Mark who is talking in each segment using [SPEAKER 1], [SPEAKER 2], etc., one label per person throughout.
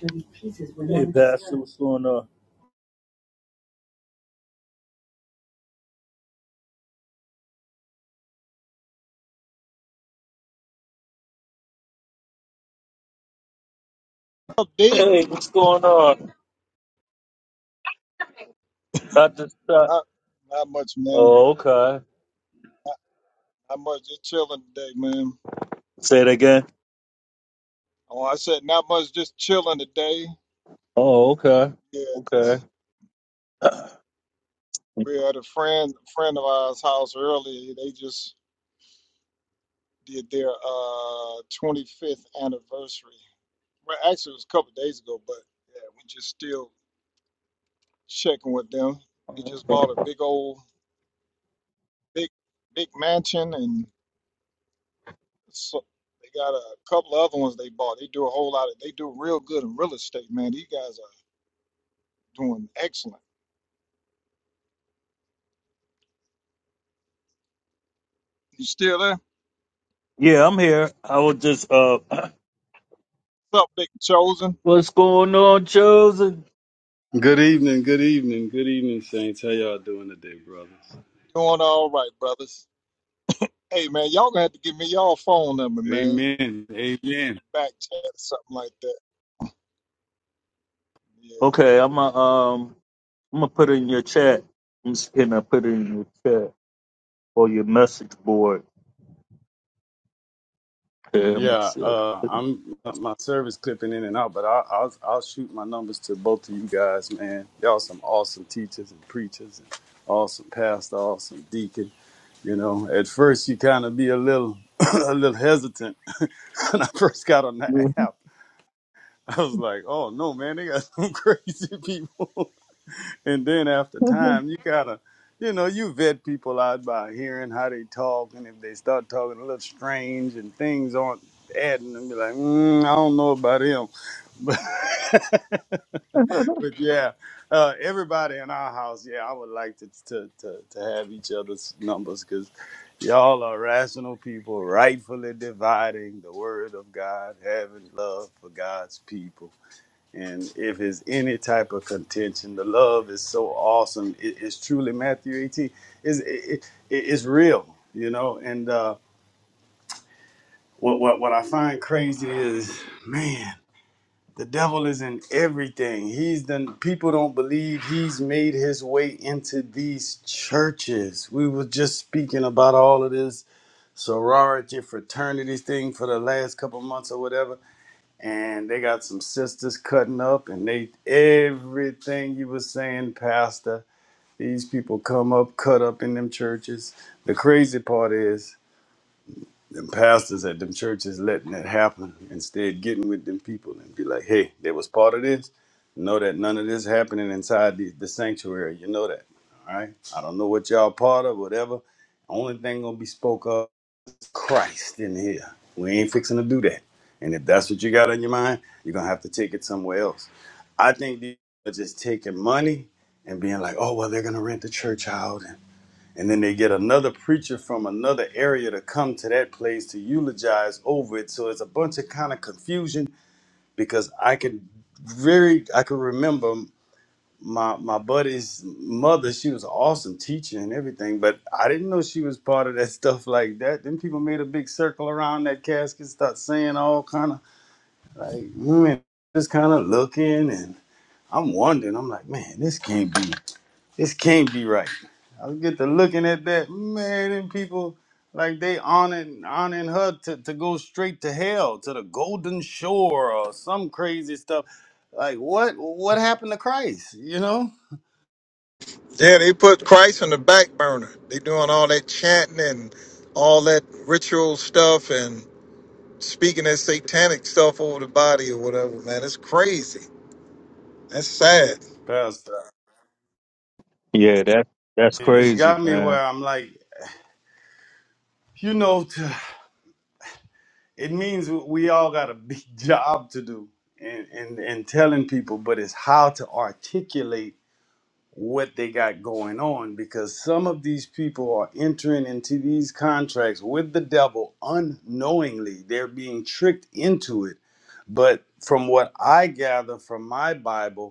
[SPEAKER 1] Hey, Pastor, what's going on?
[SPEAKER 2] up, D?
[SPEAKER 1] Hey, what's going on? I just uh,
[SPEAKER 2] Not, not much, man.
[SPEAKER 1] oh, okay.
[SPEAKER 2] Not, not much. Just chilling today, man.
[SPEAKER 1] Say it again.
[SPEAKER 2] Oh, I said not much. Just chilling today.
[SPEAKER 1] Oh, okay.
[SPEAKER 2] Yeah,
[SPEAKER 1] Okay.
[SPEAKER 2] just we had a friend, friend of ours' house earlier. They just did their uh 25th anniversary. Well, actually, it was a couple days ago, but yeah, we just still checking with them. They just
[SPEAKER 1] okay.
[SPEAKER 2] bought a big old big big mansion, and so they got a couple of other ones they bought. They do a whole lot of. They do real good in real estate, man. These guys are doing excellent. You still there?
[SPEAKER 1] Yeah, I'm here. I was just uh,
[SPEAKER 2] What's up, Big Chosen?
[SPEAKER 1] what's going on, chosen?
[SPEAKER 3] Good evening, good evening, good evening, Saints. How y'all doing today, brothers?
[SPEAKER 2] Doing all right, brothers. Hey, man, y'all gonna have to give me y'all phone number, man,
[SPEAKER 3] Amen,
[SPEAKER 2] in
[SPEAKER 3] amen.
[SPEAKER 2] the back chat or something like that. Yeah.
[SPEAKER 1] Okay, I'm gonna um, I'm gonna put it in your chat. I'm just gonna put it in your chat or your message board. Okay, I'm gonna
[SPEAKER 3] Yeah,
[SPEAKER 1] see.
[SPEAKER 3] uh, I'm my service clipping in and out, but I, I'll I'll shoot my numbers to both of you guys, man. Y'all some awesome teachers and preachers, and awesome pastor, awesome deacon. You know, at first you kind of be a little a little hesitant when I first got on the app. I was like, oh no, man, they got some crazy people. and then after time you gotta you know you vet people out by hearing how they talk and if they start talking a little strange and things aren't adding and be like mm, i don't know about him but, but yeah uh, everybody in our house yeah i would like to to, to, to have each other's numbers because y'all are rational people rightfully dividing the word of god having love for god's people and if it's any type of contention, the love is so awesome. It, it's truly Matthew 18. It's it, it, it's real, you know. And uh, what what what I find crazy is, man, the devil is in everything. He's done. People don't believe he's made his way into these churches. We were just speaking about all of this sorority, fraternity thing for the last couple months or whatever and they got some sisters cutting up and they everything you were saying pastor these people come up cut up in them churches the crazy part is them pastors at them churches letting that happen instead getting with them people and be like hey they was part of this know that none of this happening inside the, the sanctuary you know that all right i don't know what y'all part of whatever only thing gonna be spoke of Christ in here. We ain't fixing to do that. And if that's what you got on your mind, you're gonna have to take it somewhere else. I think these are just taking money and being like, oh well, they're gonna rent the church out, and, and then they get another preacher from another area to come to that place to eulogize over it. So it's a bunch of kind of confusion because I can very I can remember my my buddy's mother, she was an awesome teacher and everything, but I didn't know she was part of that stuff like that. Then people made a big circle around that casket, start saying all kind of like, man, just kind of looking, and I'm wondering, I'm like, man, this can't be, this can't be right. I was get to looking at that, man, and people like they honoring honoring her to, to go straight to hell, to the golden shore or some crazy stuff. Like what what happened to Christ, you know?
[SPEAKER 2] Yeah, they put Christ on the back burner. They doing all that chanting and all that ritual stuff and speaking that satanic stuff over the body or whatever, man. It's crazy. That's sad.
[SPEAKER 3] Pastor,
[SPEAKER 1] yeah, that that's
[SPEAKER 3] it- has
[SPEAKER 1] crazy,
[SPEAKER 3] got me
[SPEAKER 1] man.
[SPEAKER 3] where I'm like, you know, t- it means we all got a big job to do in, in, in telling people, but it's how to articulate what they got going on because some of these people are entering into these contracts with the devil unknowingly. They're being tricked into it. But from what I gather from my Bible,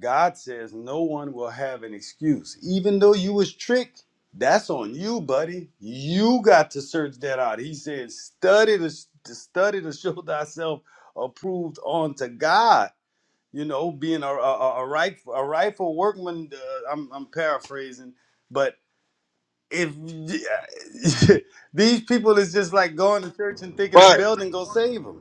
[SPEAKER 3] God says no one will have an excuse. Even though you was tricked, that's on you, buddy. You got to search that out. He says, study to, to study to show thyself approved unto God. You know, being a a, a, right a rightful workman. Uh, I'm I'm paraphrasing, but if these people is just like going to church and thinking the
[SPEAKER 2] Right.
[SPEAKER 3] building gonna save them.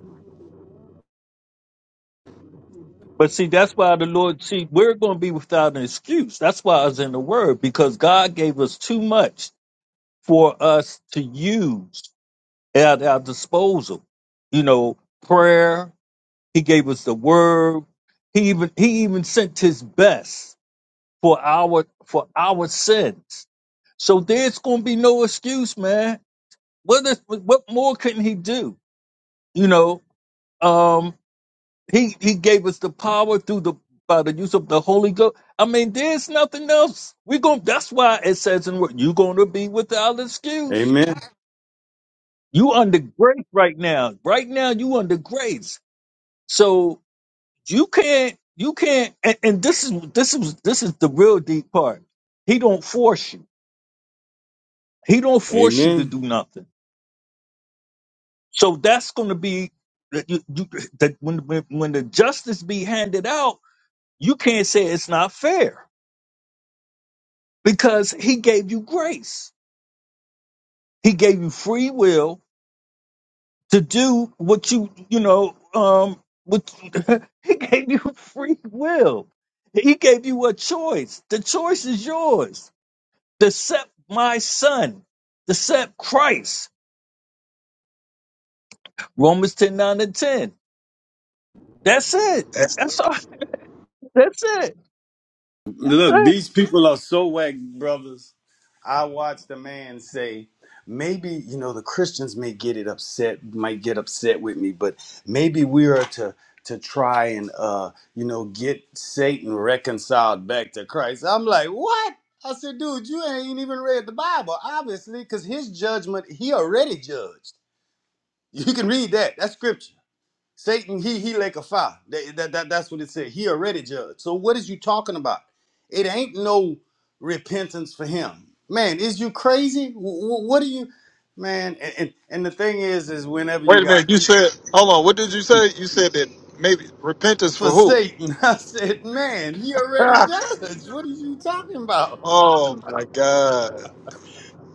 [SPEAKER 1] But see, that's why the Lord, see, we're going to be without an excuse. That's why I was in the Word, because God gave us too much for us to use at our disposal. You know, prayer, He gave us the Word. He even He even sent His best for our for our sins. So there's going to be no excuse, man. What is, what more couldn't He do? You know, Um, He he gave us the power through the by the use of the Holy Ghost. I mean, there's nothing else. We going that's why it says in what you're gonna be without excuse.
[SPEAKER 3] Amen.
[SPEAKER 1] You under grace right now. Right now you under grace. So you can't you can't and, and this is this is this is the real deep part. He don't force you. He don't force you to
[SPEAKER 3] Amen.
[SPEAKER 1] do nothing. So that's gonna be that you, you that when, when when the justice be handed out, you can't say it's not fair because he gave you grace. He gave you free will to do what you, you know, um, what he gave you free will. He gave you a choice. The choice is yours. To accept my son, to accept Christ. Romans 10 9 and 10. That's it.
[SPEAKER 2] That's,
[SPEAKER 1] That's all. That's it. That's
[SPEAKER 3] Look,
[SPEAKER 1] it.
[SPEAKER 3] these people are so whack, brothers. I watched a man say, maybe, you know, the Christians may get it upset, might get upset with me, but maybe we are to to try and uh, you know, get Satan reconciled back to Christ. I'm like, what? I said, dude, you ain't even read the Bible, obviously, because his judgment, he already judged. You can read that. That's scripture. Satan, he he like a fire. That, that, that- that's what it said. He already judged. So what is you talking about? It ain't no repentance for him. Man, is you crazy? Wh- wh- What are you, man? And, and and the thing is, is whenever you
[SPEAKER 2] wait a
[SPEAKER 3] got
[SPEAKER 2] minute. You said, hold on. What did you say? You said that maybe repentance
[SPEAKER 3] for
[SPEAKER 2] for who?
[SPEAKER 3] Satan, I said, man, he already judged. What are you talking about?
[SPEAKER 2] Oh my God.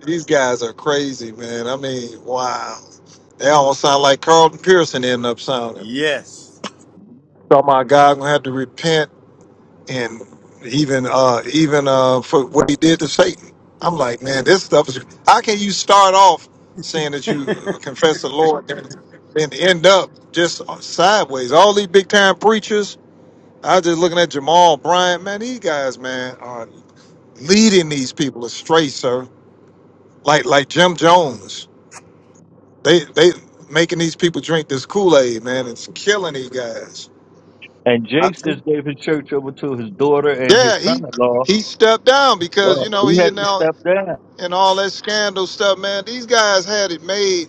[SPEAKER 2] These guys are crazy, man. I mean, wow. They almost sound like Carlton Pearson end up sounding.
[SPEAKER 3] Yes.
[SPEAKER 2] So my God gonna have to repent and even uh even uh for what he did to Satan. I'm like, man, this stuff is how can you start off saying that you uh, confess the Lord and then end up just sideways? All these big time preachers. I was just looking at Jamal Bryant, man, these guys, man, are leading these people astray, sir like like Jim Jones. They they making these people drink this Kool Aid, man. It's killing these guys.
[SPEAKER 1] And
[SPEAKER 2] I-
[SPEAKER 1] Jace just gave his church over to his daughter and
[SPEAKER 2] yeah,
[SPEAKER 1] his son
[SPEAKER 2] he
[SPEAKER 1] in law.
[SPEAKER 2] he stepped down because you
[SPEAKER 1] Well,
[SPEAKER 2] know
[SPEAKER 1] he
[SPEAKER 2] he
[SPEAKER 1] had
[SPEAKER 2] and
[SPEAKER 1] to
[SPEAKER 2] all
[SPEAKER 1] step down.
[SPEAKER 2] and all that scandal stuff, man. These guys had it made,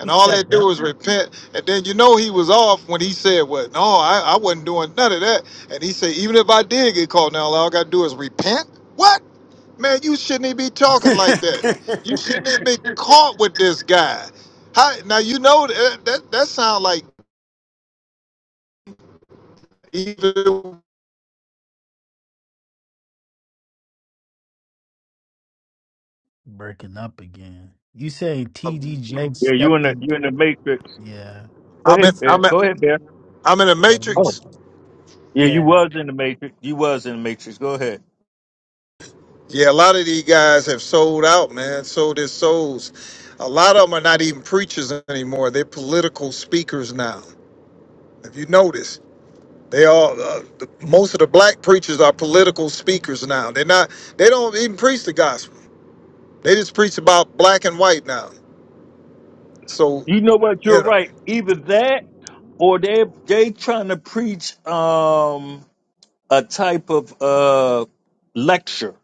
[SPEAKER 2] and
[SPEAKER 4] He
[SPEAKER 2] all they
[SPEAKER 4] stepped
[SPEAKER 2] do is
[SPEAKER 4] down.
[SPEAKER 2] repent. And then you know he was off when he said, "What? No, I, I wasn't doing none of that." And he said, "Even if I did get caught now, all I got to do is repent." What? Man, you shouldn't even be talking like that. You shouldn't even be caught with this guy. How, now you know that that, that sounds like even
[SPEAKER 4] Breaking up again. You say TDJ
[SPEAKER 1] Yeah, you in
[SPEAKER 4] stepped
[SPEAKER 1] the
[SPEAKER 4] in.
[SPEAKER 1] you in the matrix.
[SPEAKER 4] Yeah.
[SPEAKER 1] Go
[SPEAKER 2] I'm
[SPEAKER 1] ahead,
[SPEAKER 2] in,
[SPEAKER 4] He's-
[SPEAKER 1] Bear.
[SPEAKER 2] I'm in,
[SPEAKER 1] Go ahead, Bear.
[SPEAKER 2] I'm in a
[SPEAKER 4] yeah.
[SPEAKER 1] Oh,
[SPEAKER 4] no.
[SPEAKER 2] matrix.
[SPEAKER 1] yeah, you
[SPEAKER 4] Yeah.
[SPEAKER 1] was in the Matrix. You was in the Matrix. Go ahead.
[SPEAKER 2] Yeah, a lot of these guys have sold out, man. Sold their souls. A lot of them are not even preachers anymore. They're political speakers now. If you notice, they all uh, the, most of the black preachers are political speakers now. They're not. They don't even preach the gospel. They just preach about black and white now. So
[SPEAKER 1] You know what?
[SPEAKER 2] you
[SPEAKER 1] You're
[SPEAKER 2] know.
[SPEAKER 1] right. Either that, or they they trying to preach um a type of uh lecture.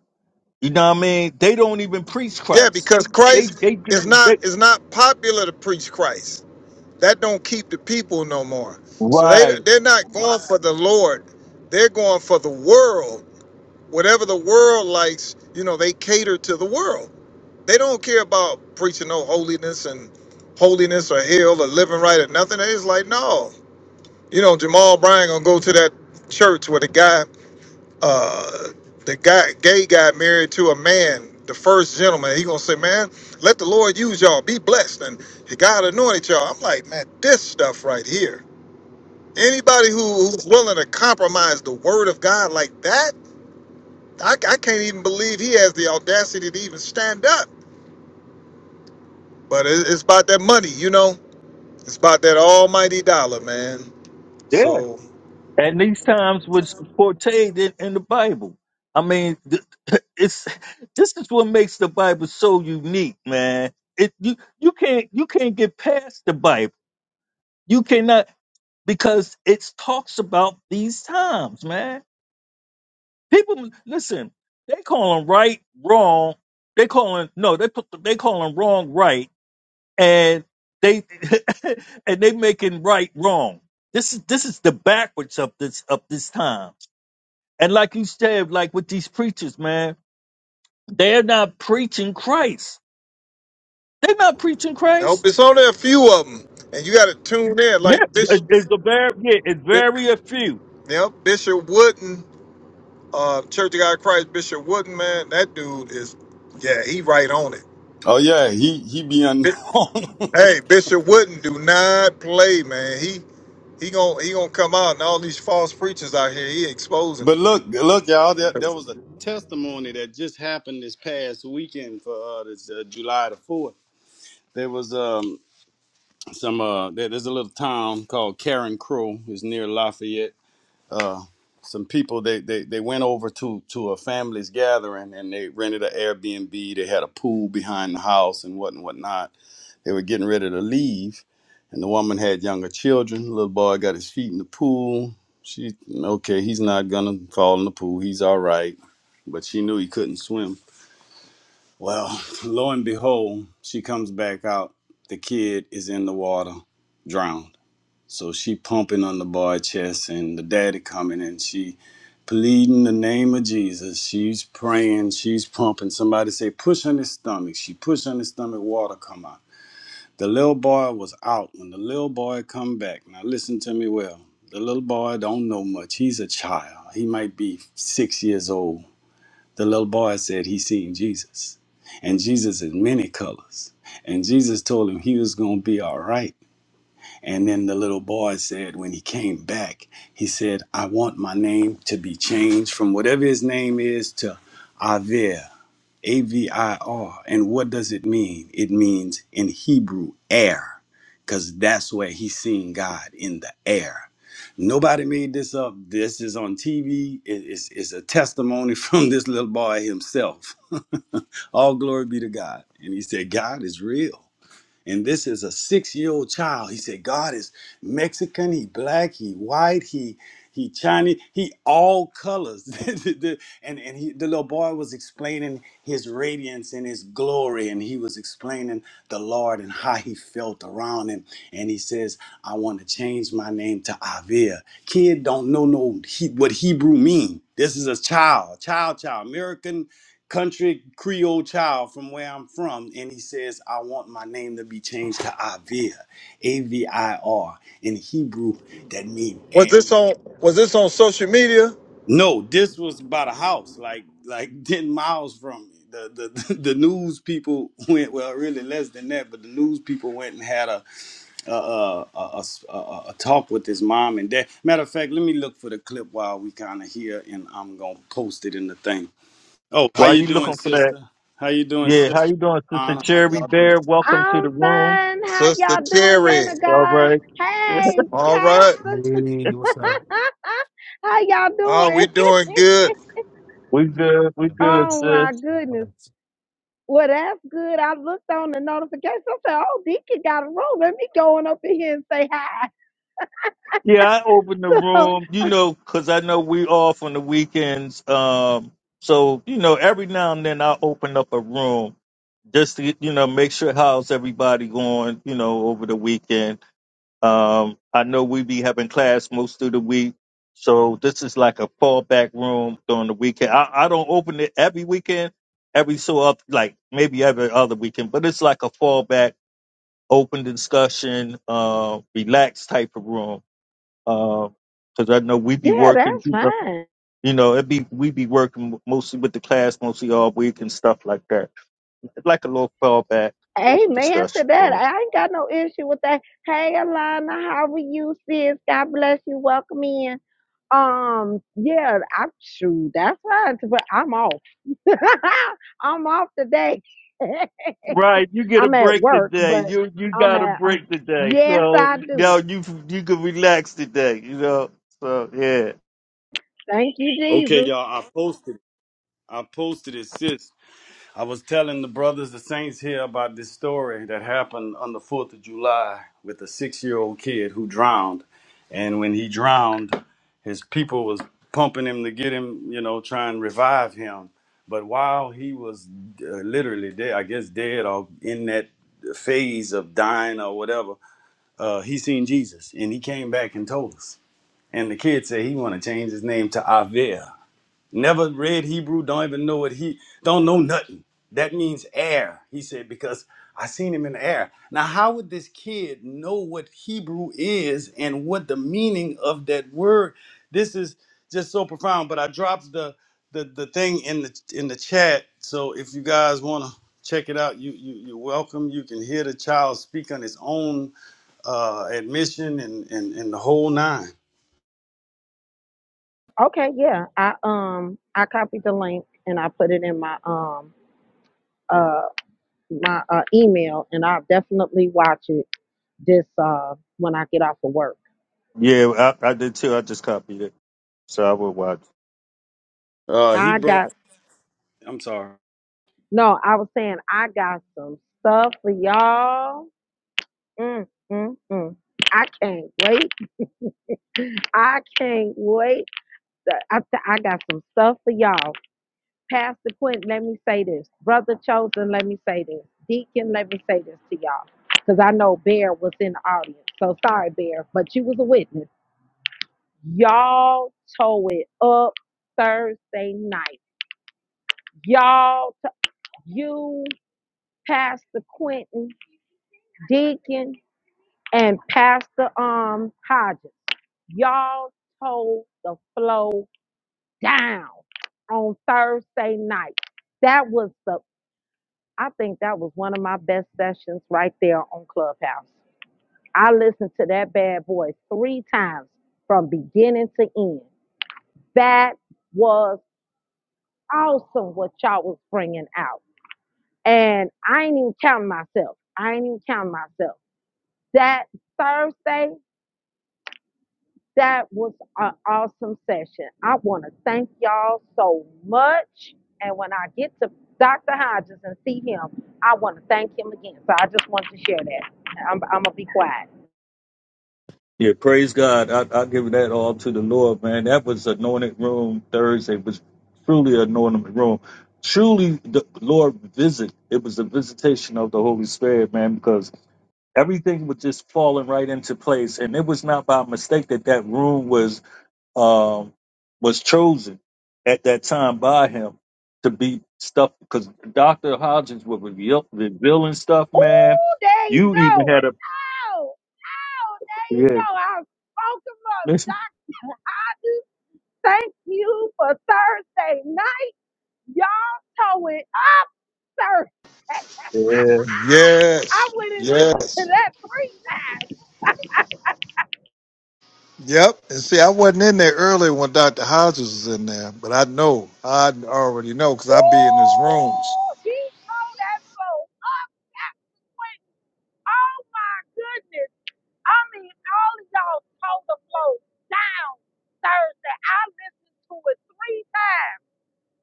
[SPEAKER 1] You know what I mean? They don't even preach
[SPEAKER 2] Yeah,
[SPEAKER 1] Christ.
[SPEAKER 2] because
[SPEAKER 1] They
[SPEAKER 2] Christ
[SPEAKER 1] they
[SPEAKER 2] is
[SPEAKER 1] do
[SPEAKER 2] not
[SPEAKER 1] they
[SPEAKER 2] is not popular to preach Christ. That don't keep the people on. So
[SPEAKER 1] right.
[SPEAKER 2] they're not going for the Lord. They're for the world. Whatever the world likes, you know, they cater to the world. They don't care about preaching no holiness and holiness or hell or living right or nothing. They just like, no. You know, Jamal Bryan gonna go to that church where the guy uh, the guy gay guy married to a man the first gentleman he gonna say man let the lord use y'all be blessed and god anointed y'all i'm like man this stuff right here anybody who, who's willing to compromise the word of god like that I, I can't even believe he has the audacity to even stand up but it, it's about that money you know it's about that almighty dollar man so
[SPEAKER 1] and these times was portrayed in, in the Bible. I mean, th- it's this is what makes the Bible so unique, man. It you you can't you can't get past the Bible. You cannot because it talks about these times, man. People listen. They call them right wrong. They call them no. They put they call them wrong right, and they and they making right wrong. This is this is the backwards of this of this time And like you said, like with these preachers, man, they're not preaching Christ. They're not preaching
[SPEAKER 2] i hope
[SPEAKER 1] Christ.
[SPEAKER 2] it's only a few of them and you got to tune in
[SPEAKER 1] Yeah,
[SPEAKER 2] like bishop
[SPEAKER 1] it- it's a very yeah, it's
[SPEAKER 2] Bi-
[SPEAKER 1] very a few.
[SPEAKER 2] yep bishop wooden uh, Church of God in Christ, Bishop Wooden, man, that dude is, yeah, he right on it.
[SPEAKER 3] oh yeah, he he be
[SPEAKER 2] Bi-
[SPEAKER 3] unknown.
[SPEAKER 2] Hey, Bishop Wooden, do not play, man. He he gonna he gonna come out, and all these false preachers out here, he exposing
[SPEAKER 3] But
[SPEAKER 2] them.
[SPEAKER 3] look, look, y'all. There, there was a testimony that just happened this past weekend for uh, this, uh, July the fourth. There was um, some. Uh, there, there's a little town called Karen Crow. It's near Lafayette. Uh, some people they, they they went over to to a family's gathering and they rented an Airbnb. They had a pool behind the house and what and whatnot they were getting ready to leave, and the woman had younger children. The little boy got his feet in the pool. She, okay, he's not gonna fall in the pool. He's all right. But she knew he couldn't swim. Well, lo and behold, she comes back out. The kid is in the water, drowned. So she pumping on the boy's chest, and the daddy coming, and she pleading the name of Jesus. She's praying. She's pumping. Somebody say, push on his stomach. She push on his stomach. Water come out. The little boy was out. When the little boy come back, now listen to me well. The little boy don't know much. He's a child. He might be six years old. The little boy said he seen Jesus. And Jesus is many colors. And Jesus told him he was gonna be all right. And then the little boy said when he came back, he said, I want my name to be changed from whatever his name is to Avir. AVIR. And what does it mean? It means in Hebrew, air, because that's where he's seeing God in the air. Nobody made this up. This is on TV. It- It's, it's a testimony from this little boy himself. All glory be to God. And he said, God is real. And this is a six-year-old child. He said, God is Mexican, he black, he white, he he Chinese, he all colors. The- the- and and he, the little boy was explaining his radiance and his glory, and he was explaining the Lord and how he felt around him. And he says, I want to change my name to Avia. Kid don't know no he, what Hebrew mean. This is a child, child, child, American country Creole child from where I'm from, and he says, I want my name to be changed to Avir, A V I R. In Hebrew, that means
[SPEAKER 2] Was
[SPEAKER 3] air.
[SPEAKER 2] this on Was this on social media,
[SPEAKER 3] No, this was about a house, like like 10 miles from me. The, the the news people went well really less than that but the news people went and had a a, a, a, a, a a talk with his mom and dad matter of fact let me look for the clip while we kind of here and i'm gonna post it in the thing Oh, how
[SPEAKER 1] Why are
[SPEAKER 3] you
[SPEAKER 1] you
[SPEAKER 3] doing,
[SPEAKER 1] looking for that?
[SPEAKER 3] sister? How you doing,
[SPEAKER 1] Yeah, how
[SPEAKER 3] sister?
[SPEAKER 1] you doing, Sister
[SPEAKER 3] Anna, how
[SPEAKER 1] Cherry
[SPEAKER 3] y'all doing?
[SPEAKER 1] Bear? Welcome to
[SPEAKER 5] I'm
[SPEAKER 1] the room.
[SPEAKER 5] fine. How
[SPEAKER 2] Sister
[SPEAKER 5] y'all doing, men
[SPEAKER 2] Cherry?
[SPEAKER 5] of
[SPEAKER 1] All
[SPEAKER 5] God?
[SPEAKER 1] right,
[SPEAKER 5] Hey,
[SPEAKER 2] All right,
[SPEAKER 5] Pastor.
[SPEAKER 4] Hey, what's up?
[SPEAKER 5] How y'all
[SPEAKER 2] oh, we
[SPEAKER 5] doing?
[SPEAKER 2] doing good.
[SPEAKER 1] we good, we
[SPEAKER 4] It'll be
[SPEAKER 1] good,
[SPEAKER 5] Oh
[SPEAKER 1] sis.
[SPEAKER 5] my goodness.
[SPEAKER 4] good.
[SPEAKER 5] Well, that's good. I looked on the notification. I said, "Oh, Deacon got a room. Let me go on up in here and say hi."
[SPEAKER 1] Yeah, I open the room, you know, 'cause I know we off on the weekends. Um, so you know, every now and then I open up a room just to you know make sure how's everybody going, you know, over the weekend. Um, I know we be having class most of the week, so this is like a fallback room during the weekend. I, I don't open it every weekend, every so up like maybe every other weekend, but it's like a fallback, open discussion, uh, relaxed type of room because I know we be
[SPEAKER 5] yeah,
[SPEAKER 1] working.
[SPEAKER 5] that's fine.
[SPEAKER 1] You know, it be we be working mostly with the class, mostly all week and stuff like that. It's like a little fallback, open
[SPEAKER 5] Amen to
[SPEAKER 1] discussion.
[SPEAKER 5] that.
[SPEAKER 1] Or,
[SPEAKER 5] I ain't got no issue with that. Hey, Alana, how are you, sis? God bless you. Welcome in. Um, yeah, I'm shoot. That's fine. But I'm off. I'm off today.
[SPEAKER 1] Right, you get a
[SPEAKER 5] I'm at
[SPEAKER 1] break
[SPEAKER 5] work,
[SPEAKER 1] today.
[SPEAKER 5] but
[SPEAKER 1] You you
[SPEAKER 5] I'm
[SPEAKER 1] got a
[SPEAKER 5] at. Uh,
[SPEAKER 1] break today,
[SPEAKER 5] yes,
[SPEAKER 1] so
[SPEAKER 5] I
[SPEAKER 1] now
[SPEAKER 5] do.
[SPEAKER 1] you you can relax today. You know, so yeah.
[SPEAKER 5] Thank you,
[SPEAKER 3] Okay,
[SPEAKER 5] Jesus.
[SPEAKER 3] y'all. I posted. it. I posted it, sis. I was telling the brothers, the saints here, about this story that happened on the Fourth of July with a six-year-old kid who drowned, and when he drowned, his people was pumping him to get him, you know, try and revive him. But while he was uh, literally dead, I guess dead or in that phase of dying or whatever, uh, he seen Jesus and he came back and told us. And the kid said he want to change his name to Avia. Never read Hebrew, don't even know what he don't know nothing. That means air, he said, because I seen him in the air. Now, how would this kid know what Hebrew is and what the meaning of that word? This is just so profound. But I dropped the the, the thing in the in the chat. So if you guys wanna check it out, you, you you're welcome. You can hear the child speak on his own uh, admission and, and and the whole nine.
[SPEAKER 5] Okay, yeah. I um I copied the link and I put it in my um uh my uh, email, and I'll definitely watch it this uh when I get off of work.
[SPEAKER 1] yeah, I, I did too. I just copied it, so I will watch.
[SPEAKER 3] Uh, he
[SPEAKER 5] I
[SPEAKER 3] brought.
[SPEAKER 5] got
[SPEAKER 3] I'm sorry.
[SPEAKER 5] no. I was saying I got some stuff for y'all. Mm, mm, mm. I can't wait. I can't wait I, I got some stuff for y'all. Pastor Quentin, let me say this. Brother Chosen, let me say this. Deacon, let me say this to y'all. Because I know Bear was in the audience. So sorry, Bear, but you was a witness. Y'all tow it up Thursday night. Y'all, to- you, Pastor Quentin, Deacon, and Pastor um Hodges. Y'all tow the flow down on Thursday night. That was the I think that was one of my best sessions right there on Clubhouse. I listened to that bad boy three times from beginning to end. That was awesome what y'all was bringing out. And I ain't even counting myself. I ain't even counting myself. That Thursday That was an awesome session. I want to thank y'all so much. And when I get to Dr. Hodges and see him, I want to thank him again. So I just want to share that. I'm, I'm going to be quiet.
[SPEAKER 1] Yeah, praise God. I, I give that all to the Lord, man. That was anointed room Thursday. was truly anointed room. Truly, the Lord visit. It was a visitation of the Holy Spirit, man, because everything was just falling right into place. And it was not by mistake that that room was um, was chosen at that time by Him to be stuff. Because Doctor Hodges was reveal, revealing stuff, man.
[SPEAKER 5] Oh, there you
[SPEAKER 1] You even
[SPEAKER 5] go.
[SPEAKER 1] had a
[SPEAKER 5] Oh, oh, there you
[SPEAKER 1] yeah.
[SPEAKER 5] go. I spoke him up, Dr. Hodges. Thank you for Thursday night. Y'all towing up Thursday. I
[SPEAKER 2] Yes,
[SPEAKER 5] went and listened to
[SPEAKER 2] yes,
[SPEAKER 5] that preach.
[SPEAKER 2] yep. And see, I wasn't in there earlier when Doctor Hodges was in there, but I know, I already know, cause I be in his room.
[SPEAKER 5] Woo! He throw that flow up that way. Oh my goodness. I mean, all of y'all told the flow down Thursday. I listened to it three times.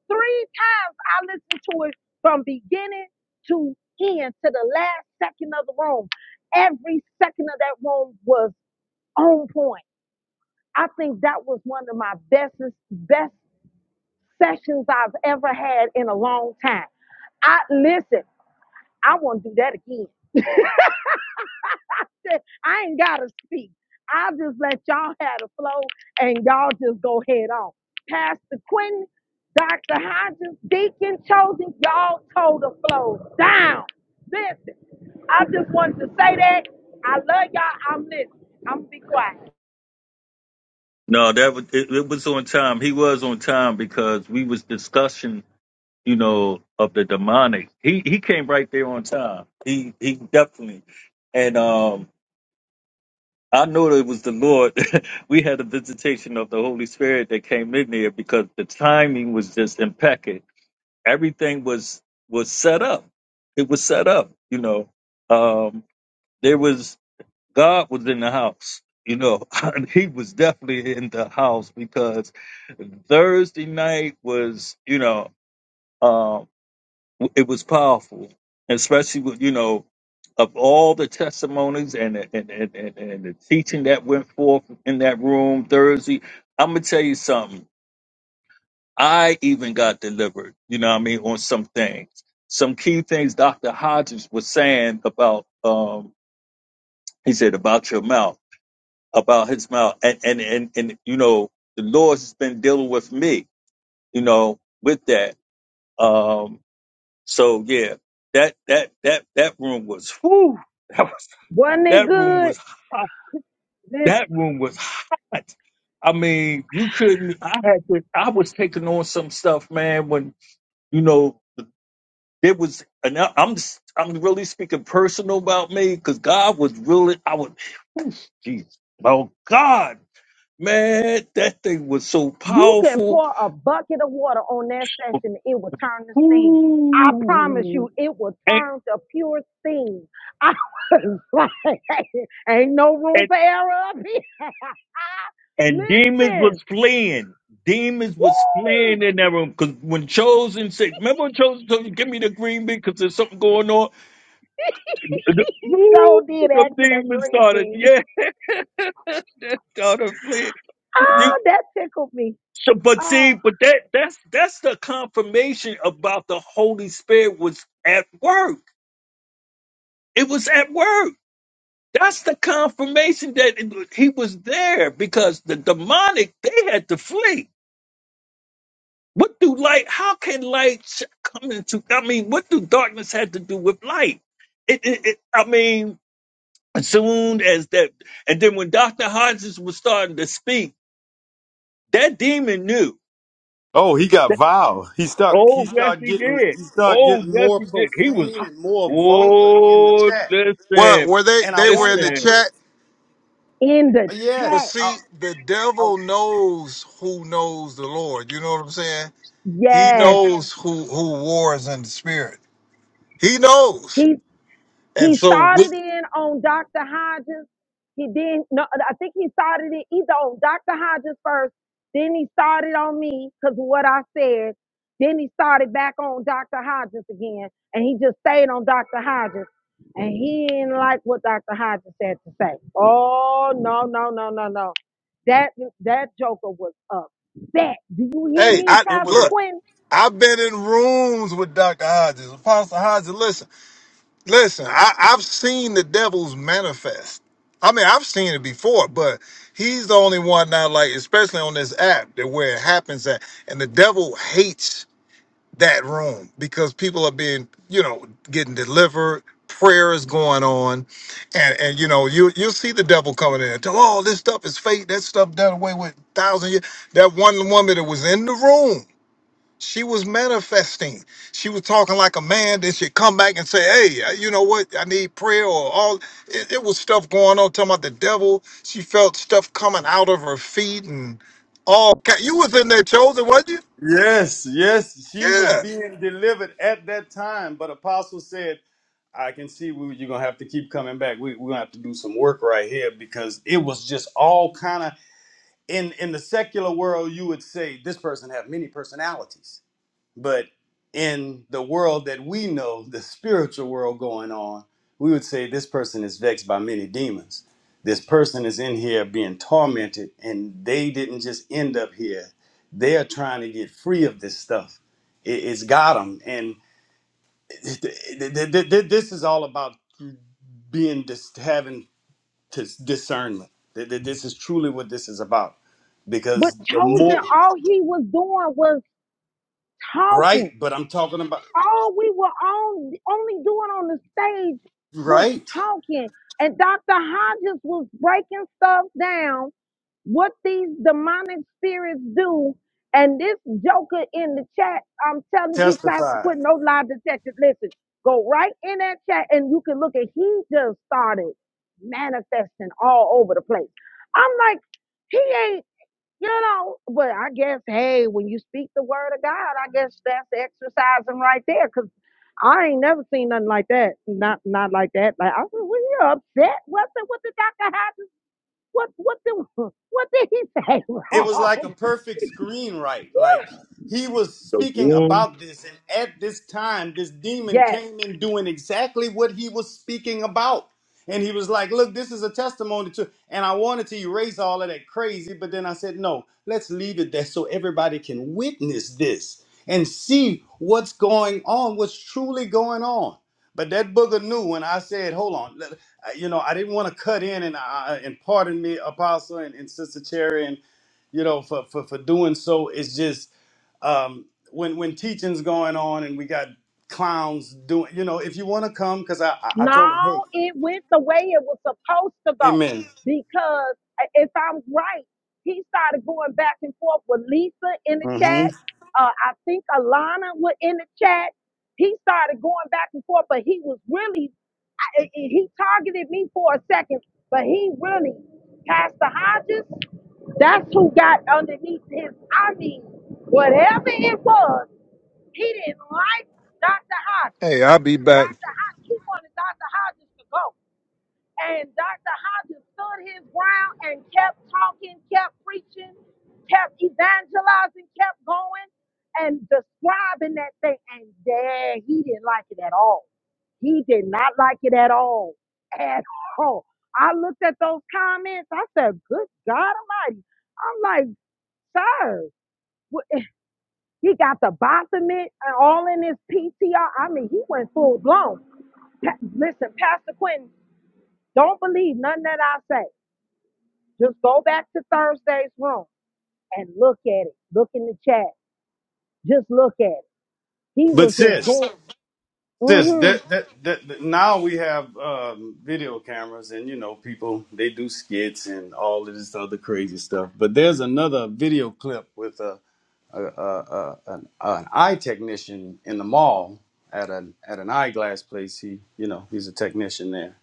[SPEAKER 5] Three times I listened to it from beginning to end to the last second of the room. Every second of that room was on point. I think that was one of my best best sessions I've ever had in a long time. I listen. I won't do that again. I ain't gotta speak. I'll just let y'all have the flow and y'all just go head on. Pastor Quentin, Dr. Hodges, Deacon Chosen, y'all told the flow down. Listen, I just wanted to say that. I love y'all. I'm listening. I'm gonna be quiet.
[SPEAKER 1] No, that was it, it was on time. He was on time because we was discussing, you know, of the demonic. He he came right there on time. He he definitely. And um I know that it was the Lord. we had a visitation of the Holy Spirit that came in there because the timing was just impeccable. Everything was was set up. It was set up, you know. Um there was God was in the house. You know, he was definitely in the house because Thursday night was, you know, uh, it was powerful, especially with, you know, of all the testimonies and and, and, and and the teaching that went forth in that room Thursday. I'm gonna tell you something. I even got delivered. You know, what I mean, on some things, some key things Dr. Hodges was saying about. Um, he said about your mouth. about his mouth. And and and, and you know, the Lord has been dealing with me, you know, with that. Um so yeah, that that that that room was whew, that was
[SPEAKER 5] Wasn't it
[SPEAKER 1] that room was
[SPEAKER 5] good?
[SPEAKER 1] hot.
[SPEAKER 5] Listen.
[SPEAKER 1] That room was hot. I mean, you couldn't I had to I was taking on some stuff, man, when you know there was and I- I'm s- I'm really speaking personal about me because God was really I was Jesus. Oh God. Man, that thing was so
[SPEAKER 5] You can
[SPEAKER 1] powerful.
[SPEAKER 5] pour a bucket of water on that session, it will turn the steam. I promise you,
[SPEAKER 1] Ooh.
[SPEAKER 5] it will
[SPEAKER 1] And,
[SPEAKER 5] turn to pure steam. I was like, ain't no room
[SPEAKER 1] and,
[SPEAKER 5] for error up here.
[SPEAKER 1] and demons was
[SPEAKER 5] Listen,
[SPEAKER 1] fleeing. Demons was
[SPEAKER 5] woo!
[SPEAKER 1] fleeing in that room. Because when Chosen said, remember when Chosen told you, give me the green bean because there's something going on? The, woo,
[SPEAKER 5] so did
[SPEAKER 1] the
[SPEAKER 5] ask for that
[SPEAKER 1] demons
[SPEAKER 5] green
[SPEAKER 1] started,
[SPEAKER 5] bean.
[SPEAKER 1] yeah, they started fleeing. You,
[SPEAKER 5] Oh, that tickled me.
[SPEAKER 1] so, but see,
[SPEAKER 5] Oh,
[SPEAKER 1] but that that's that's the confirmation about the Holy Spirit was at work. It was at work That's the confirmation that it- he was there because the demonic they had to flee. What do light? How can light sh- come into? I mean, what do darkness have to do with light? It, it, it I mean, as soon as that, and then when Doctor Hodges was starting to speak, that demon knew.
[SPEAKER 3] Oh, he got
[SPEAKER 1] That-
[SPEAKER 3] vile. He stuck. He
[SPEAKER 1] Oh yes,
[SPEAKER 3] started
[SPEAKER 1] he
[SPEAKER 3] getting.
[SPEAKER 1] did.
[SPEAKER 3] He started
[SPEAKER 1] Oh
[SPEAKER 3] getting
[SPEAKER 1] yes,
[SPEAKER 3] more
[SPEAKER 1] he did. He was.
[SPEAKER 3] profane
[SPEAKER 1] hot.
[SPEAKER 3] and more vulgar in the
[SPEAKER 1] Oh,
[SPEAKER 3] chat.
[SPEAKER 2] Well,
[SPEAKER 1] listen,
[SPEAKER 2] were they?
[SPEAKER 3] And I
[SPEAKER 2] They were
[SPEAKER 3] wanted
[SPEAKER 2] in
[SPEAKER 3] to
[SPEAKER 2] the
[SPEAKER 1] listen.
[SPEAKER 3] erase.
[SPEAKER 2] chat.
[SPEAKER 5] in the
[SPEAKER 2] But
[SPEAKER 5] chat,
[SPEAKER 3] Yes,
[SPEAKER 2] see,
[SPEAKER 3] I,
[SPEAKER 2] the
[SPEAKER 3] I,
[SPEAKER 2] devil knows who knows the Lord. You know what I'm saying? He
[SPEAKER 5] yes.
[SPEAKER 2] knows who who wars in the spirit. He knows.
[SPEAKER 5] he.
[SPEAKER 2] And
[SPEAKER 5] He
[SPEAKER 2] so, we,
[SPEAKER 5] started in on Dr. Hodges. He then, no, I think he started it either on Dr. Hodges first, then he started on me because of what I said. Then he started back on Dr. Hodges again, and he just stayed on Dr. Hodges. And he didn't like what Dr. Hodges had to say. Oh, no, no, no, no, no. That that joker was upset. Do you hear
[SPEAKER 2] hey,
[SPEAKER 5] me,
[SPEAKER 2] I
[SPEAKER 3] it was
[SPEAKER 5] Pastor
[SPEAKER 2] look.
[SPEAKER 3] a.
[SPEAKER 5] Quinn?
[SPEAKER 2] I've been in rooms with Dr. Hodges, Apostle Hodges. Listen, listen. I, I've seen the devil's manifest. I mean, I've seen it before, but he's the only one now, like especially on this app, that where it happens at. And the devil hates that room because people are being, you know, getting delivered. Prayer is going on, and and you know you you see the devil coming in and tell oh this stuff is fake that stuff done away with thousand years that one woman that was in the room she was manifesting she was talking like a man then she come back and say hey uh, you know what I need prayer or all it, it was stuff going on talking about the devil she felt stuff coming out of her feet and all ki- you was in there chosen wasn't you
[SPEAKER 3] Yes, yes, she was
[SPEAKER 2] yeah
[SPEAKER 3] being delivered at that time. But Apostle said, "I can see we, you're gonna have to keep coming back. We, we're gonna have to do some work right here because it was just all kind of in in the secular world. You would say this person have many personalities." But in the world that we know, the spiritual world going on, we would say this person is vexed by many demons. This person is in here being tormented, and they didn't just end up here. They are trying to get free of this stuff. It, it's got them, and th- th- th- th- this is all about being dis- having dis- discernment. Th- th- This is truly what this is about,
[SPEAKER 5] But
[SPEAKER 3] because the
[SPEAKER 5] Chosen,
[SPEAKER 3] more
[SPEAKER 5] all he was doing was talking.
[SPEAKER 3] right, but I'm talking about
[SPEAKER 5] all we were on, only doing on the stage was
[SPEAKER 3] right
[SPEAKER 5] talking. And Dr. Hodges was breaking stuff down, what these demonic spirits do. And this joker in the chat, I'm telling you, Pastor
[SPEAKER 3] testify.
[SPEAKER 5] Quinn, no lie detected. Listen, go right in that chat and you can look at he just started manifesting all over the place. I'm like, he ain't you know, but I guess, hey, when you speak the word of God, I guess that's exercising right there. Cause I ain't never seen nothing like that. Not not like that. Like I said, well, you upset. What the what the doctor had what what the what did he say
[SPEAKER 3] it was like a
[SPEAKER 5] wrong?
[SPEAKER 3] perfect screenwrite. Like he was
[SPEAKER 1] The
[SPEAKER 3] speaking
[SPEAKER 1] room.
[SPEAKER 3] about this, and at this time, this demon
[SPEAKER 5] Yes.
[SPEAKER 3] came in doing exactly what he was speaking about. And he was like, Look, this is a testimony to, and I wanted to erase all of that crazy, but then I said, No, let's leave it there so everybody can witness this and see what's going on, what's truly going on. But that booger knew when I said, Hold on, let- uh, you know, I didn't want to cut in, and, I, and pardon me, Apostle and, and Sister Cherry, and you know, for, for, for doing so. It's just um, when when teaching's going on and we got clowns doing, you know, if you want to come, because I, I I
[SPEAKER 5] No,
[SPEAKER 3] told him, hey,
[SPEAKER 5] it went the way it was supposed to go.
[SPEAKER 3] amen.
[SPEAKER 5] Because i- if I'm right, he started going back and forth with Lisa in the chat.
[SPEAKER 3] hmm
[SPEAKER 5] Uh, I think Alana was in the chat. He started going back and forth, but he was really, I- I- he targeted me for a second, but he really, Pastor Hodges, that's who got underneath his. I mean, whatever it was, he didn't like Dr. Hodges.
[SPEAKER 2] Hey, I'll be back.
[SPEAKER 5] Dr. Hodges, he wanted Dr. Hodges to go. And Dr. Hodges stood his ground and kept talking, kept preaching, kept evangelizing, kept going and describing that thing. And dad, he didn't like it at all. He did not like it at all. At all. I looked at those comments. I said, Good God Almighty. I'm like, Sir, what- he got the bottom of it and all in his PTR. I mean, he went full blown. Pa- Listen, Pastor Quentin, don't believe nothing that I say. Just go back to Thursday's room and look at it. Look in the chat. Just look at it. He
[SPEAKER 3] But
[SPEAKER 5] was just
[SPEAKER 3] sis,
[SPEAKER 5] going,
[SPEAKER 3] sis,
[SPEAKER 5] mm-hmm.
[SPEAKER 3] that, that that that- now we have um, video cameras and you know people they do skits and all of this other crazy stuff. But there's another video clip with a, a, a, a an, an eye technician in the mall at an at an eyeglass place. He you know he's a technician there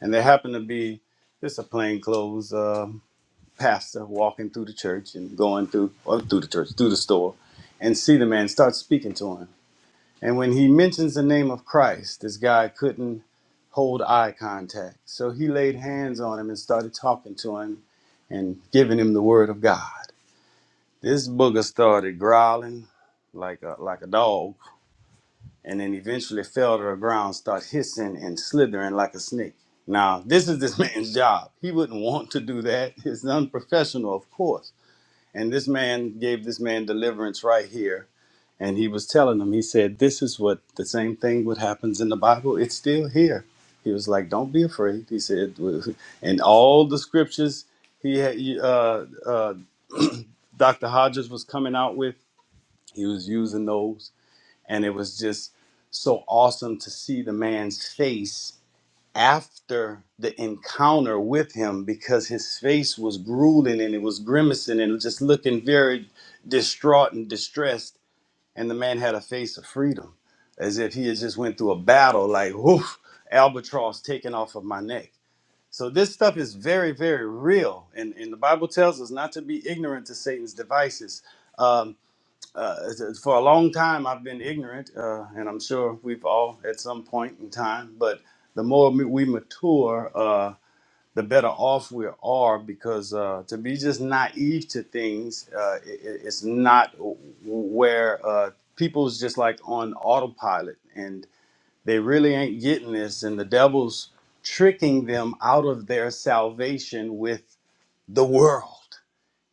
[SPEAKER 3] and there happened to be just a plainclothes um pastor walking through the church and going through or through the church through the store and see the man start speaking to him and when he mentions the name of christ this guy couldn't hold eye contact so he laid hands on him and started talking to him and giving him the word of god this booger started growling like a like a dog and then eventually fell to the ground, start hissing and slithering like a snake. Now, this is this man's job. He wouldn't want to do that. It's unprofessional, of course. And this man gave this man deliverance right here. And he was telling him, he said, This is what the same thing what happens in the Bible. It's still here. He was like, Don't be afraid. He said, and all the scriptures he had, uh, uh, Dr. Hodges was coming out with, he was using those and it was just so awesome to see the man's face after the encounter with him because his face was grueling and it was grimacing and just looking very distraught and distressed and the man had a face of freedom as if he had just went through a battle like whoo albatross taken off of my neck so this stuff is very very real and, and the bible tells us not to be ignorant to satan's devices Um, uh, it's- it's- for a long time I've been ignorant, uh, and I'm sure we've all at some point in time. But the more ma- we mature, uh, the better off we are because uh, to be just naive to things, uh, i i- it's not w- where uh, people's just like on autopilot and they really ain't getting this, and the devil's tricking them out of their salvation with the world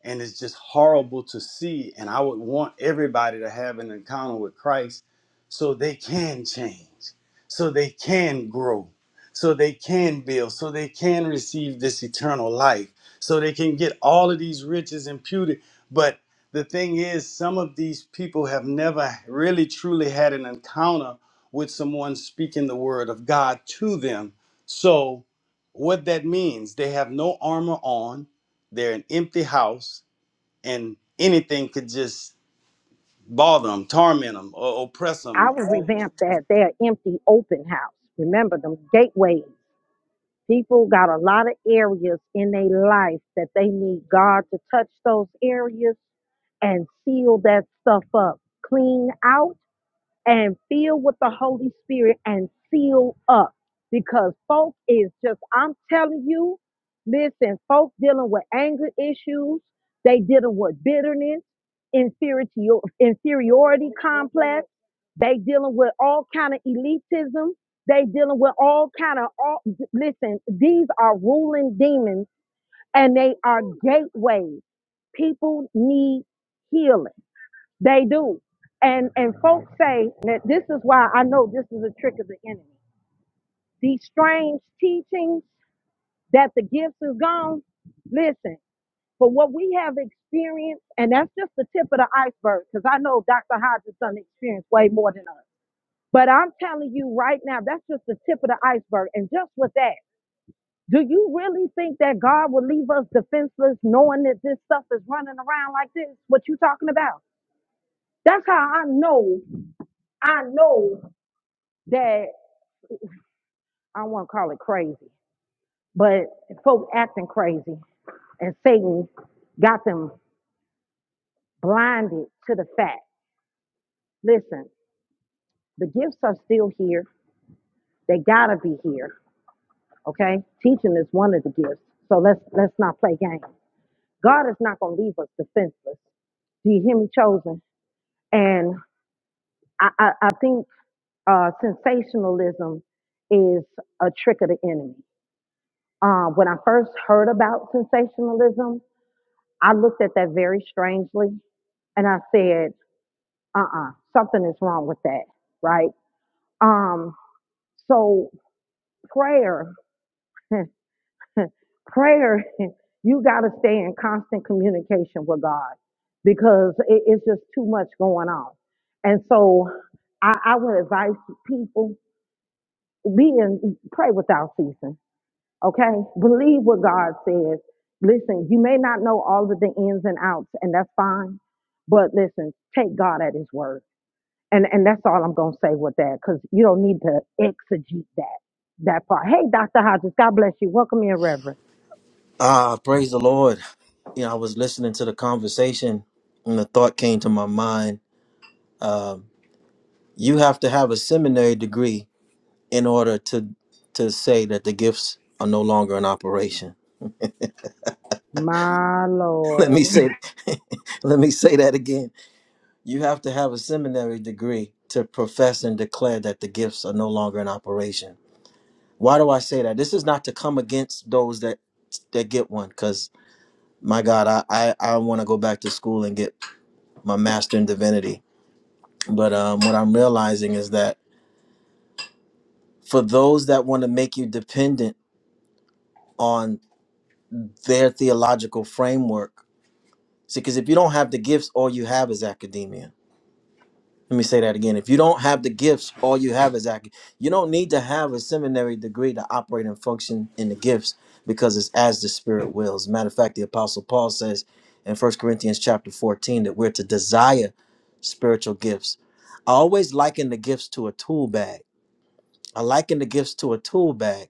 [SPEAKER 3] and it's just horrible to see and i would want everybody to have an encounter with christ so they can change so they can grow so they can build so they can receive this eternal life so they can get all of these riches imputed but the thing is some of these people have never really truly had an encounter with someone speaking the word of god to them so what that means they have no armor on they're an empty house and anything could just bother them, torment them, or oppress
[SPEAKER 5] I
[SPEAKER 3] them.
[SPEAKER 5] would revamp that. They're empty open house. Remember them gateways. People got a lot of areas in their life that they need God to touch those areas and seal that stuff up. Clean out and fill with the Holy Spirit and seal up. Because folk is just, I'm telling you, listen, folk dealing with anger issues, they dealing with bitterness, inferiority, inferiority complex, they dealing with all kind of elitism, they dealing with all kind of all listen, these are ruling demons and they are gateways. People need healing. They do. And and folks say that this is why I know this is a trick of the enemy. These strange teachings that the gifts is gone. Listen, for what we have experienced, and that's just the tip of the iceberg, because I know Dr. Hodges done experienced way more than us. But I'm telling you right now, that's just the tip of the iceberg. And just with that, do you really think that God will leave us defenseless knowing that this stuff is running around like this? What you talking about? That's how I know I know that I won't call it crazy, but folk acting crazy and Satan got them blinded to the fact. Listen, the gifts are still here. They gotta be here. Okay? Teaching is one of the gifts. So let's let's not play games. God is not gonna leave us defenseless. Do you hear me chosen? And I, I, I think uh, sensationalism is a trick of the enemy. Uh, when I first heard about sensationalism, I looked at that very strangely And I said, uh uh something is wrong with that, right? Um, so prayer, prayer, you got to stay in constant communication with God because it, it's just too much going on. And so I, I would advise people be in, pray without ceasing, okay? Believe what God says. Listen, you may not know all of the ins and outs, and that's fine, but listen, take God at His word And and that's all I'm gonna say with that, because you don't need to exegete that that part. Hey, Dr. Hodges, God bless you. Welcome in, Reverend.
[SPEAKER 6] Ah, praise the Lord. You know, I was listening to the conversation and the thought came to my mind. Um, you have to have a seminary degree in order to to say that the gifts are no longer in operation.
[SPEAKER 5] My
[SPEAKER 6] let
[SPEAKER 5] Lord.
[SPEAKER 6] me say let me say that again. You have to have a seminary degree to profess and declare that the gifts are no longer in operation. Why do I say that? This is not to come against those that that get one, because my God, I I, I want to go back to school and get my master in divinity But um, what I'm realizing is that for those that want to make you dependent on their theological framework, see, because if you don't have the gifts, all you have is academia. Let me say that again. If you don't have the gifts, all you have is academia. You don't need to have a seminary degree to operate and function in the gifts because it's as the Spirit wills. Matter of fact, the Apostle Paul says in 1 Corinthians chapter 14 that we're to desire spiritual gifts. I always liken the gifts to a tool bag. I liken the gifts to a tool bag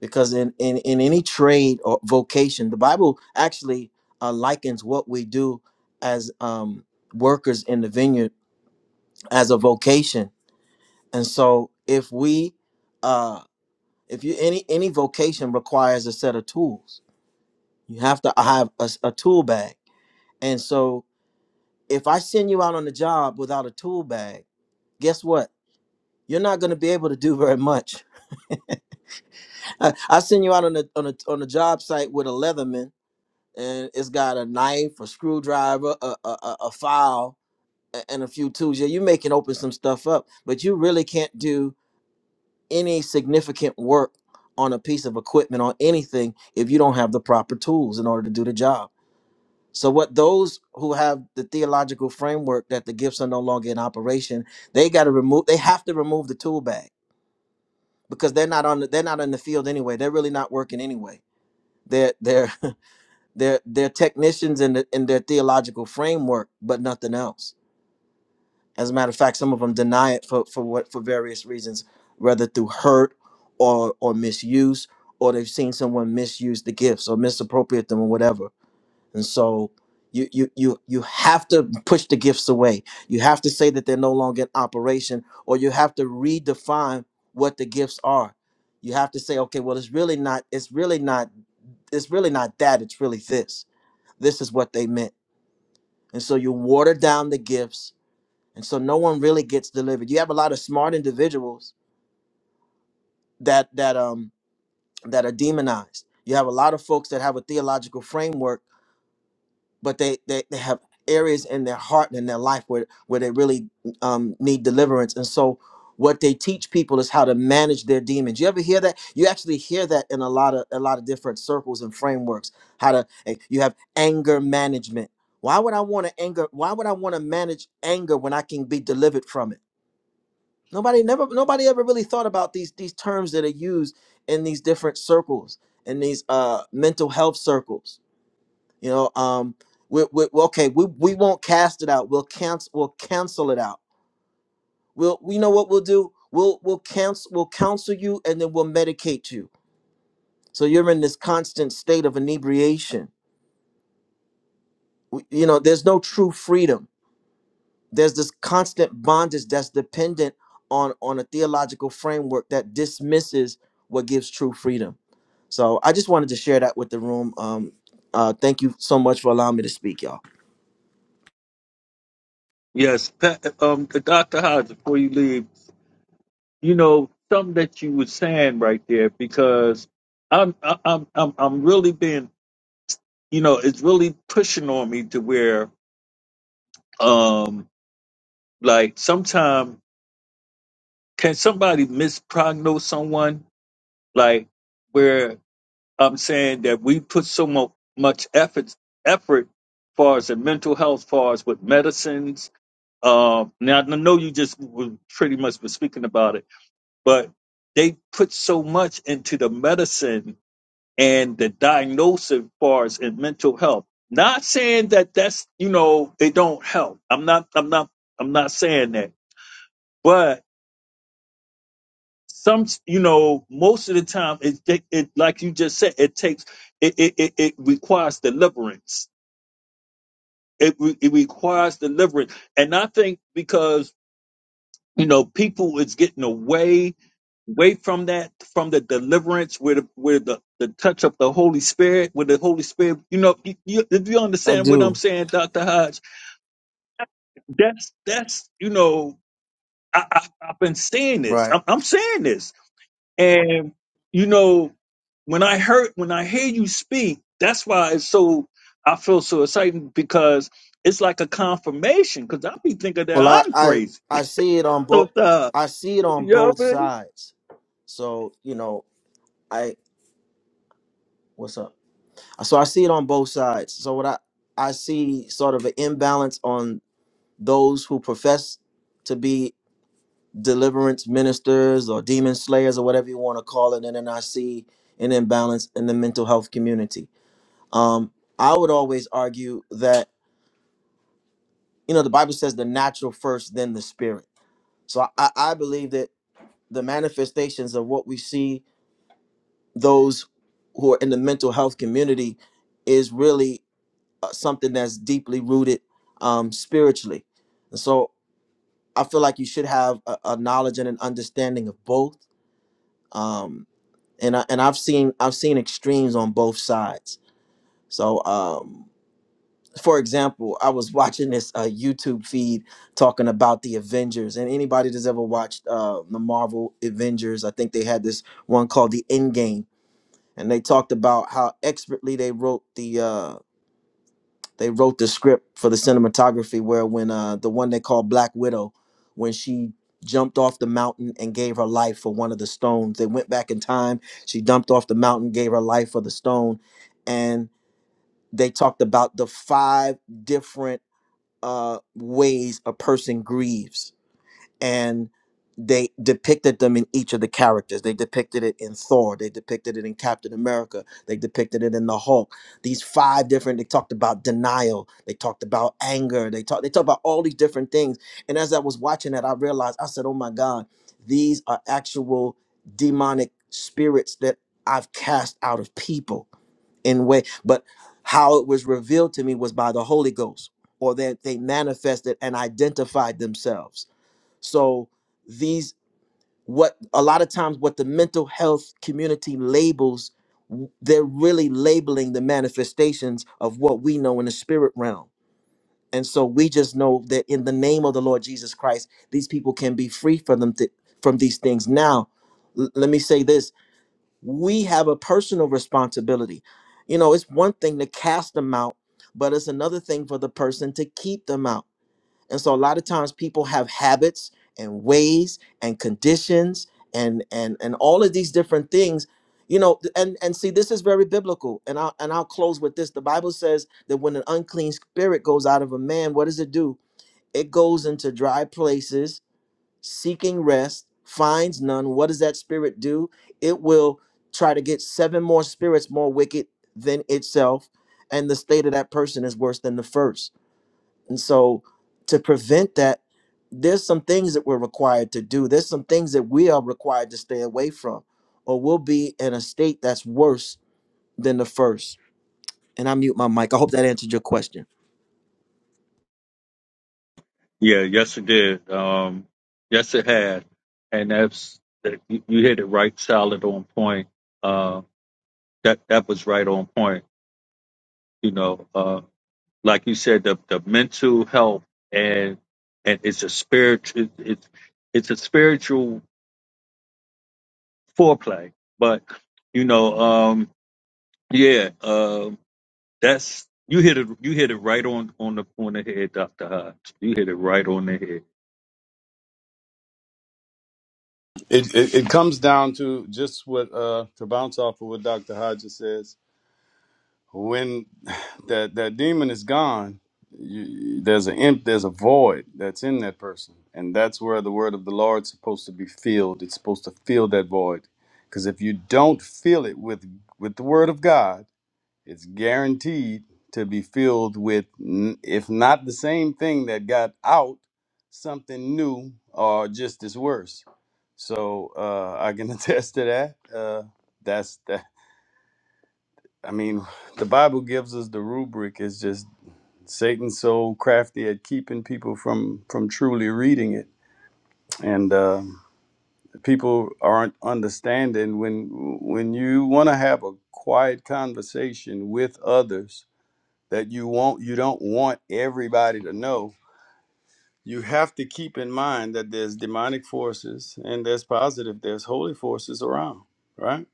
[SPEAKER 6] because in, in, in any trade or vocation the bible actually uh, likens what we do as um, workers in the vineyard as a vocation and so if we uh, if you any any vocation requires a set of tools you have to have a, s- a tool bag and so if i send you out on the job without a tool bag guess what you're not going to be able to do very much I, I send you out on a on a on a job site with a leatherman and it's got a knife, a screwdriver, a a, a a file, a- and a few tools. Yeah, you may can open some stuff up, but you really can't do any significant work on a piece of equipment or anything if you don't have the proper tools in order to do the job. So what those who have the theological framework that the gifts are no longer in operation, they got to remove they have to remove the tool bag because they're not on the, they're not in the field anyway. They're really not working anyway. They're they're They're they're technicians in the, in their theological framework, but nothing else. As a matter of fact, some of them deny it for for what for various reasons, whether through hurt or or misuse, or they've seen someone misuse the gifts or misappropriate them or whatever. And so you you you you have to push the gifts away. You have to say that they're no longer in operation, or you have to redefine what the gifts are. You have to say, okay, well, it's really not. It's really not. It's really not that. It's really this this is what they meant. And so you water down the gifts. And so no one really gets delivered. You have a lot of smart individuals that that um that are demonized. You have a lot of folks that have a theological framework but they they, they have areas in their heart and in their life where where they really um, need deliverance and so what they teach people is how to manage their demons you ever hear that you actually hear that in a lot of a lot of different circles and frameworks how to eh, you have anger management why would i want to anger why would i want to manage anger when i can be delivered from it nobody never nobody ever really thought about these these terms that are used in these different circles in these uh mental health circles you know, um, we, we, well, okay, we, we won't cast it out. We'll cancel. We'll cancel it out. We'll, we know what we'll do. We'll, we'll cancel. We'll counsel you, and then we'll medicate you. So you're in this constant state of inebriation. W- You know, there's no true freedom. There's this constant bondage that's dependent on on a theological framework that dismisses what gives true freedom. So I just wanted to share that with the room. Um, uh, thank you so much for allowing me to speak, y'all.
[SPEAKER 1] Yes, Pat- um, Doctor Hodges. Before you leave. you know something that you were saying right there because I'm I- I'm I'm I'm really being you know it's really pushing on me to where um like sometime can somebody misprognose someone like where I'm saying that we put so mo- much effort effort far as in mental health far as with medicines um now I know you just was pretty much was speaking about it but they put so much into the medicine and the diagnosis as far as in mental health. Not saying that that's you know they don't help. I'm not I'm not I'm not saying that. But some you know most of the time it it, it like you just said it takes it it it, it requires deliverance. It re- it requires deliverance, and I think because You know, people is getting away away from that, from the deliverance, where the where the, the touch of the Holy Spirit, where the Holy Spirit. You know, you, you, if you
[SPEAKER 6] I
[SPEAKER 1] understand what I'm
[SPEAKER 6] do.
[SPEAKER 1] saying, Doctor Hodge, that's that's you know, I, I I've been saying this.
[SPEAKER 6] Right.
[SPEAKER 1] I'm, I'm saying this, and you know, when I heard when I hear you speak, that's why it's so I feel so excited because it's like a confirmation because I be thinking that
[SPEAKER 6] Well, I
[SPEAKER 1] I'm
[SPEAKER 6] I,
[SPEAKER 1] crazy.
[SPEAKER 6] I see it on
[SPEAKER 1] So
[SPEAKER 6] both.
[SPEAKER 1] uh,
[SPEAKER 6] I see it
[SPEAKER 1] you
[SPEAKER 6] on
[SPEAKER 1] know
[SPEAKER 6] both
[SPEAKER 1] what I mean?
[SPEAKER 6] sides. So you know, I what's up? So I see it on both sides. So what I I see sort of an imbalance on those who profess to be deliverance ministers or demon slayers or whatever you want to call it. And then I see an imbalance in the mental health community. Um, I would always argue that, you know, the Bible says the natural first, then the spirit. So I, I believe that the manifestations of what we see those who are in the mental health community is really uh, something that's deeply rooted um, spiritually. And so I feel like you should have a, a knowledge and an understanding of both. Um, and I, and I've seen I've seen extremes on both sides. So, um, for example, I was watching this uh, YouTube feed talking about the Avengers, and anybody that's ever watched uh, the Marvel Avengers, I think they had this one called the Endgame, and they talked about how expertly they wrote the uh, they wrote the script for the cinematography where when uh the one they call Black Widow, when she jumped off the mountain and gave her life for one of the stones. They went back in time. She dumped off the mountain, gave her life for the stone, and they talked about the five different uh ways a person grieves and they depicted them in each of the characters. They depicted it in Thor. They depicted it in Captain America. They depicted it in the Hulk. These five different. They talked about denial. They talked about anger. They talked. They talked about all these different things. And as I was watching that, I realized I said, "Oh my God, these are actual demonic spirits that I've cast out of people in way." But how it was revealed to me was by the Holy Ghost, or that they manifested and identified themselves so these what a lot of times what the mental health community labels w- they're really labeling the manifestations of what we know in the spirit realm. And so we just know that in the name of the Lord Jesus Christ, these people can be free from them th- from these things. Now, l- let me say this. We have a personal responsibility. You know, it's one thing to cast them out, but it's another thing for the person to keep them out. And so a lot of times people have habits and ways and conditions and and and all of these different things, you know, th- and and see this is very biblical. And I will and I'll close with this. The Bible says that when an unclean spirit goes out of a man, what does it do? It goes into dry places seeking rest, finds none. What does that spirit do? It will try to get seven more spirits more wicked than itself, and the state of that person is worse than the first. And so to prevent that, there's some things that we're required to do. There's some things that we are required to stay away from, or we'll be in a state that's worse than the first. And I mute my mic. I hope that answered your question.
[SPEAKER 1] Yeah, yes, it did. Um, yes, it had, and that's that- you you hit it right, solid on point. Uh, that that was right on point. You know, uh, like you said, the the mental health and and it's a spirit, it, it's it's a spiritual foreplay. But you know, um, yeah, um, that's you hit it, you hit it right on on the on the head, Doctor Hodge. You hit it right on the head.
[SPEAKER 3] It, it it comes down to just what uh to bounce off of what Dr. Hodges says. When that that demon is gone, you, there's an imp, there's a void that's in that person, and that's where the word of the Lord's supposed to be filled. It's supposed to fill that void, because if you don't fill it with with the word of God, It's guaranteed to be filled with, n- if not the same thing that got out, something new or just as worse. So uh, I can attest to that. Uh, that's that. I mean, the Bible gives us the rubric. It's just Satan's so crafty at keeping people from from truly reading it and uh, people aren't understanding when when you want to have a quiet conversation with others that you want you don't want everybody to know you have to keep in mind that there's demonic forces and there's positive there's holy forces around right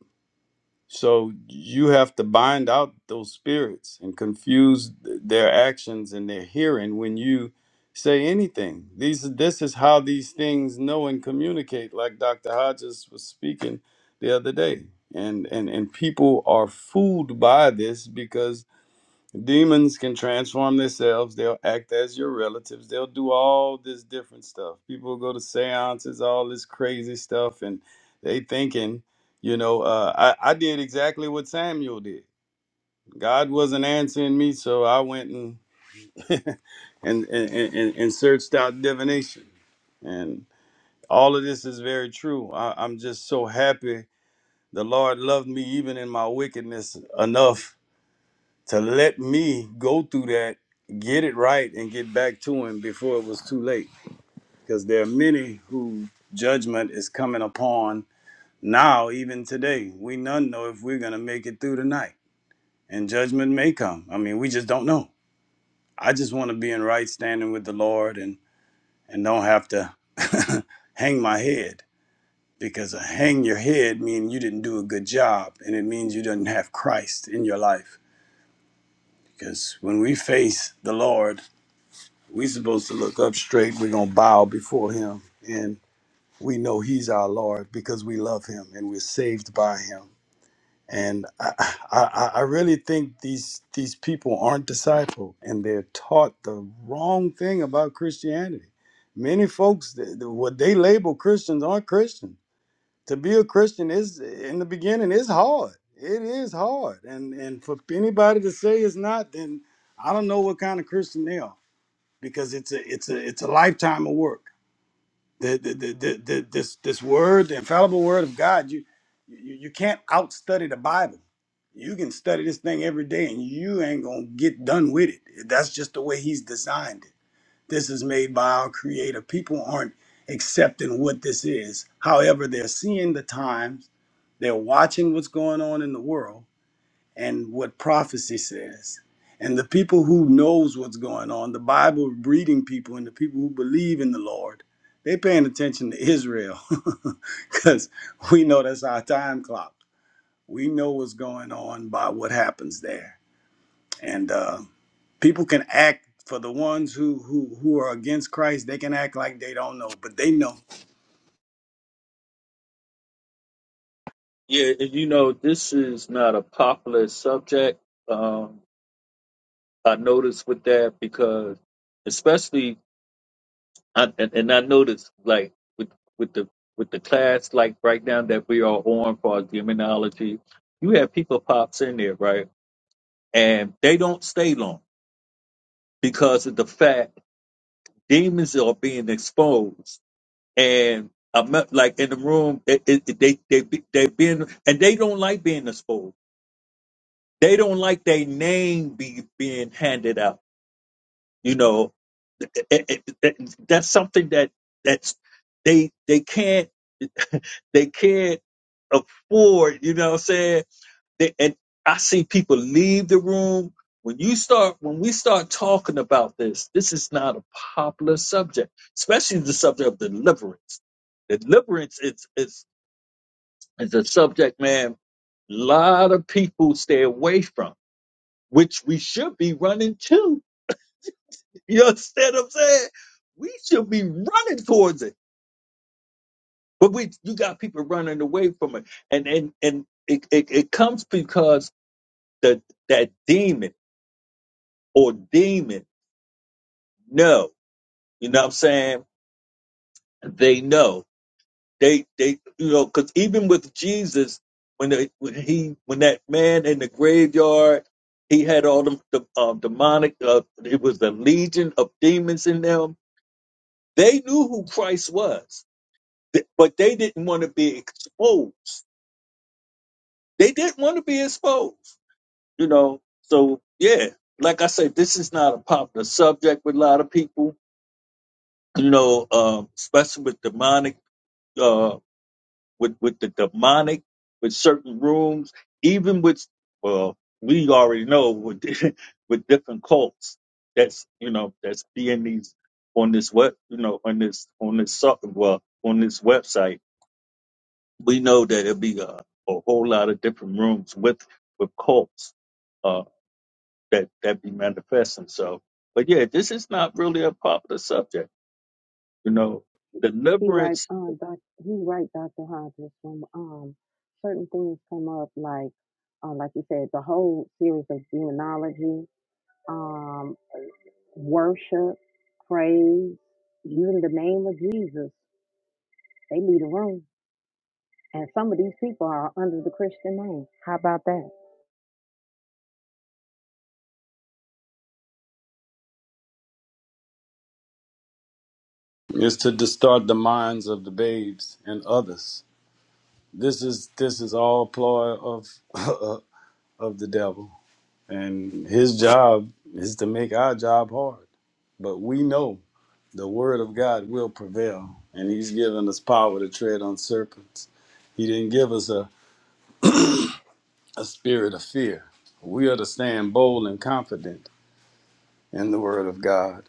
[SPEAKER 3] so you have to bind out those spirits and confuse th- their actions and their hearing when you say anything these this is how these things know and communicate like dr hodges was speaking the other day and and and people are fooled by this because Demons can transform themselves. They'll act as your relatives. They'll do all this different stuff. People go to seances, all this crazy stuff, and they thinking, you know, uh, I, I did exactly what Samuel did. God wasn't answering me, so I went and and, and, and and searched out divination. And all of this is very true. I, I'm just so happy the Lord loved me even in my wickedness enough to let me go through that, get it right, and get back to him before it was too late. Because there are many who judgment is coming upon now, even today. We none know if we're gonna make it through the night, and judgment may come. I mean, we just don't know. I just want to be in right standing with the Lord and and don't have to hang my head because a hang your head means you didn't do a good job and it means you didn't have Christ in your life. Because when we face the Lord, we supposed to look up straight. We're gonna bow before him. And we know he's our Lord because we love him and we're saved by him. And I, I, I I really think these these people aren't discipled and they're taught the wrong thing about Christianity. Many folks, th- th- what they label Christians aren't Christian. To be a Christian is, in the beginning, is hard. It is hard, and and for anybody to say it's not, then I don't know what kind of Christian they are because it's a it's a it's a lifetime of work. The, the, the, the, the, this this word, the infallible word of God, you you, you can't outstudy the Bible. You can study this thing every day, and you ain't gonna get done with it. That's just the way He's designed it. This is made by our Creator. People aren't accepting what this is. However, they're seeing the times, they're watching what's going on in the world, and what prophecy says. And the people who knows what's going on, the Bible reading people and the people who believe in the Lord, they paying attention to Israel because we know that's our time clock. We know what's going on by what happens there. And uh, people can act for the ones who, who who are against Christ, they can act like they don't know, but they know.
[SPEAKER 1] Yeah, and you know, this is not a popular subject. Um, I noticed with that because, especially, I, and, and I noticed like with with the with the class like right now that we are on for demonology, you have people pops in there, right? And they don't stay long because of the fact demons are being exposed. And I'm like in the room, it, it, they they they being and they don't like being exposed They don't like their name be, being handed out. You know, It- it- it- that's something that that's they they can't they can't afford. You know what I'm saying? They, and I see people leave the room when you start when we start talking about this. This is not a popular subject, especially the subject of deliverance. Deliverance is is is a subject, man. A lot of people stay away from, which we should be running to. You understand what I'm saying? We should be running towards it, but we you got people running away from it, and and and it it, it comes because the that demon or demon know, you know what I'm saying? They know they they you know because even with Jesus when they, when he when that man in the graveyard he had all them the um, demonic uh, it was a legion of demons in them. They knew who Christ was Th- But they didn't want to be exposed. They didn't want to be exposed, you know. So yeah, like I said, this is not a popular subject with a lot of people, you know, um, especially with demonic, uh, with with the demonic, with certain rooms, even with well, we already know with with different cults that's you know that's being these on this web, you know, on this on this so- well on this website we know that it'll be a, a whole lot of different rooms with with cults uh, that that be manifesting. So, but yeah, this is not really a popular subject. You know,
[SPEAKER 5] He right,
[SPEAKER 1] deliverance.
[SPEAKER 5] um, doc, he right, Doctor Hodges. When um, certain things come up, like, uh, like you said, the whole series of demonology, um, worship, praise, even the name of Jesus, they leave the room, and some of these people are under the Christian name. How about that?
[SPEAKER 3] is to distort the minds of the babes and others. This is this is all ploy of of the devil, and his job is to make our job hard. But we know the word of God will prevail, and he's given us power to tread on serpents. He didn't give us a, a spirit of fear. We are to stand bold and confident in the word of God,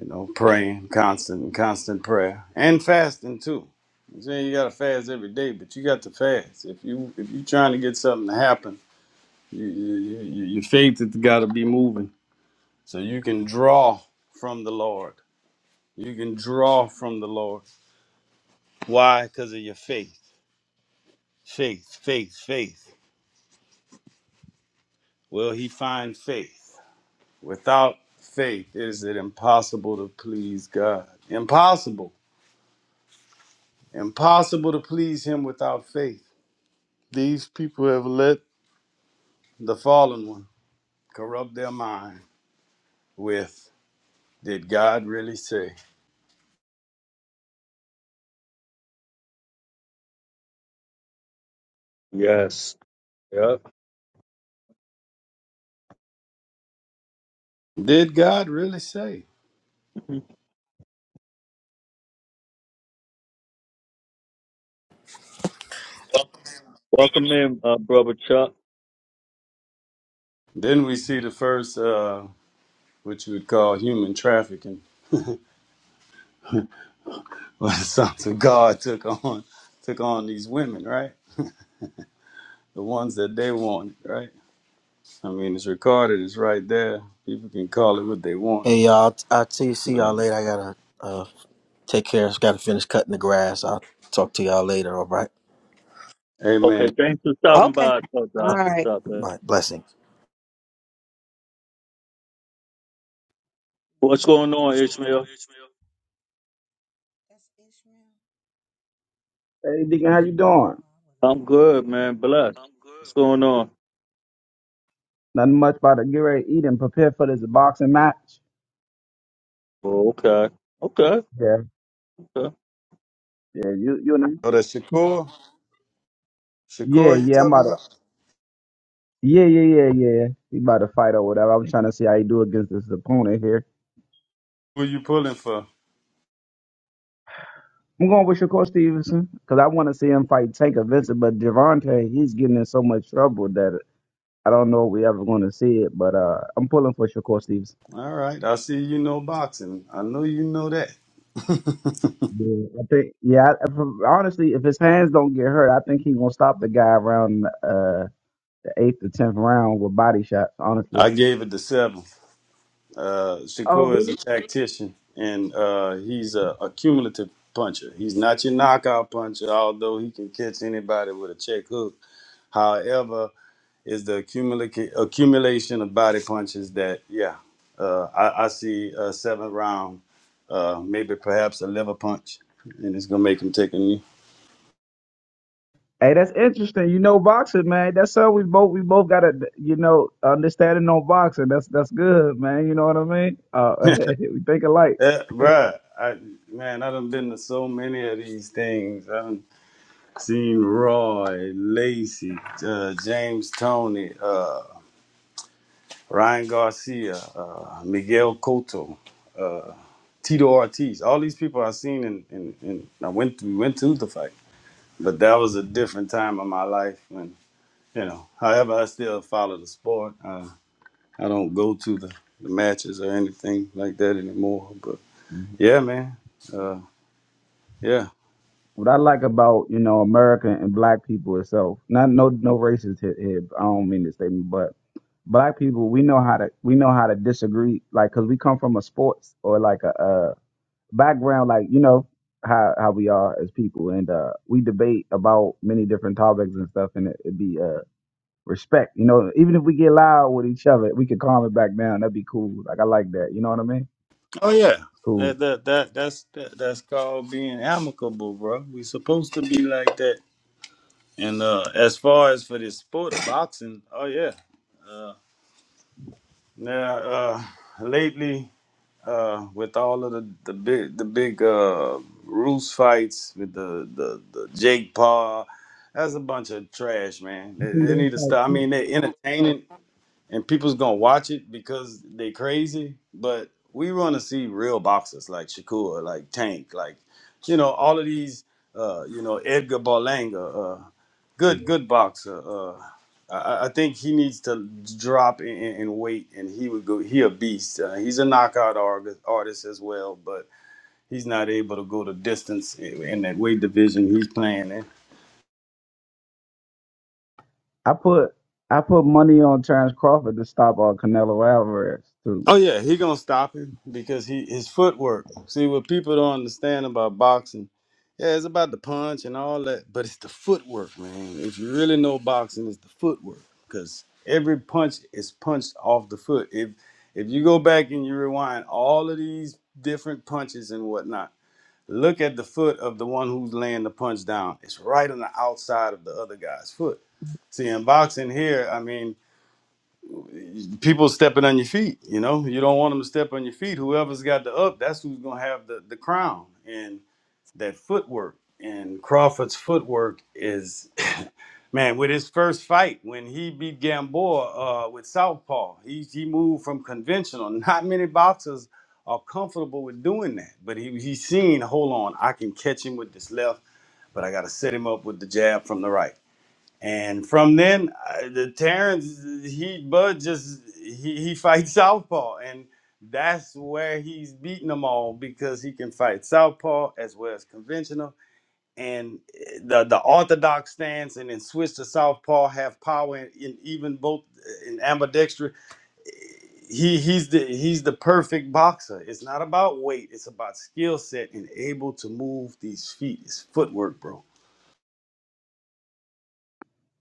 [SPEAKER 3] you know, praying, constant, constant prayer, and fasting too. I'm saying you gotta fast every day, but you got to fast. If you if you're trying to get something to happen, you, you, you, your faith has got to be moving So you can draw from the Lord. You can draw from the Lord. Why? Because of your faith. Faith, faith, faith. Will he find faith? Without faith, is it impossible to please God? Impossible. Impossible to please him without faith. These people have let the fallen one corrupt their mind with, did God really say?
[SPEAKER 1] Yes. Yeah.
[SPEAKER 3] Did God really say?
[SPEAKER 1] Mhm. Welcome in, uh, brother Chuck.
[SPEAKER 3] Then we see the first, uh, what you would call human trafficking Well, the sons of God took on took on these women, right? The ones that they wanted, right? I mean, it's recorded. It's right there. People can call it what they want,
[SPEAKER 6] Hey y'all, I'll tell you, see y'all
[SPEAKER 3] but
[SPEAKER 6] later. I gotta uh, take care. I gotta finish cutting the grass. I'll talk to y'all later. All right.
[SPEAKER 3] Amen.
[SPEAKER 1] Okay, thanks for
[SPEAKER 3] So
[SPEAKER 1] stopping
[SPEAKER 5] Okay.
[SPEAKER 1] by,
[SPEAKER 5] All
[SPEAKER 6] Uh,
[SPEAKER 1] Doctor.
[SPEAKER 5] right.
[SPEAKER 6] My blessing.
[SPEAKER 5] Yeah,
[SPEAKER 1] What's going on, Ishmael?
[SPEAKER 5] that's Ishmael.
[SPEAKER 7] Hey, Deacon, how you doing?
[SPEAKER 5] Um,
[SPEAKER 1] I'm good, man. Blessed. What's going on?
[SPEAKER 7] Nothing much about to get ready to eat and prepare for this boxing match.
[SPEAKER 1] Oh, okay. Okay.
[SPEAKER 7] Yeah, yeah, you, you know.
[SPEAKER 3] that Shakur,
[SPEAKER 7] Yeah,
[SPEAKER 3] Shakur, you
[SPEAKER 7] yeah, I'm about
[SPEAKER 3] talking
[SPEAKER 7] to.
[SPEAKER 3] about?
[SPEAKER 7] Yeah, yeah, yeah, yeah. He about to fight or whatever. i was trying to see how he do against this opponent here.
[SPEAKER 3] Who you pulling for?
[SPEAKER 7] I'm going with Shakur Stevenson because I want to see him fight Tanker Vincent, but Javante, he's getting in so much trouble that I don't know if we ever going to see it. But uh, I'm pulling for Shakur Stevenson.
[SPEAKER 3] All right, I see you know boxing. I know you know that.
[SPEAKER 7] Yeah, I think. Yeah, I, if, honestly, if his hands don't get hurt, I think he gonna stop the guy around. Uh, eighth to tenth round with body shots, honestly.
[SPEAKER 3] I gave it the seven. Uh,
[SPEAKER 7] Oh
[SPEAKER 3] Shakur is a
[SPEAKER 7] really?
[SPEAKER 3] tactician, and uh, he's a, a cumulative puncher. He's not your knockout puncher, although he can catch anybody with a check hook. However, is the accumula- accumulation of body punches that, yeah, uh, I, I see a seventh round, uh, maybe perhaps a liver punch, and it's gonna make him take a knee.
[SPEAKER 7] Hey, that's interesting. You know boxing, man. That's something we both we both got to you know understanding on boxing. That's that's good, man. You know what I mean? Uh, we think alike.
[SPEAKER 3] Yeah, bruh, I, man, I done been to so many of these things. I done seen Roy, Lacey, uh, James Tony, uh, Ryan Garcia, uh, Miguel Cotto, uh, Tito Ortiz. All these people I seen, and, and, and I went, to, we went to the fight. but that was a different time of my life when you know however i still follow the sport uh, i don't go to the, the matches or anything like that anymore but
[SPEAKER 7] Mhm.
[SPEAKER 3] yeah man uh, yeah
[SPEAKER 7] What I like about you know America and black people itself, not no no racist here. here, I don't mean this statement, but black people we know how to we know how to disagree, Like, cause we come from a sports or like a uh background, like you know how how we are as people, and uh, we debate about many different topics and stuff, and it, it'd be uh, respect. You know, even if we get loud with each other, we could calm it back down. That'd be cool. Like I like that. You know what I mean?
[SPEAKER 3] oh yeah
[SPEAKER 7] Cool.
[SPEAKER 3] that, that, that that's that, that's called being amicable bro we supposed to be like that and uh as far as for this sport boxing oh yeah now uh lately uh, with all of the, the big the big uh, Roos fights with the, the the Jake Paul. That's a bunch of trash, man.
[SPEAKER 7] You
[SPEAKER 3] They,
[SPEAKER 7] think
[SPEAKER 3] they
[SPEAKER 7] that's
[SPEAKER 3] need to
[SPEAKER 7] like
[SPEAKER 3] stop. I
[SPEAKER 7] it?
[SPEAKER 3] mean, they are entertaining and people's gonna watch it because they crazy. But we want to see real boxers like Shakur, like Tank, like you know all of these, uh, you know Edgar Berlanga, uh, good
[SPEAKER 7] Yeah.
[SPEAKER 3] good boxer. Uh, I, I I think he needs to drop in, in in weight, and he would go. He a beast. Uh, he's a knockout arg- artist as well, but he's not able to go the distance in in that weight division he's playing in.
[SPEAKER 7] I put I put money on Terrence Crawford to stop uh, Canelo Alvarez too.
[SPEAKER 3] Oh yeah, he gonna stop him because he his footwork. See what people don't understand about boxing. Yeah, it's about the punch and all that, but it's the footwork, man. If you really know boxing, it's the footwork because every punch is punched off the foot. If if you go back and you rewind all of these different punches and whatnot, look at the foot of the one who's laying the punch down. It's right on the outside of the other guy's foot. See, in boxing here, I mean, people stepping on your feet. You know, you don't want them to step on your feet. Whoever's got the up, that's who's gonna have the the crown and that footwork. And Crawford's footwork is, man, with his first fight when he beat Gamboa uh, with southpaw, he he moved from conventional. Not many boxers are comfortable with doing that, but he he's seen. Hold on, I can catch him with this left, but I got to set him up with the jab from the right. And from then, I, the Terrence, he Bud just he he fights southpaw, and that's where he's beating them all because he can fight southpaw as well as conventional. And eh, the the orthodox stance, and then switch to southpaw, have power in, in even both eh, in ambidextrous. He he's the he's the perfect boxer. It's not about weight; it's about skill set and able to move these feet. It's footwork, bro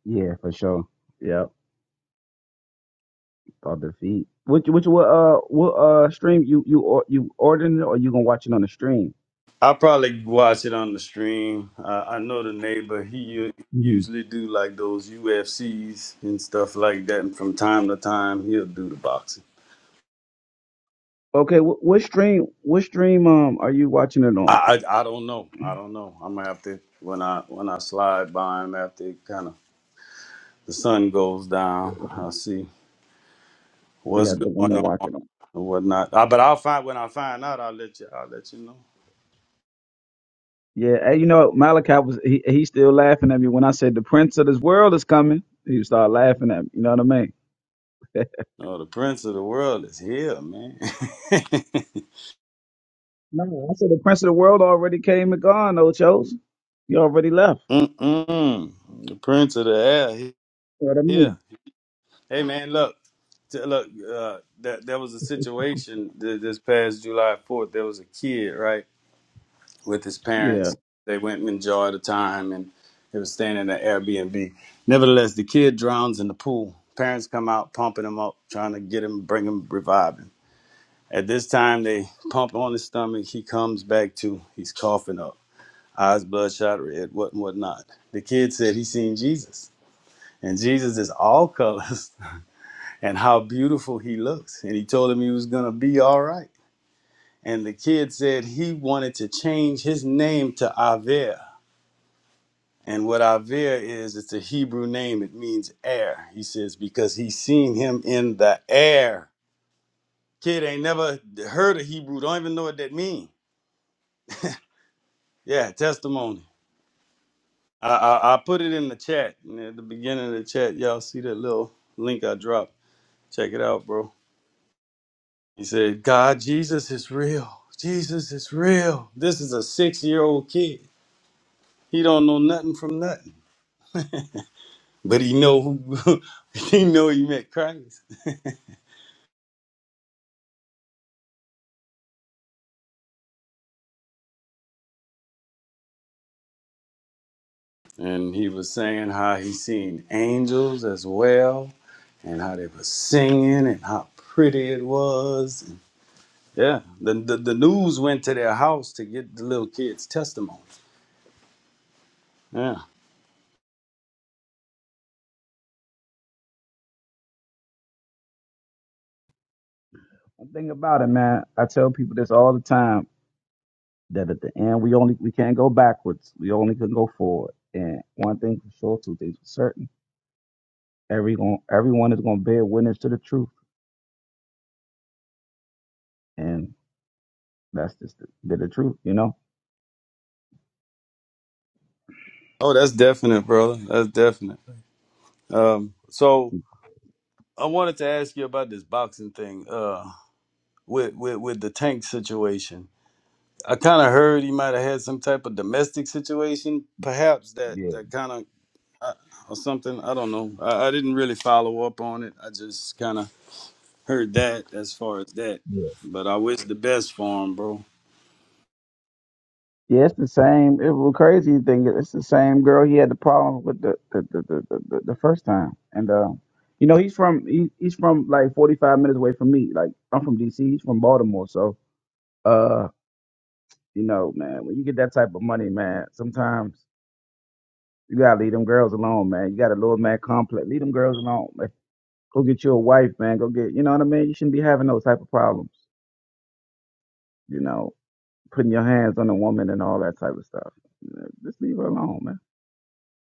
[SPEAKER 7] Yeah, for sure. Yep, or defeat. Which which what uh what uh stream you you or you ordering it or you gonna watch it on the stream?
[SPEAKER 3] I probably watch it on the stream. I, I know the neighbor. He u- usually do like those UFCs and stuff like that. And from time to time, he'll do the boxing.
[SPEAKER 7] Okay, wh- what stream? What stream? Um, are you watching it on?
[SPEAKER 3] I I, I don't know. I don't know. I'm gonna have to when I when I slide by him after it kind of the sun goes down. I'll see
[SPEAKER 7] Yeah, I
[SPEAKER 3] what's
[SPEAKER 7] think I'm gonna
[SPEAKER 3] going
[SPEAKER 7] watch
[SPEAKER 3] on
[SPEAKER 7] it on.
[SPEAKER 3] and whatnot. Uh, but I'll find when I find out. I'll let you. I'll let you know.
[SPEAKER 7] Yeah, hey, you know Malachi was he he's still laughing at me when I said the prince of this world is coming. He started laughing at me. You know what I mean?
[SPEAKER 3] No, the prince of the world is here, man.
[SPEAKER 7] No, I said the prince of the world already came and gone. Ochos, he already left.
[SPEAKER 3] Mm-mm. The prince of the air he-
[SPEAKER 7] You know what I
[SPEAKER 3] here.
[SPEAKER 7] mean?
[SPEAKER 3] Hey man, look, t- look. Uh, that there was a situation th- this past July Fourth. There was a kid, right, with his
[SPEAKER 7] Yeah.
[SPEAKER 3] parents. They went and enjoyed the time, and they was staying in an Airbnb. Nevertheless, the kid drowns in the pool. Parents come out pumping him up, trying to get him, bring him, revive him. At this time, they pump on his stomach. He comes back to. He's coughing up, eyes bloodshot red, what and whatnot. The kid said he seen Jesus, and Jesus is all colors. and how beautiful he looks. And he told him he was going to be all right. And the kid said he wanted to change his name to Aver. And what Aver is, it's a Hebrew name. It means air. He says, because he's seen him in the air. Kid ain't never heard of Hebrew, don't even know what that means. Yeah, testimony. I, I, I put it in the chat. At the beginning of the chat, y'all see that little link I dropped. Check it out, bro. He said, God, Jesus is real. Jesus is real. This is a six-year-old kid. He don't know nothing from nothing. But he know who he know he met Christ. And he was saying how he seen angels as well and how they were singing and how pretty it was. Yeah. The, the the news went to their house to get the little kid's testimony. Yeah.
[SPEAKER 7] The thing about it, man, I tell people this all the time that at the end we only we can't go backwards. We only can go forward. And one thing for sure, two things for certain: every everyone everyone is gonna bear witness to the truth. and. That's just the, the the truth, you know.
[SPEAKER 3] Oh, that's definite, brother. That's definite. Um, so I wanted to ask you about this boxing thing. Uh with with, with the tank situation. I kind of heard he might have had some type of domestic situation, perhaps that
[SPEAKER 7] Yeah,
[SPEAKER 3] that kind of uh, or something. I don't know. I, I didn't really follow up on it. I just kind of heard that as far as that.
[SPEAKER 7] yeah.
[SPEAKER 3] But I wish the best for him, bro.
[SPEAKER 7] Yeah, it's the same. It was crazy thing. It's the same girl he had the problem with the the the the, the, the, the first time. And uh, you know, he's from he, he's from like 45 minutes away from me. Like I'm from DC, he's from Baltimore. So uh, you know, man, when you get that type of money, man, sometimes you gotta leave them girls alone, man. You got a little man complex. Leave them girls alone, man. Go get you a wife, man. Go get you know what I mean. You shouldn't be having those type of problems, you know. putting your hands on a woman and all that type of stuff. Uh, Just leave her alone, man.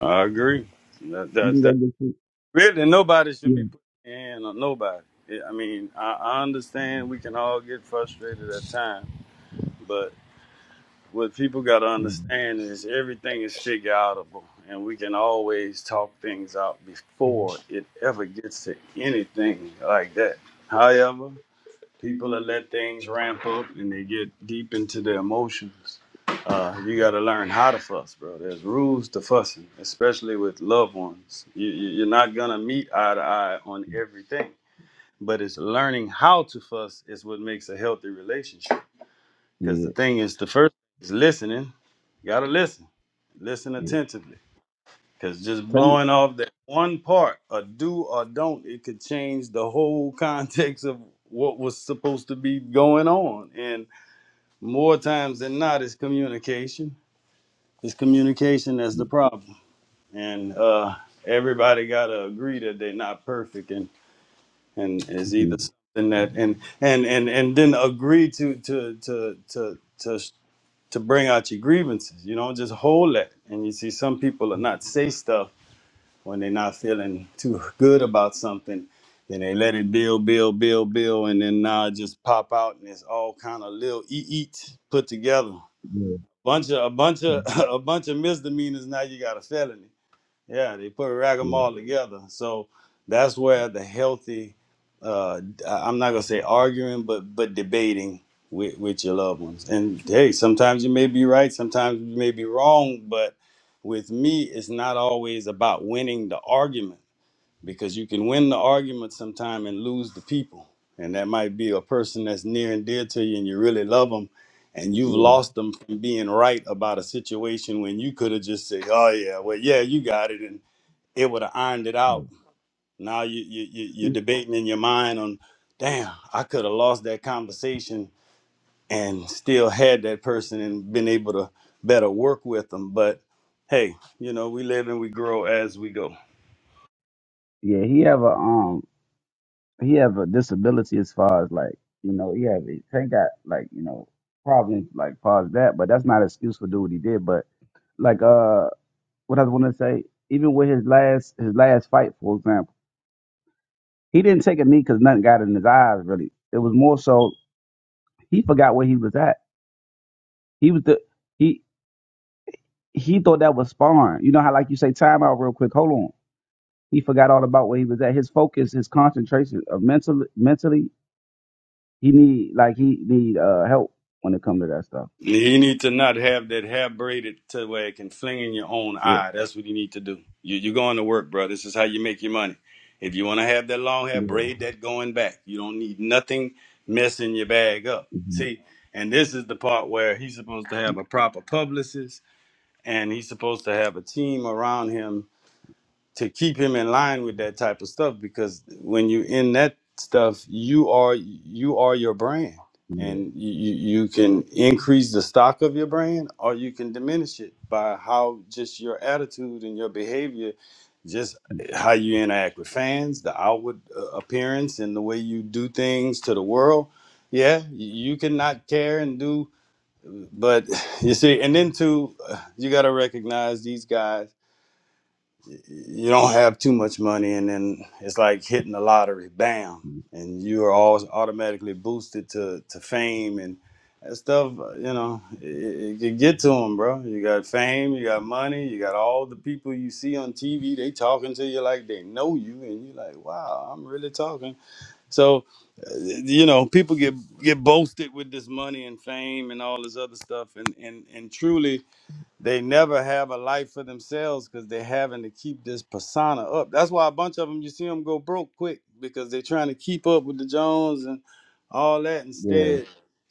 [SPEAKER 3] I agree. That
[SPEAKER 7] You
[SPEAKER 3] that
[SPEAKER 7] can go
[SPEAKER 3] that
[SPEAKER 7] get you.
[SPEAKER 3] really nobody should
[SPEAKER 7] Yeah.
[SPEAKER 3] be putting their hand on nobody. Yeah, I mean, I, I understand we can all get frustrated at times, but what people got to
[SPEAKER 7] Mhm.
[SPEAKER 3] understand is everything is figure outable and we can always talk things out
[SPEAKER 7] Mhm.
[SPEAKER 3] before it ever gets to anything like that however people that let things ramp up and they get deep into their emotions uh, you got to learn how to fuss bro there's rules to fussing especially with loved ones you, you- you're not gonna meet eye to eye on everything but it's learning how to fuss is what makes a healthy relationship because
[SPEAKER 7] Yeah.
[SPEAKER 3] the thing is the first is listening you gotta listen, listen
[SPEAKER 7] Yeah.
[SPEAKER 3] attentively, because just
[SPEAKER 7] Tell me.
[SPEAKER 3] blowing off that one part, a do or don't, it could change the whole context of what was supposed to be going on. And more times than not, it's communication. It's communication that's
[SPEAKER 7] Yeah.
[SPEAKER 3] the problem, and uh, everybody gotta agree that they're not perfect, and and is either
[SPEAKER 7] Mhm.
[SPEAKER 3] something that and and and and then agree to to to to to. to bring out your grievances. You know, just hold that. And you see, some people are not say stuff when they're not feeling too good about something. Then they let it build, build, build, build, and then now it just pop out, and it's all kind of little eat, eat put together.
[SPEAKER 7] Yeah.
[SPEAKER 3] Bunch of a bunch of
[SPEAKER 7] mm-hmm.
[SPEAKER 3] a bunch of misdemeanors. Now you got a felony. Yeah, they put rag them
[SPEAKER 7] Yeah.
[SPEAKER 3] all together. So that's where the healthy, uh, I- I'm not gonna say arguing, but but debating with, with your loved ones. And hey, sometimes you may be right, sometimes you may be wrong, but with me, it's not always about winning the argument because you can win the argument sometime and lose the people. And that might be a person that's near and dear to you and you really love them and you've
[SPEAKER 7] Yeah.
[SPEAKER 3] lost them from being right about a situation when you could have just said, "Oh yeah, well yeah, you got it," and it would have ironed it
[SPEAKER 7] Yeah.
[SPEAKER 3] out. Now you, you, you you're
[SPEAKER 7] He,
[SPEAKER 3] debating in your mind on, damn, I could have lost that conversation and still had that person and been able to better work with them. But hey, you know, we live and we grow as we go.
[SPEAKER 7] yeah. He have a um. He have a disability as far as like you know. He have he ain't got like you know problems like far as that, but that's not an excuse for do what he did. But like uh, what I want to say, even with his last his last fight, for example, he didn't take a knee because nothing got in his eyes really. It was more so. He forgot where he was at. He was the he he thought that was sparring. You know how like you say time out real quick. Hold on. He forgot all about where he was at. His focus, his concentration, of mentally mentally he need like he need uh help when it come to that stuff.
[SPEAKER 3] You need to not have that hair braided to where it can fling in your own
[SPEAKER 7] Yeah,
[SPEAKER 3] eye. That's what you need to do. You, you're going to work, bro. This is how you make your money. If you want to have that long hair,
[SPEAKER 7] yeah,
[SPEAKER 3] braid that going back. You don't need nothing messing your bag up.
[SPEAKER 7] mhm,
[SPEAKER 3] See, and this is the part where he's supposed to have a proper publicist and he's supposed to have a team around him to keep him in line with that type of stuff because when you in that stuff you are you are your brand
[SPEAKER 7] yeah,
[SPEAKER 3] and you, you you can increase the stock of your brand or you can diminish it by how just your attitude and your behavior just how you interact with fans the outward uh, appearance and the way you do things to the world yeah you can not care and do but you see and then too uh, you got to recognize these guys you don't have too much money and then it's like hitting the lottery bam
[SPEAKER 7] mhm,
[SPEAKER 3] and you are all automatically boosted to, to fame and that stuff uh, you know it, it can get to them bro you got fame you got money you got all the people you see on tv they talking to you like they know you and you're like wow i'm really talking so uh, you know people get get boasted with this money and fame and all this other stuff and and and truly they never have a life for themselves because they're having to keep this persona up. That's why a bunch of them you see them go broke quick because they're trying to keep up with the Jones and all that.
[SPEAKER 7] yeah.
[SPEAKER 3] Instead,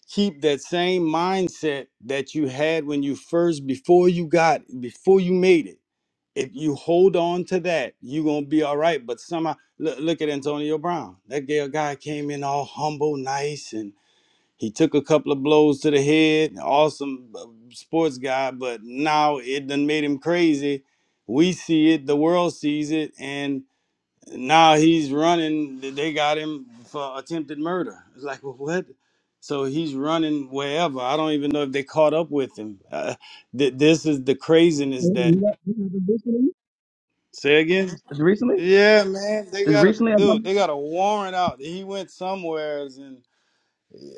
[SPEAKER 3] keep that same mindset that you had when you first before you got before you made it. If you hold on to that, you're gonna be all right. But somehow, look, look at Antonio Brown. That gay guy came in all humble, nice, and he took a couple of blows to the head, awesome uh, sports guy, but now it done made him crazy. We see it, the world sees it, and now he's running. They got him for attempted murder. It's like, well, what? So he's running wherever. I don't even know if they caught up with him. Uh, th- this is the
[SPEAKER 7] Hey,
[SPEAKER 3] craziness that.
[SPEAKER 7] you got- you got the recently?
[SPEAKER 3] Say again?
[SPEAKER 7] It's recently.
[SPEAKER 3] Yeah, man. They
[SPEAKER 7] It's
[SPEAKER 3] got a
[SPEAKER 7] recently. I'm
[SPEAKER 3] dude.
[SPEAKER 7] coming.
[SPEAKER 3] They got a warrant out. He went somewheres and.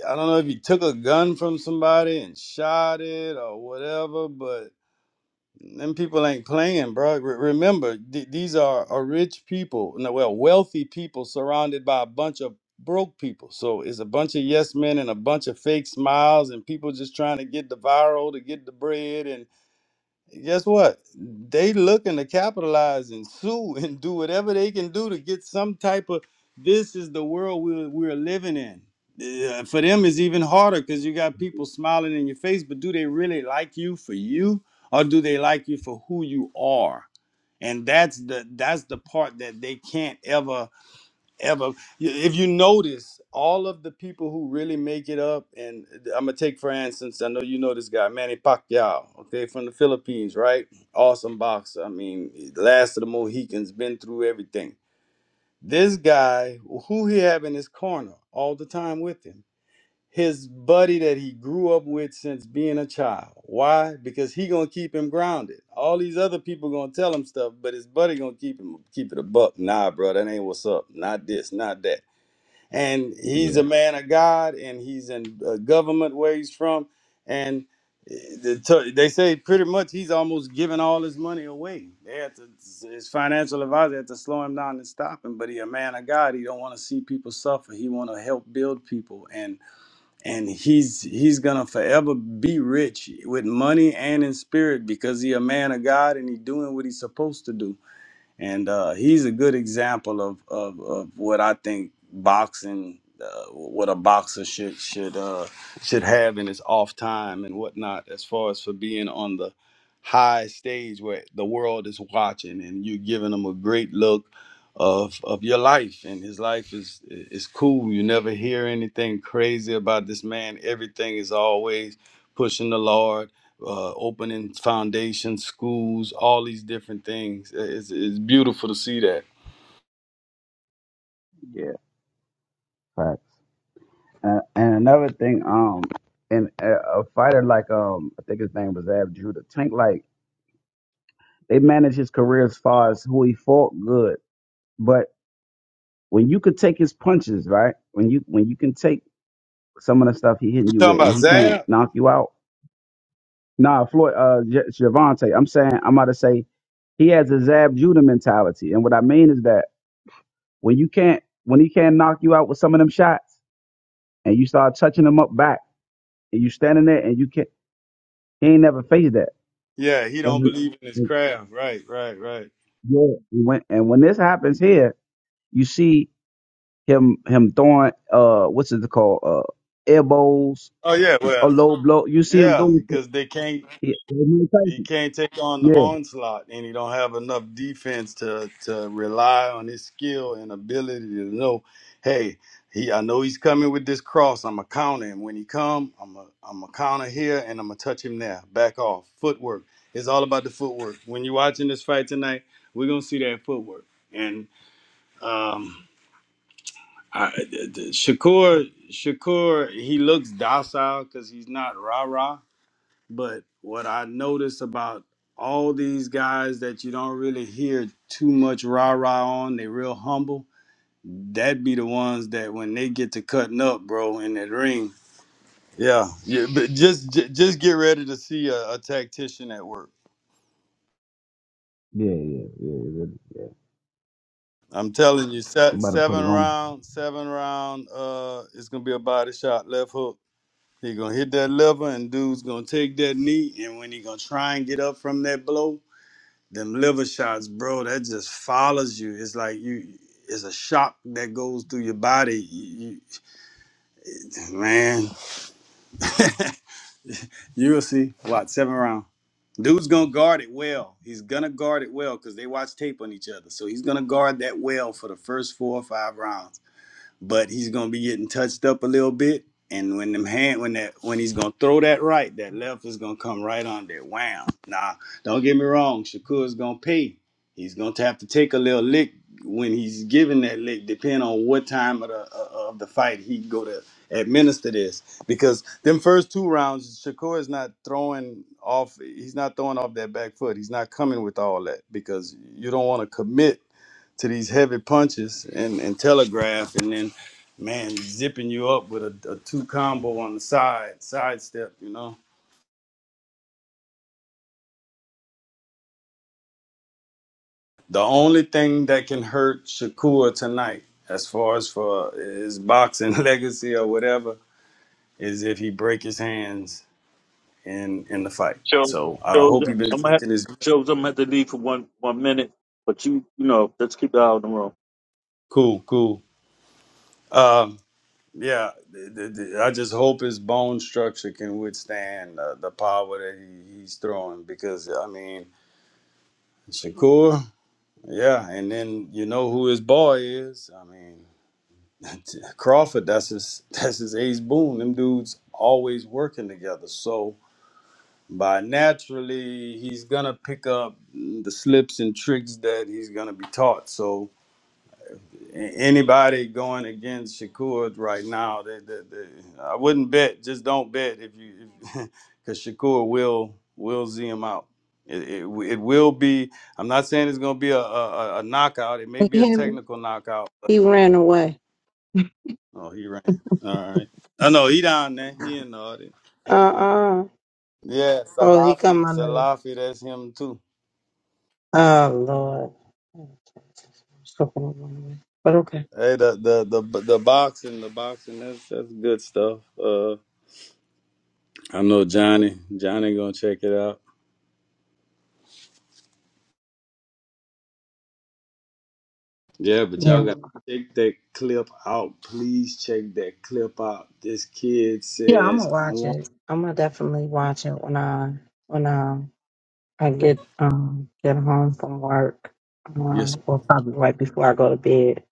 [SPEAKER 3] I don't know if he took a gun from somebody and shot it or whatever, but them people ain't playing, bro. Re- remember, th- these are, are rich people, no, well, wealthy people surrounded by a bunch of broke people. So it's a bunch of yes men and a bunch of fake smiles and people just trying to get the viral to get the bread. and guess what? They looking to capitalize and sue and do whatever they can do to get some type of. This is the world we're, we're living in. Yeah, For them, it's even harder because you got people smiling in your face, but do they really like you for you, or do they like you for who you are? And that's the that's the part that they can't ever ever. If you notice, all of the people who really make it up, and I'm gonna take for instance, I know you know this guy, Manny Pacquiao, okay, from the Philippines, right? Awesome boxer. I mean, last of the Mohicans, been through everything. This guy, who he have in his corner all the time with him, his buddy that he grew up with since being a child. Why? Because he gonna keep him grounded. All these other people gonna tell him stuff, but his buddy gonna keep him keep it a buck. Nah, bro, that ain't what's up. Not this, not that and he's
[SPEAKER 7] Yeah,
[SPEAKER 3] a man of God, and he's in uh, government where he's from, and eh, the t- they say pretty much he's almost giving all his money away. They had to, his financial advisor had to slow him down and stop him. But he a man of God. He don't want to see people suffer. He want to help build people, and and he's he's gonna forever be rich with money and in spirit because he a man of God and he doing what he's supposed to do and uh, he's a good example of, of, of what I think boxing, uh, what a boxer should should uh, should have in his off time and whatnot, as far as for being on the high stage where the world is watching, and you're giving him a great look of of your life, and his life is is cool. You never hear anything crazy about this man. Everything is always pushing the Lord uh, opening foundations, schools, all these different things. It's, it's beautiful to see that.
[SPEAKER 7] yeah. Facts. And, and another thing, um, and a, a fighter like um, I think his name was Ab Judah. Tank like. they managed his career as far as who he fought good. But when you could take his punches, right? When you when you can take some of the stuff he hitting
[SPEAKER 3] You
[SPEAKER 7] you with
[SPEAKER 3] talking
[SPEAKER 7] and
[SPEAKER 3] about
[SPEAKER 7] he can't
[SPEAKER 3] Zab?
[SPEAKER 7] knock you out. Nah, Floyd uh J- Javante, I'm saying I'm about to say he has a Zab Judah mentality. And what I mean is that when you can't when he can't knock you out with some of them shots and you start touching him up back and you standing there and you can't he ain't never faced that.
[SPEAKER 3] Yeah, he
[SPEAKER 7] And
[SPEAKER 3] don't
[SPEAKER 7] when,
[SPEAKER 3] believe in his craft. Right, right, right.
[SPEAKER 7] yeah, and when and when this happens here, you see him him throwing uh what's it called uh elbows
[SPEAKER 3] Oh yeah,
[SPEAKER 7] a
[SPEAKER 3] well,
[SPEAKER 7] low blow. You see him
[SPEAKER 3] yeah,
[SPEAKER 7] doing it.
[SPEAKER 3] because they can't.
[SPEAKER 7] Yeah, with Mike
[SPEAKER 3] He
[SPEAKER 7] Tyson.
[SPEAKER 3] can't take on the
[SPEAKER 7] yeah,
[SPEAKER 3] onslaught, and he don't have enough defense to to rely on his skill and ability to know, hey, he I know he's coming with this cross. I'm gonna counter him when he come. I'm a I'm a counter here, and I'm gonna touch him there. Back off. Footwork. It's all about the footwork. When you're watching this fight tonight, we're gonna see that footwork. And um, I, the, the, Shakur Shakur he looks docile because he's not rah rah but what I notice about all these guys that you don't really hear too much rah rah on, they real humble. That be the ones that when they get to cutting up, bro, in that ring. Yeah, yeah but just ju- just get ready to see a, a tactician at work.
[SPEAKER 7] yeah, yeah, yeah. really, yeah.
[SPEAKER 3] I'm telling you,
[SPEAKER 7] He
[SPEAKER 3] se-
[SPEAKER 7] about to put
[SPEAKER 3] seven
[SPEAKER 7] it on.
[SPEAKER 3] round, seven round. Uh, it's gonna be a body shot, left hook. He gonna hit that lever, and dude's gonna take that knee, and when he gonna try and get up from that blow, Them liver shots, bro, that just follows you. It's like you it's a shock that goes through your body. You, you- man, you'll see. What, seven round. Dude's gonna guard it well. He's gonna guard it well because they watch tape on each other. So he's gonna guard that well for the first four or five rounds. but he's gonna be getting touched up a little bit. And when them hand when that when he's gonna throw that right, that left is gonna come right on there. Wham. Now, don't get me wrong, Shakur's gonna pay. He's gonna have to take a little lick when he's giving that lick, depending on what time of the uh, of the fight he go to administer this. Because them first two rounds, Shakur is not throwing off. He's not throwing off that back foot. He's not coming with all that because you don't want to commit to these heavy punches and, and telegraph, and then man zipping you up with a, a two combo on the side sidestep. You know, the only thing that can hurt Shakur tonight, as far as for his boxing legacy or whatever, is if he break his hands in in the fight.
[SPEAKER 1] Shows,
[SPEAKER 3] So I
[SPEAKER 1] shows,
[SPEAKER 3] hope he been
[SPEAKER 1] I'm gonna have,
[SPEAKER 3] drinking his milk.
[SPEAKER 1] shows I'm gonna have to leave for one one minute, but you, you know, let's keep the eye on the road.
[SPEAKER 3] cool, cool. Um, yeah, th- th- th- I just hope his bone structure can withstand uh, the power that he, he's throwing because I mean Shakur, yeah, and then you know who his boy is. I mean, Crawford. That's his. That's his ace boon. Them dudes always working together. So by naturally, he's gonna pick up the slips and tricks that he's gonna be taught. So anybody going against Shakur right now, they, they, they, I wouldn't bet. Just don't bet if you, because Shakur will will z him out. It, it, it will be. I'm not saying it's going to be a, a a a knockout. It may be a
[SPEAKER 5] Him,
[SPEAKER 3] technical knockout.
[SPEAKER 5] he ran away.
[SPEAKER 3] Oh, he ran. All right. Oh no, he down there. He in the audience.
[SPEAKER 5] Uh uh
[SPEAKER 3] Yeah,
[SPEAKER 5] Oh, he
[SPEAKER 3] Salafi,
[SPEAKER 5] come under.
[SPEAKER 3] Salafi, that's him too.
[SPEAKER 5] Oh Lord. It's fucking wrong way. But okay.
[SPEAKER 3] Hey, the the the the boxing, the boxing, that's that's good stuff. Uh, I know Johnny. Johnny gonna check it out. Yeah, but y'all
[SPEAKER 5] Yeah.
[SPEAKER 3] got to check that clip out. Please check that clip out. This kid
[SPEAKER 5] Yeah, I'm
[SPEAKER 3] says,
[SPEAKER 5] gonna
[SPEAKER 3] I
[SPEAKER 5] watch
[SPEAKER 3] want
[SPEAKER 5] it. I'm gonna definitely watch it when I when um I get um get home from work.
[SPEAKER 3] yes.
[SPEAKER 5] Um, or probably right before I go to bed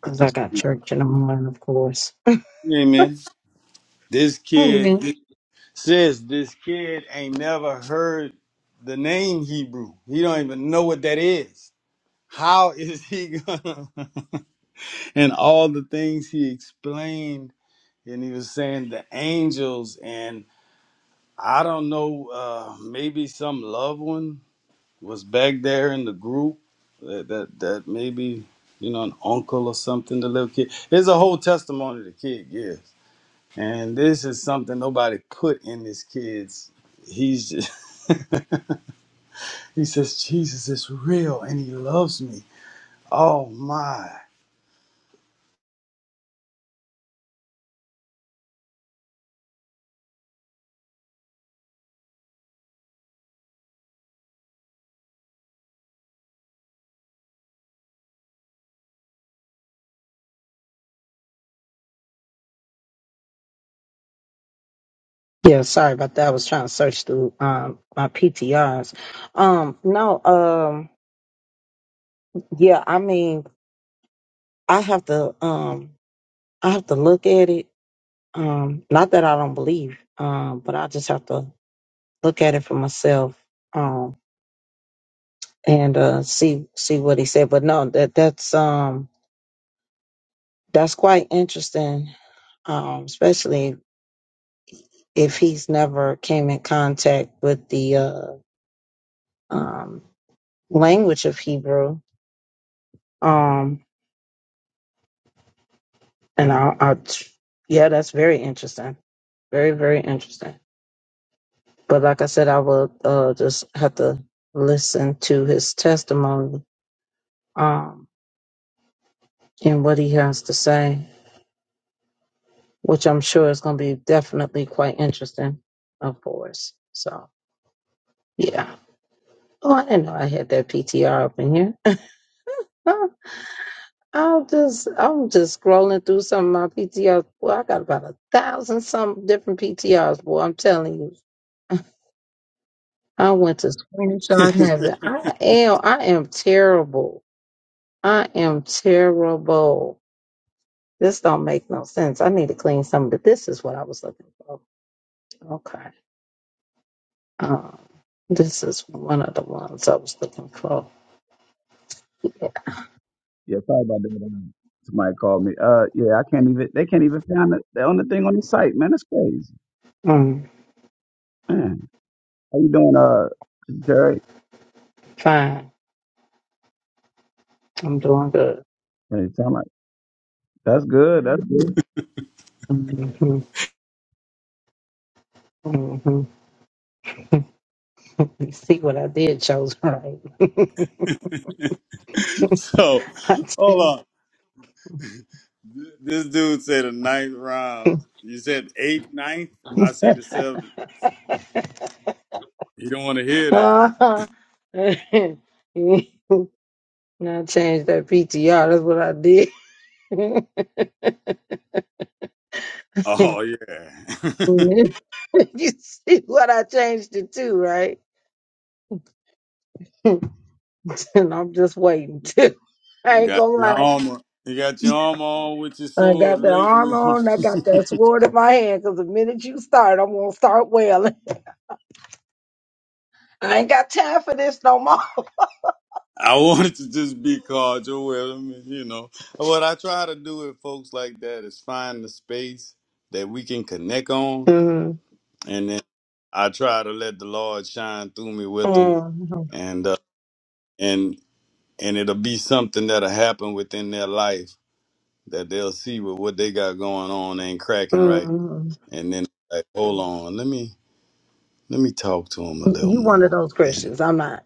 [SPEAKER 5] because I
[SPEAKER 3] This,
[SPEAKER 5] got church in the morning, of course.
[SPEAKER 3] hey man, this kid
[SPEAKER 5] Amen.
[SPEAKER 3] this, says this kid ain't never heard the name Hebrew. He don't even know what that is. How is he gonna? and all the things he explained, and he was saying the angels and I don't know, uh, maybe some loved one was back there in the group that that, that maybe you know an uncle or something the little kid there's a whole testimony the kid gives and this is something nobody put in this kid's he's just he says jesus is real and he loves me oh my
[SPEAKER 5] Yeah, sorry about that. I was trying to search through um my PTRs. Um, no. um. Yeah, I mean, I have to um I have to look at it. Um not that I don't believe, um, but I just have to look at it for myself um and uh see see what he said. But no, that that's um that's quite interesting, um, especially if he's never came in contact with the uh um language of Hebrew. Um and I, I yeah, that's very interesting. Very, very interesting. But like I said, I will uh, just have to listen to his testimony um, and what he has to say, which I'm sure is going to be definitely quite interesting, of course. So, yeah. Oh, I didn't know I had that PTR up in here. I'm just, I'm just scrolling through some of my PTRs. Boy, I got about a thousand some different PTRs. Boy, I'm telling you, I went to screenshot heaven. I am, I am terrible. I am terrible. This don't make no sense. I need to clean some of the. This is what I was looking for. Okay. Um, this is one of the ones I was looking for.
[SPEAKER 7] Yeah, sorry about that. um, Somebody called me. Uh, yeah, I can't even. They can't even find it. The only thing on the site, man. That's crazy,
[SPEAKER 5] Um,
[SPEAKER 7] man. How you doing, uh, Jerry?
[SPEAKER 5] fine. I'm doing good.
[SPEAKER 7] Hey, sound like that's good. That's good.
[SPEAKER 5] hmm hmm You see what I did chose right.
[SPEAKER 3] so
[SPEAKER 5] I
[SPEAKER 3] hold
[SPEAKER 5] did.
[SPEAKER 3] on this dude said a ninth round you said eighth ninth i say the seventh you don't want to hear that
[SPEAKER 5] uh-huh. Now change that PTR. That's what I did.
[SPEAKER 3] oh yeah
[SPEAKER 5] You see what I changed it to, right? and I'm just waiting to.
[SPEAKER 3] You
[SPEAKER 5] I ain't
[SPEAKER 3] got
[SPEAKER 5] gonna
[SPEAKER 3] your
[SPEAKER 5] lie.
[SPEAKER 3] armor. You got your armor on with your
[SPEAKER 5] I
[SPEAKER 3] sword,
[SPEAKER 5] got that
[SPEAKER 3] right?
[SPEAKER 5] arm on. I got that sword in my hand because the minute you start, I'm gonna start wailing. I ain't got time for this no more.
[SPEAKER 3] I wanted to just be called with them, and, you know. What I try to do with folks like that is find the space that we can connect on,
[SPEAKER 5] Mhm.
[SPEAKER 3] and then I try to let the Lord shine through me with them,
[SPEAKER 5] Mhm.
[SPEAKER 3] and uh, and and it'll be something that'll happen within their life that they'll see with what they got going on ain't cracking right,
[SPEAKER 5] Mhm.
[SPEAKER 3] and then like, hold on, let me let me talk to them a little
[SPEAKER 5] You one of
[SPEAKER 3] more,
[SPEAKER 5] those Christians. I'm not.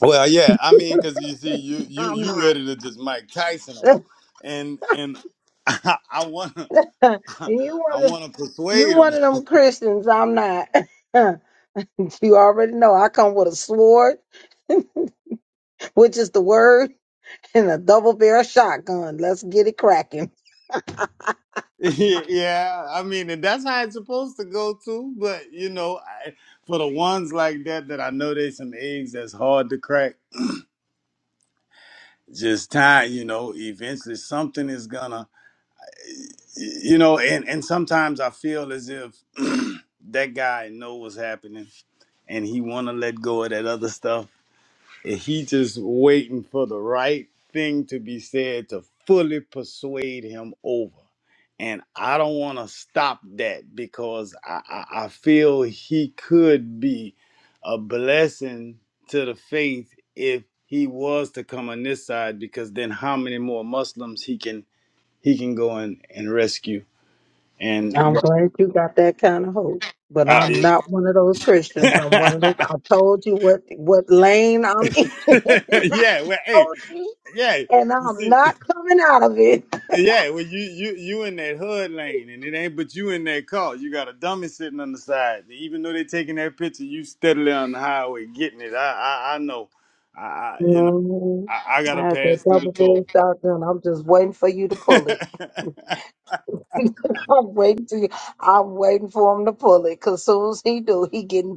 [SPEAKER 3] Well, yeah, I mean, because you see, you you
[SPEAKER 5] I'm
[SPEAKER 3] you
[SPEAKER 5] not.
[SPEAKER 3] ready to just Mike Tyson him, and and I, want
[SPEAKER 5] And
[SPEAKER 3] to
[SPEAKER 5] you
[SPEAKER 3] I
[SPEAKER 5] one of
[SPEAKER 3] want to
[SPEAKER 5] you
[SPEAKER 3] persuade him.
[SPEAKER 5] one of them Christians. I'm not. you already know I come with a sword, which is the word. and a double barrel shotgun. Let's get it cracking.
[SPEAKER 3] yeah, I mean, and that's how it's supposed to go too. But you know, I, for the ones like that that I know there's some eggs that's hard to crack. Just time, you know. Eventually, something is gonna, you know. And and sometimes I feel as if that guy know what's happening, and he want to let go of that other stuff and he just waiting for the right thing to be said to fully persuade him over. And I don't want to stop that because I, I, I feel he could be a blessing to the faith if he was to come on this side because then how many more Muslims he can he can go and, and rescue and
[SPEAKER 5] I'm glad you got that kind of hope. But
[SPEAKER 3] uh,
[SPEAKER 5] I'm not one of those Christians. I'm one of those I told you what what lane I'm in. I
[SPEAKER 3] yeah well hey
[SPEAKER 5] told you.
[SPEAKER 3] yeah
[SPEAKER 5] and
[SPEAKER 3] you
[SPEAKER 5] I'm
[SPEAKER 3] see
[SPEAKER 5] not coming out of it.
[SPEAKER 3] Yeah, well, you you you in that hood lane, and it ain't but you in that car. You got a dummy sitting on the side. Even though they taking that picture, you steadily on the highway getting it. I I, I know. I, I you know
[SPEAKER 5] hmm
[SPEAKER 3] I, I
[SPEAKER 5] I
[SPEAKER 3] gotta
[SPEAKER 5] had that
[SPEAKER 3] pass through the
[SPEAKER 5] double
[SPEAKER 3] toll.
[SPEAKER 5] barrel shotgun. I'm just waiting for you to pull it. I'm waiting to I'm waiting for him to pull it because soon as he do, he getting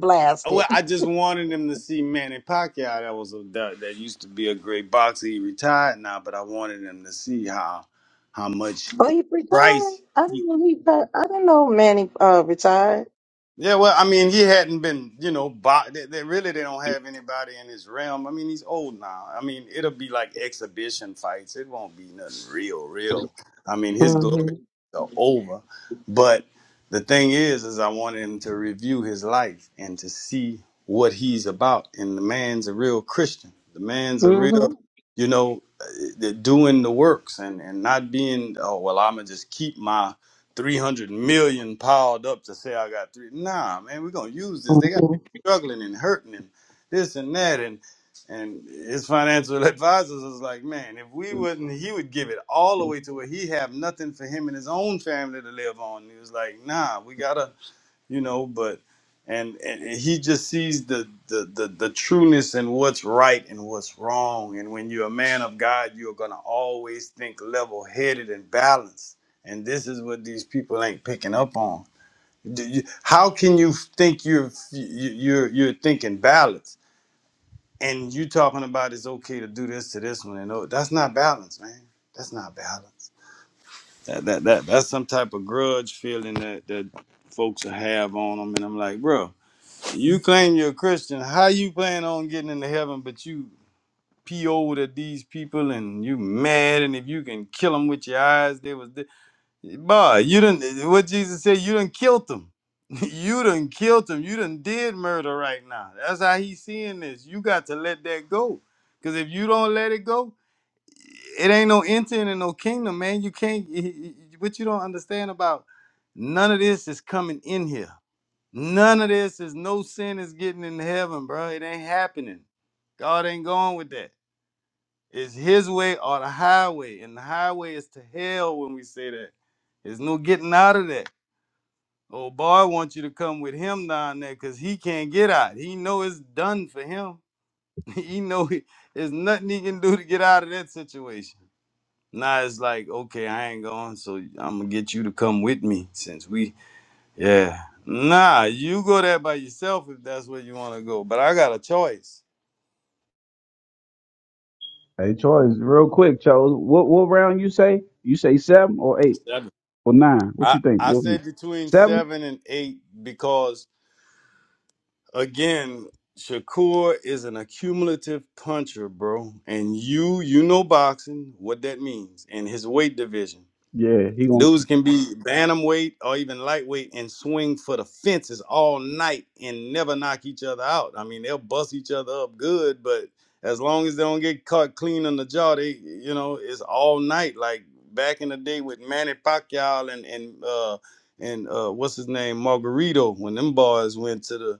[SPEAKER 3] well,
[SPEAKER 5] blasted.
[SPEAKER 3] I just wanted them to see Manny Pacquiao. That was a that, that used to be a great boxer. He retired now, but I wanted them to see how how much
[SPEAKER 5] Oh, he retired.
[SPEAKER 3] price.
[SPEAKER 5] I didn't know he. pa- I didn't know Manny uh, retired.
[SPEAKER 3] Yeah, well, I mean, he hadn't been, you know, bo- they, they really they don't have anybody in his realm. I mean, he's old now. I mean, it'll be like exhibition fights. It won't be nothing real, real. I mean, his glory
[SPEAKER 5] hmm
[SPEAKER 3] are over. But the thing is, is I wanted him to review his life and to see what he's about. And the man's a real Christian. The man's a real, you know, uh, doing the works and and not being, oh well, I'm gonna just keep my 300 million piled up to say I got three. Nah, man, we're going to use this. They got
[SPEAKER 5] hmm
[SPEAKER 3] people struggling and hurting and this and that. And and his financial advisors was like, man, if we wouldn't, he would give it all away to where he have nothing for him and his own family to live on. He was like, nah, we got to you know but and, and and he just sees the, the the the trueness in what's right and what's wrong and when you're a man of god you're gonna always think level-headed and balanced and this is what these people ain't picking up on Do you- how can you think you're you- you're you're thinking balance and you talking about it's okay to do this to this one and oh that's not balance man that's not balance that that, that that's some type of grudge feeling that that folks have on them and i'm like bro. You claim you're a Christian. How you plan on getting into heaven, but you PO'd at these people and you mad, and if you can kill them with your eyes, they was dead. Boy, you didn't, what Jesus said, you done killed them. you done killed them. You done did murder right now. That's how he's seeing this. You got to let that go. Because if you don't let it go, it ain't no entering in no kingdom, man. You can't, what you don't understand about none of this is coming in here None of this is no sin is getting in heaven, bro. It ain't happening. God ain't going with that. It's his way or the highway. And the highway is to hell when we say that. There's no getting out of that. Oh boy, I want you to come with him down there because he can't get out. He know it's done for him. he know he, there's nothing he can do to get out of that situation. Now it's like, okay, I ain't going, so I'm gonna get you to come with me since we yeah. Nah, you go there by yourself if that's where you want to go. But I got a choice.
[SPEAKER 7] Hey, choice. real quick, chose. What what round you say? You say seven or eight
[SPEAKER 3] Seven.
[SPEAKER 7] or nine? What you
[SPEAKER 3] I,
[SPEAKER 7] think?
[SPEAKER 3] I
[SPEAKER 7] What,
[SPEAKER 3] said between
[SPEAKER 7] seven?
[SPEAKER 3] seven and eight because, again, Shakur is an accumulative puncher, bro. And you, you know boxing, what that means, and his weight division.
[SPEAKER 7] Yeah, he gonna
[SPEAKER 3] Dudes can be bantamweight or even lightweight and swing for the fences all night and never knock each other out. I mean, they'll bust each other up good, but as long as they don't get caught clean on the jaw, they you know it's all night. Like back in the day with Manny Pacquiao and and uh, and uh, what's his name Margarito when them boys went to the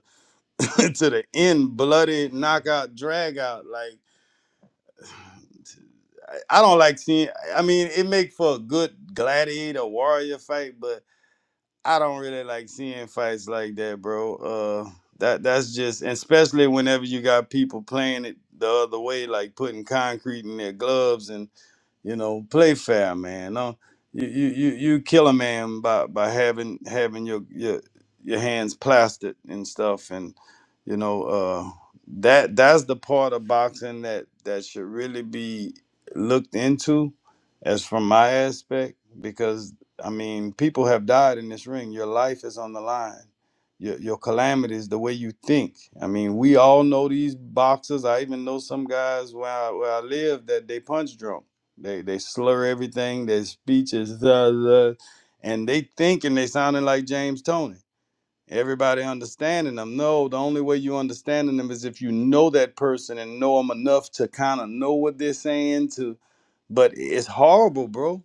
[SPEAKER 3] to the end bloody knockout drag out like. I I don't like seeing. I mean, it make for a good gladiator warrior fight, but I don't really like seeing fights like that, bro. Uh, that that's just and especially whenever you got people playing it the other way, like putting concrete in their gloves and you know, play fair, man. No, you you you you kill a man by by having having your your your hands plastered and stuff, and you know uh, that that's the part of boxing that that should really be looked into, as from my aspect, because I mean, people have died in this ring. Your life is on the line. Your, your calamities, the way you think. I mean, we all know these boxers. I even know some guys where I, where I live that they punch drunk they they slur everything. Their speech is uh, uh, and they thinking they sounding like James Tony. Everybody understanding them. No, the only way you understanding them is if you know that person and know them enough to kind of know what they're saying. To, but it's horrible, bro.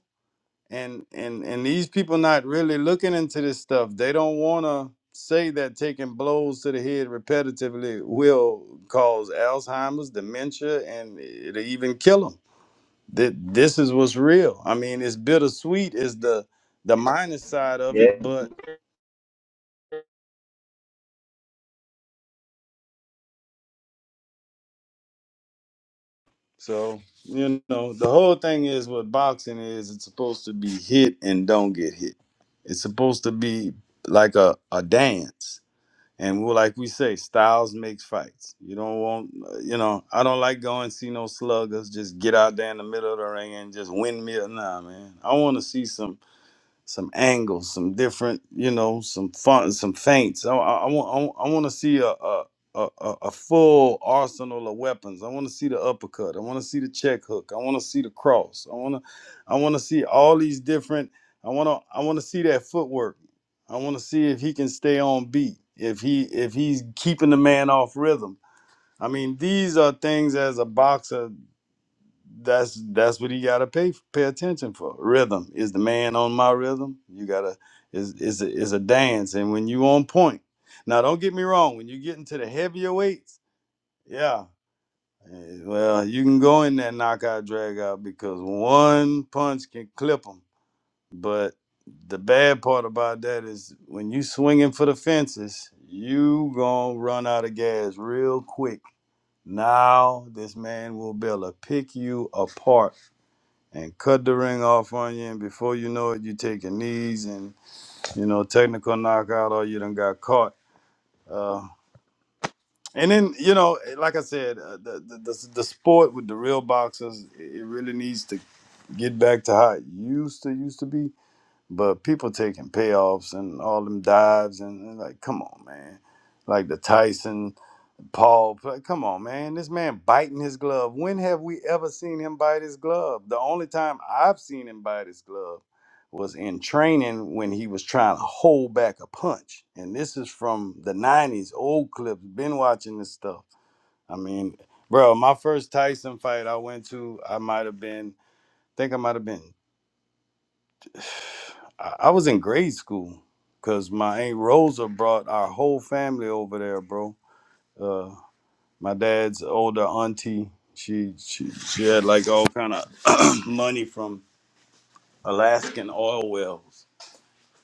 [SPEAKER 3] And and and these people not really looking into this stuff. They don't want to say that taking blows to the head repetitively will cause Alzheimer's, dementia, and it'll even kill them Th- this is what's real. I mean, it's bittersweet is the the minus side of
[SPEAKER 8] Yeah.
[SPEAKER 3] it, but so you know, the whole thing is what boxing is. It's supposed to be hit and don't get hit. It's supposed to be like a a dance. And we like we say, styles makes fights. You don't want, you know. I don't like going see no sluggers. Just get out there in the middle of the ring and just win me. Nah, man. I want to see some. some angles, some different, you know, some fun, some feints. I, I, I want, I, want to see a, a, a, a a full arsenal of weapons. I want to see the uppercut. I want to see the check hook. I want to see the cross. I want to, I want to see all these different. I want to, I want to see that footwork. I want to see if he can stay on beat. If he, if he's keeping the man off rhythm. I mean, these are things as a boxer that's that's what he gotta pay pay attention for. Rhythm is the man on my rhythm. You gotta is is a, is a dance, and when you on point. Now, don't get me wrong. When you get into the heavier weights, yeah, eh, well, you can go in that knockout drag out because one punch can clip them. But the bad part about that is when you swinging for the fences, you gonna run out of gas real quick. Now this man will be able to pick you apart and cut the ring off on you, and before you know it, you take your knees and you know technical knockout, or you done got caught. Uh, and then you know, like I said, uh, the, the the the sport with the real boxers, it it really needs to get back to how it used to used to be. But people taking payoffs and all them dives and, and like, come on, man, like the Tyson Paul, pl- come on, man. This man biting his glove. When have we ever seen him bite his glove? The only time I've seen him bite his glove was in training when he was trying to hold back a punch. And this is from the 90s, old clips. Been watching this stuff. I mean, bro, my first Tyson fight I went to, I might have been, think I might have been, I, I was in grade school because my Aunt Rosa brought our whole family over there, bro Uh, my dad's older auntie she she, she had like all kind of money from alaskan oil wells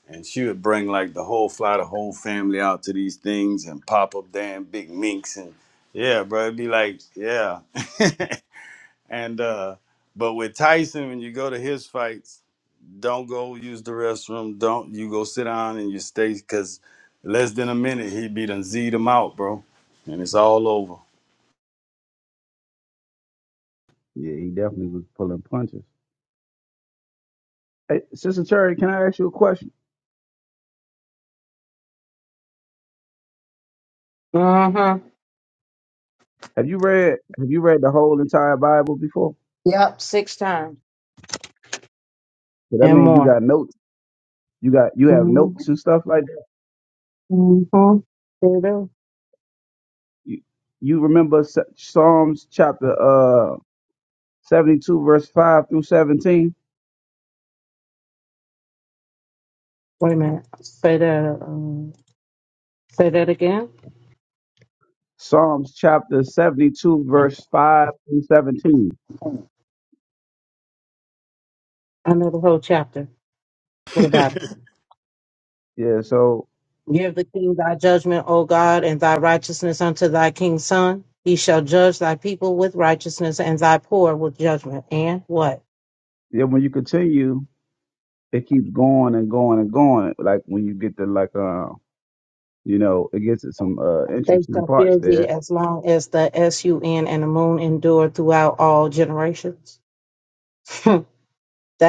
[SPEAKER 3] and she would bring like the whole fly the whole family out to these things and pop up damn big minks and yeah bro it'd be like yeah and uh but with tyson when you go to his fights don't go use the restroom don't you go sit down and you stay because less than a minute he'd be done z'd him out bro and it's all over
[SPEAKER 7] Yeah, he definitely was pulling punches. Hey, Sister Cherry, can I ask you a question?
[SPEAKER 5] Huh?
[SPEAKER 7] Have you read Have you read the whole entire Bible before?
[SPEAKER 5] Yep, six times.
[SPEAKER 7] So that means you got notes. You got you have notes and stuff like that.
[SPEAKER 5] Mm-hmm. There it is.
[SPEAKER 7] You, you remember S- Psalms chapter uh seventy two verse five through seventeen.
[SPEAKER 5] Wait a minute. Say that. Um, say that again.
[SPEAKER 7] Psalms chapter seventy two verse five through seventeen.
[SPEAKER 5] I know the whole chapter. What about it?
[SPEAKER 7] Yeah. So
[SPEAKER 5] Give the king thy judgment, O God, and thy righteousness unto thy king's son. He shall judge thy people with righteousness, and thy poor with judgment. And what?
[SPEAKER 7] yeah, when you continue, it keeps going and going and going. Like when you get to like uh you know it gets to some uh
[SPEAKER 5] They
[SPEAKER 7] interesting
[SPEAKER 5] shall
[SPEAKER 7] parts
[SPEAKER 5] fear
[SPEAKER 7] there
[SPEAKER 5] thee as long as the sun and the moon endure throughout all generations. that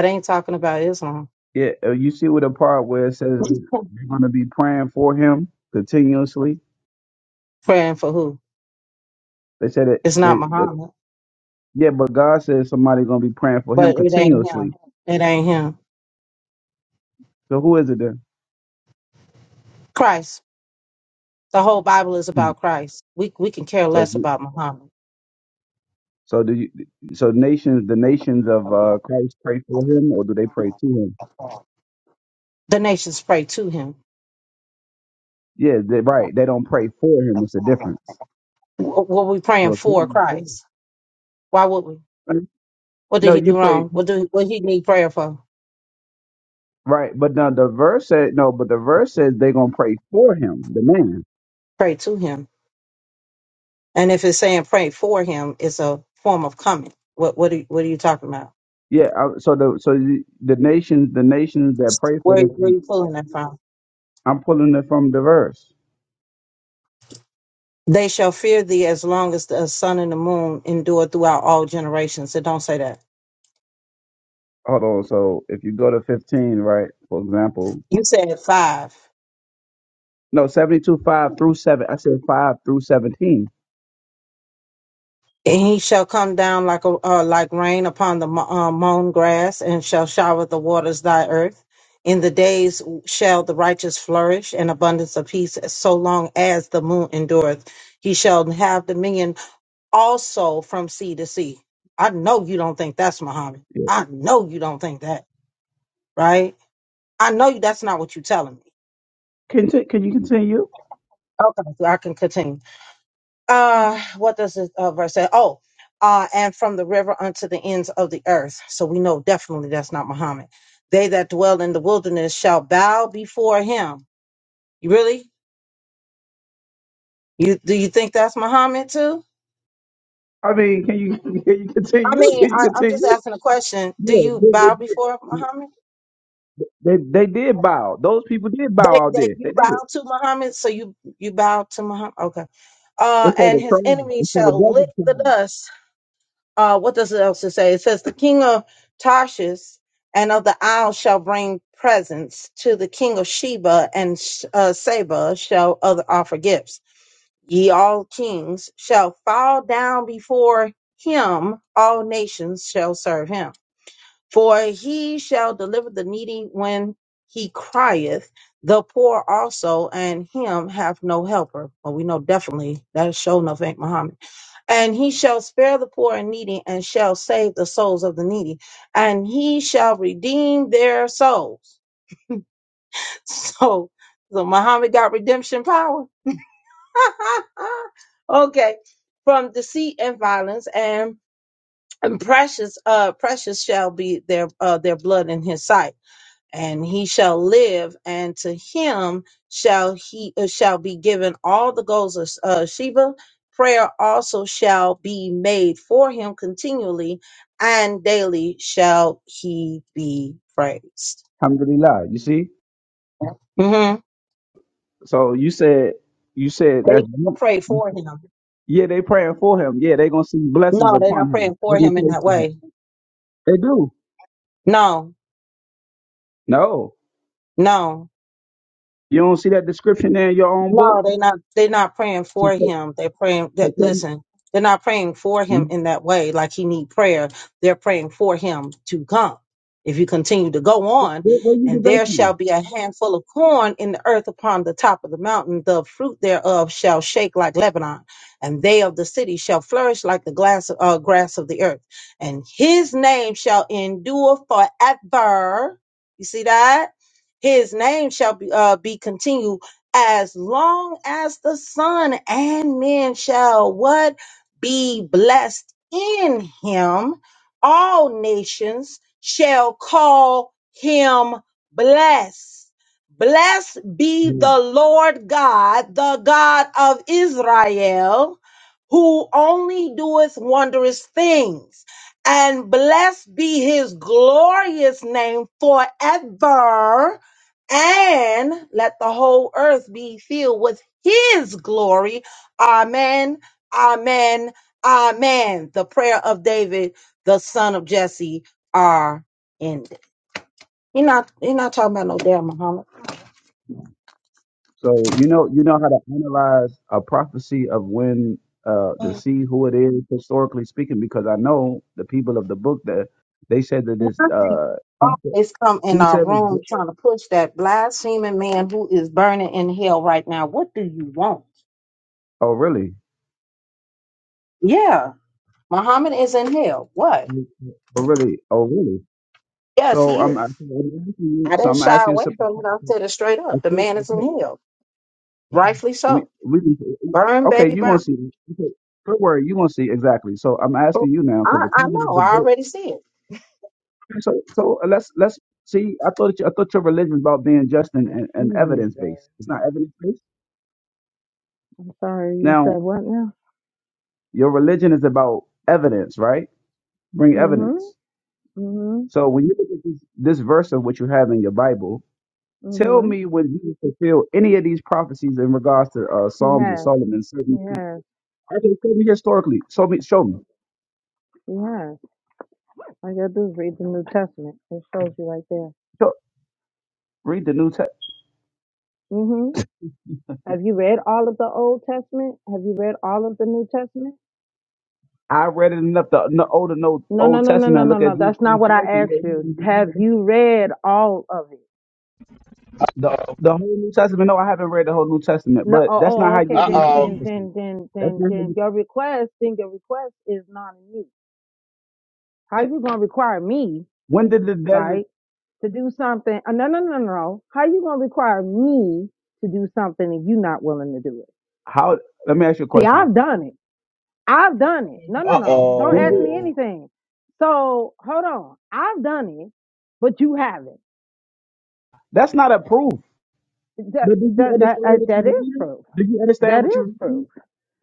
[SPEAKER 5] ain't talking about Islam.
[SPEAKER 7] Yeah, uh, you see with the part where it says that they're going to be praying for him continuously.
[SPEAKER 5] Praying for who?
[SPEAKER 7] They said it.
[SPEAKER 5] It's
[SPEAKER 7] They,
[SPEAKER 5] not
[SPEAKER 7] the,
[SPEAKER 5] Muhammad.
[SPEAKER 7] yeah, but God says somebody going to be praying for him
[SPEAKER 5] but it ain't
[SPEAKER 7] continuously.
[SPEAKER 5] him. It ain't him.
[SPEAKER 7] So who is it then?
[SPEAKER 5] Christ. The whole Bible is
[SPEAKER 7] Hmm.
[SPEAKER 5] about Christ. We we can care
[SPEAKER 7] So
[SPEAKER 5] less
[SPEAKER 7] you-
[SPEAKER 5] about Muhammad.
[SPEAKER 7] so do you? So nations, the nations of uh, Christ pray for him, or do they pray to him?
[SPEAKER 5] The nations pray to him.
[SPEAKER 7] Yeah, they, right. They don't pray for him. It's a difference.
[SPEAKER 5] W- Were we praying
[SPEAKER 7] So if
[SPEAKER 5] for Christ?
[SPEAKER 7] they-
[SPEAKER 5] Why would we? What did
[SPEAKER 7] no,
[SPEAKER 5] he
[SPEAKER 7] you
[SPEAKER 5] do
[SPEAKER 7] pray
[SPEAKER 5] wrong? What do what he need prayer for?
[SPEAKER 7] right, but now the verse said no, but the verse says they're gonna pray for him, the man.
[SPEAKER 5] Pray to him. And if it's saying pray for him, it's a form of coming. What what are, what are you talking about?
[SPEAKER 7] Yeah, I, so the so the, the nations the nations that pray for
[SPEAKER 5] Where
[SPEAKER 7] this,
[SPEAKER 5] where are you pulling that from?
[SPEAKER 7] I'm pulling it from the verse.
[SPEAKER 5] They shall fear thee as long as the sun and the moon endure throughout all generations. It don't say that.
[SPEAKER 7] Hold on. So if you go to 15, right, for example,
[SPEAKER 5] You said five.
[SPEAKER 7] no 72, five through seven. I said five through 17.
[SPEAKER 5] And he shall come down like a uh, like rain upon the mo- uh, mown grass, and shall shower the waters thy earth. In the days shall the righteous flourish, and abundance of peace, so long as the moon endureth. He shall have dominion also from sea to sea. I know you don't think that's Muhammad.
[SPEAKER 7] Yeah.
[SPEAKER 5] I know you don't think that, right? I know you. That's not what you're telling me.
[SPEAKER 7] Can t- can you continue?
[SPEAKER 5] Okay, so I can continue. uh what does this uh, verse say oh uh and from the river unto the ends of the earth so we know definitely that's not muhammad they that dwell in the wilderness shall bow before him you really you do you think that's muhammad too
[SPEAKER 7] I mean, can you can you
[SPEAKER 5] i
[SPEAKER 7] continue?
[SPEAKER 5] mean
[SPEAKER 7] Can you
[SPEAKER 5] I, i'm just
[SPEAKER 7] continue?
[SPEAKER 5] asking a question do
[SPEAKER 7] Yeah,
[SPEAKER 5] you
[SPEAKER 7] they, they
[SPEAKER 5] bow
[SPEAKER 7] did.
[SPEAKER 5] before muhammad
[SPEAKER 7] They, they did bow. Those people did bow
[SPEAKER 5] that,
[SPEAKER 7] out
[SPEAKER 5] that
[SPEAKER 7] there. They
[SPEAKER 5] you
[SPEAKER 7] did.
[SPEAKER 5] bow to muhammad so you you bow to muhammad okay
[SPEAKER 7] They
[SPEAKER 5] uh
[SPEAKER 7] say
[SPEAKER 5] and
[SPEAKER 7] the
[SPEAKER 5] his
[SPEAKER 7] tribe. They
[SPEAKER 5] enemies
[SPEAKER 7] say the
[SPEAKER 5] shall
[SPEAKER 7] desert
[SPEAKER 5] lick the
[SPEAKER 7] tribe.
[SPEAKER 5] dust uh, what does it else it say? It says, The king of Tarshish and of the isles shall bring presents to the king of Sheba and uh, Seba shall other offer gifts. Ye all kings shall fall down before him, all nations shall serve him. For he shall deliver the needy when he crieth, the poor also, and him have no helper. Well, we know definitely that is sure enough ain't Muhammad and he shall spare the poor and needy and shall save the souls of the needy and he shall redeem their souls so so muhammad got redemption power okay from deceit and violence and, and precious uh precious shall be their uh their blood in his sight and he shall live, and to him shall he uh, shall be given all the goals of uh, Sheba. Prayer also shall be made for him continually, and daily shall he be praised.
[SPEAKER 7] Alhamdulillah. You see.
[SPEAKER 5] hmm
[SPEAKER 7] So you said you said that's
[SPEAKER 5] They shall pray for him.
[SPEAKER 7] Yeah, they praying for him. Yeah, they gonna see blessings
[SPEAKER 5] No, they're
[SPEAKER 7] upon
[SPEAKER 5] not
[SPEAKER 7] him.
[SPEAKER 5] praying
[SPEAKER 7] They
[SPEAKER 5] for
[SPEAKER 7] gonna
[SPEAKER 5] him in
[SPEAKER 7] pray
[SPEAKER 5] that
[SPEAKER 7] for him.
[SPEAKER 5] way.
[SPEAKER 7] They do.
[SPEAKER 5] No,
[SPEAKER 7] No,
[SPEAKER 5] no.
[SPEAKER 7] you don't see that description there in your own book.
[SPEAKER 5] No, they not they're not praying
[SPEAKER 7] So,
[SPEAKER 5] for
[SPEAKER 7] so-
[SPEAKER 5] him. They're praying
[SPEAKER 7] so
[SPEAKER 5] that
[SPEAKER 7] tell me,
[SPEAKER 5] listen, they're not praying for him
[SPEAKER 7] Mhm.
[SPEAKER 5] in that way, like he need prayer. They're praying for him to come. If you continue to go on,
[SPEAKER 7] where, where you get
[SPEAKER 5] and
[SPEAKER 7] that
[SPEAKER 5] there
[SPEAKER 7] from?
[SPEAKER 5] shall be a handful of corn in the earth upon the top of the mountain, the fruit thereof shall shake like Lebanon, and they of the city shall flourish like the glass, uh, grass of the earth, and his name shall endure forever. You see that? His name shall be uh, be continued as long as the Son and men shall what be blessed in him, all nations shall call him blessed. Blessed be
[SPEAKER 7] Yeah.
[SPEAKER 5] the Lord God, the God of Israel, who only doeth wondrous things. And blessed be his glorious name forever and let the whole earth be filled with his glory. Amen. Amen. Amen. The prayer of David, the son of Jesse, are ended. You're not you're not talking about no damn Muhammad.
[SPEAKER 7] So you know, you know how to analyze a prophecy of when uh, to see who it is historically speaking, because I know the people of the book that they said that this uh, some said some said it- oh really, oh really, oh really. So I'm, I- so I'm asking you. So I'm asking you something. I think, we we
[SPEAKER 5] Brother
[SPEAKER 7] okay. You're gonna
[SPEAKER 5] Brown.
[SPEAKER 7] see. Okay, don't worry. You're gonna see exactly. So I'm asking you now
[SPEAKER 5] I,
[SPEAKER 7] because the
[SPEAKER 5] I
[SPEAKER 7] people of the book.
[SPEAKER 5] did.
[SPEAKER 7] Okay, So so let's let's see. I thought you, I thought your religion is about being just and, and, and
[SPEAKER 5] Mhm.
[SPEAKER 7] evidence based. It's not evidence based.
[SPEAKER 5] Sorry, you
[SPEAKER 7] Now
[SPEAKER 5] said what now?
[SPEAKER 7] your religion is about evidence, right? Bring evidence.
[SPEAKER 5] Mm-hmm. Mm-hmm.
[SPEAKER 7] So when you look at this, this verse of what you have in your Bible, tell
[SPEAKER 5] Mm-hmm.
[SPEAKER 7] me when you fulfill any of these prophecies in regards to uh,
[SPEAKER 5] He
[SPEAKER 7] Psalms of
[SPEAKER 5] has.
[SPEAKER 7] Solomon.
[SPEAKER 5] He
[SPEAKER 7] Certain,
[SPEAKER 5] has.
[SPEAKER 7] I can show me historically. Show me. Show me.
[SPEAKER 5] He has. All you gotta do is read the New Testament. It shows you right
[SPEAKER 7] Read the New Testament.
[SPEAKER 5] there. Have you read all of the Old Testament? Have you read all of the New Testament?
[SPEAKER 7] I read it enough. The, the older no
[SPEAKER 5] No, no,
[SPEAKER 7] Old
[SPEAKER 5] no, no, no,
[SPEAKER 7] Testament.
[SPEAKER 5] no,
[SPEAKER 7] Look at
[SPEAKER 5] no.
[SPEAKER 7] Jesus
[SPEAKER 5] That's not
[SPEAKER 7] Christ's
[SPEAKER 5] what
[SPEAKER 7] life
[SPEAKER 5] I
[SPEAKER 7] and
[SPEAKER 5] asked
[SPEAKER 7] what
[SPEAKER 5] you.
[SPEAKER 7] he
[SPEAKER 5] Have
[SPEAKER 7] did.
[SPEAKER 5] you read all of it?
[SPEAKER 7] the
[SPEAKER 8] Uh
[SPEAKER 7] the whole New Testament. No, I haven't read the whole New Testament,
[SPEAKER 5] No.
[SPEAKER 7] but
[SPEAKER 5] Oh, oh
[SPEAKER 7] that's not
[SPEAKER 5] oh,
[SPEAKER 7] how you
[SPEAKER 5] okay.
[SPEAKER 7] prove
[SPEAKER 5] Then,
[SPEAKER 8] oh.
[SPEAKER 5] then,
[SPEAKER 7] accomplishment.
[SPEAKER 5] then, then,
[SPEAKER 7] That's
[SPEAKER 5] then,
[SPEAKER 7] not
[SPEAKER 5] then
[SPEAKER 7] how
[SPEAKER 5] your request, then your request is non-new. How
[SPEAKER 7] you.
[SPEAKER 5] you gonna require me,
[SPEAKER 7] When did the desert?
[SPEAKER 5] right, to do something? Uh, no, no, no, no. no. How you gonna require me to do something and you not willing to do it?
[SPEAKER 7] How? Let me ask you a
[SPEAKER 5] See,
[SPEAKER 7] question.
[SPEAKER 5] I've done it. I've done it. No, no,
[SPEAKER 8] Uh
[SPEAKER 5] no. Don't
[SPEAKER 7] When
[SPEAKER 5] ask
[SPEAKER 7] did?
[SPEAKER 5] me
[SPEAKER 8] oh.
[SPEAKER 5] anything. So hold on. I've done it, but you haven't.
[SPEAKER 7] That's not a proof.
[SPEAKER 5] That
[SPEAKER 7] But do you
[SPEAKER 5] that that
[SPEAKER 7] understand
[SPEAKER 5] uh,
[SPEAKER 7] what you're
[SPEAKER 5] that is
[SPEAKER 7] reading?
[SPEAKER 5] proof.
[SPEAKER 7] Do you understand
[SPEAKER 5] That
[SPEAKER 7] what you're
[SPEAKER 5] is
[SPEAKER 7] reading?
[SPEAKER 5] proof.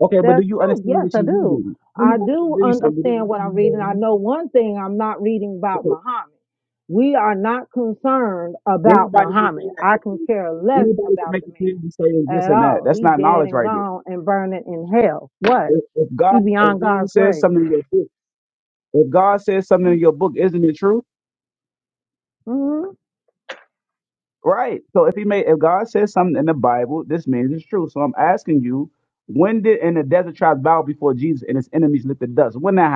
[SPEAKER 7] Okay, but do
[SPEAKER 5] That's
[SPEAKER 7] you
[SPEAKER 5] proof.
[SPEAKER 7] understand
[SPEAKER 5] Yes,
[SPEAKER 7] what
[SPEAKER 5] I
[SPEAKER 7] you're
[SPEAKER 5] do.
[SPEAKER 7] reading?
[SPEAKER 5] I
[SPEAKER 7] Anybody can
[SPEAKER 5] do
[SPEAKER 7] read something. Do you
[SPEAKER 5] understand what
[SPEAKER 7] understand
[SPEAKER 5] I'm
[SPEAKER 7] what
[SPEAKER 5] reading.
[SPEAKER 7] they're
[SPEAKER 5] I
[SPEAKER 7] reading?
[SPEAKER 5] know one thing. I'm not reading
[SPEAKER 7] Okay,
[SPEAKER 5] about Muhammad. We are not concerned about
[SPEAKER 7] Anybody can
[SPEAKER 5] Muhammad.
[SPEAKER 7] say that.
[SPEAKER 5] I can care less
[SPEAKER 7] Anybody can
[SPEAKER 5] about
[SPEAKER 7] make
[SPEAKER 5] the
[SPEAKER 7] a claim and say it's
[SPEAKER 5] man
[SPEAKER 7] this
[SPEAKER 5] at
[SPEAKER 7] and that.
[SPEAKER 5] all.
[SPEAKER 7] That's
[SPEAKER 5] He
[SPEAKER 7] not
[SPEAKER 5] dead
[SPEAKER 7] knowledge
[SPEAKER 5] and
[SPEAKER 7] right there.
[SPEAKER 5] gone and burning in hell. What?
[SPEAKER 7] If, if
[SPEAKER 5] He
[SPEAKER 7] God, if
[SPEAKER 5] beyond
[SPEAKER 7] God
[SPEAKER 5] God's
[SPEAKER 7] says
[SPEAKER 5] grace.
[SPEAKER 7] something in your book, if God says something in your book, isn't it true?
[SPEAKER 5] hmm
[SPEAKER 7] Right. So if he made, if God says something in the Bible, this means it's true. So I'm asking you, when did in the desert tribes bow before Jesus and his enemies lifted dust? When that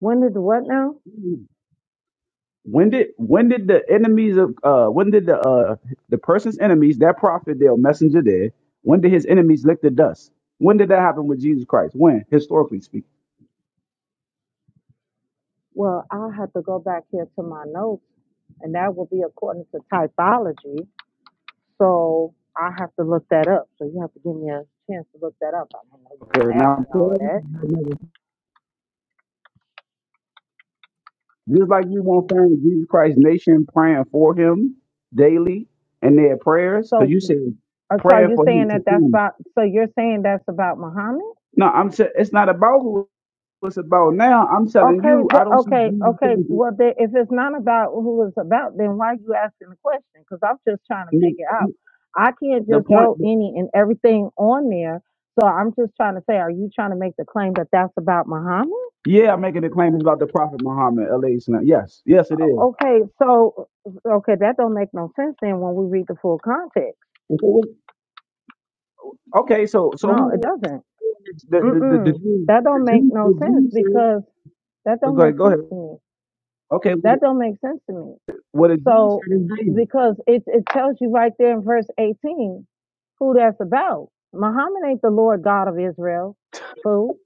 [SPEAKER 5] When did the what now?
[SPEAKER 7] happened? When did when did the enemies of uh when did the uh the person's enemies that prophet their messenger did when did his enemies lick the dust? When did that happen with Jesus Christ? When historically speaking?
[SPEAKER 5] Well, i have to go back here to my notes, and that will be according to typology. So I have to look that up. So you have to give me a chance to look that up. I don't know you're
[SPEAKER 7] Okay,
[SPEAKER 5] going ask
[SPEAKER 7] now I'm
[SPEAKER 5] me all of
[SPEAKER 7] telling
[SPEAKER 5] that.
[SPEAKER 7] you, just like you won't
[SPEAKER 5] Um,
[SPEAKER 7] find Jesus Christ's nation praying for him daily and their prayers, because
[SPEAKER 5] so,
[SPEAKER 7] you said
[SPEAKER 5] uh, so are
[SPEAKER 7] praying
[SPEAKER 5] you
[SPEAKER 7] for him
[SPEAKER 5] saying that
[SPEAKER 7] to
[SPEAKER 5] that's
[SPEAKER 7] whom?
[SPEAKER 5] about? So you're saying that's about Muhammad?
[SPEAKER 7] No, I'm sa- it's not about who it's about now. I'm telling
[SPEAKER 5] Okay,
[SPEAKER 7] you, I
[SPEAKER 5] the,
[SPEAKER 7] don't see
[SPEAKER 5] okay,
[SPEAKER 7] Jesus
[SPEAKER 5] okay.
[SPEAKER 7] Christ.
[SPEAKER 5] Well, then, if it's not about who it's about, then why you asking the question? Because I'm just trying to
[SPEAKER 7] No,
[SPEAKER 5] figure out. I can't
[SPEAKER 7] The
[SPEAKER 5] just
[SPEAKER 7] point.
[SPEAKER 5] throw any and everything on there. So I'm just trying to say, are you trying to make the claim that that's about Muhammad? O-
[SPEAKER 7] Yeah, I'm making a claim about the Prophet Muhammad. alayhi salam. Yes, yes, it is.
[SPEAKER 5] Okay, so okay, that don't make no sense then when we read the full context.
[SPEAKER 7] Who- Okay, so so
[SPEAKER 5] No, it
[SPEAKER 7] who
[SPEAKER 5] doesn't.
[SPEAKER 7] the the the, the
[SPEAKER 5] Mm-mm.
[SPEAKER 7] Jews
[SPEAKER 5] That
[SPEAKER 7] the
[SPEAKER 5] don't make
[SPEAKER 7] Jews the
[SPEAKER 5] no sense
[SPEAKER 7] Jews said?
[SPEAKER 5] because that
[SPEAKER 7] oh,
[SPEAKER 5] don't
[SPEAKER 7] Go
[SPEAKER 5] make
[SPEAKER 7] ahead, go ahead.
[SPEAKER 5] sense to me.
[SPEAKER 7] Okay,
[SPEAKER 5] That don't make sense to me.
[SPEAKER 7] what a Jew
[SPEAKER 5] So
[SPEAKER 7] said is David.
[SPEAKER 5] because it, it tells you right there in verse 18 who that's about. Muhammad ain't the Lord God of Israel, fool.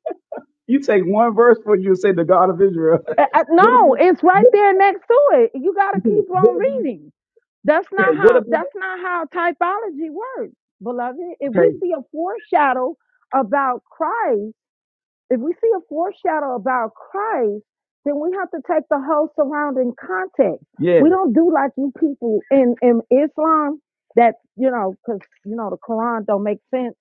[SPEAKER 7] You take one verse for you and say the God of Israel.
[SPEAKER 5] Uh, uh,
[SPEAKER 7] What
[SPEAKER 5] no, it's right there next to it. You got to keep
[SPEAKER 7] about what,
[SPEAKER 5] on reading. That's
[SPEAKER 7] okay,
[SPEAKER 5] not
[SPEAKER 7] what about okay? What
[SPEAKER 5] how.
[SPEAKER 7] about
[SPEAKER 5] That's not how typology works, beloved. If
[SPEAKER 7] okay?
[SPEAKER 5] we see a foreshadow about Christ if we see a foreshadow about Christ, then we have to take the whole surrounding context.
[SPEAKER 7] Yeah,
[SPEAKER 5] We don't do like you people in, in Islam that, you know, because, you know, the Quran don't make sense.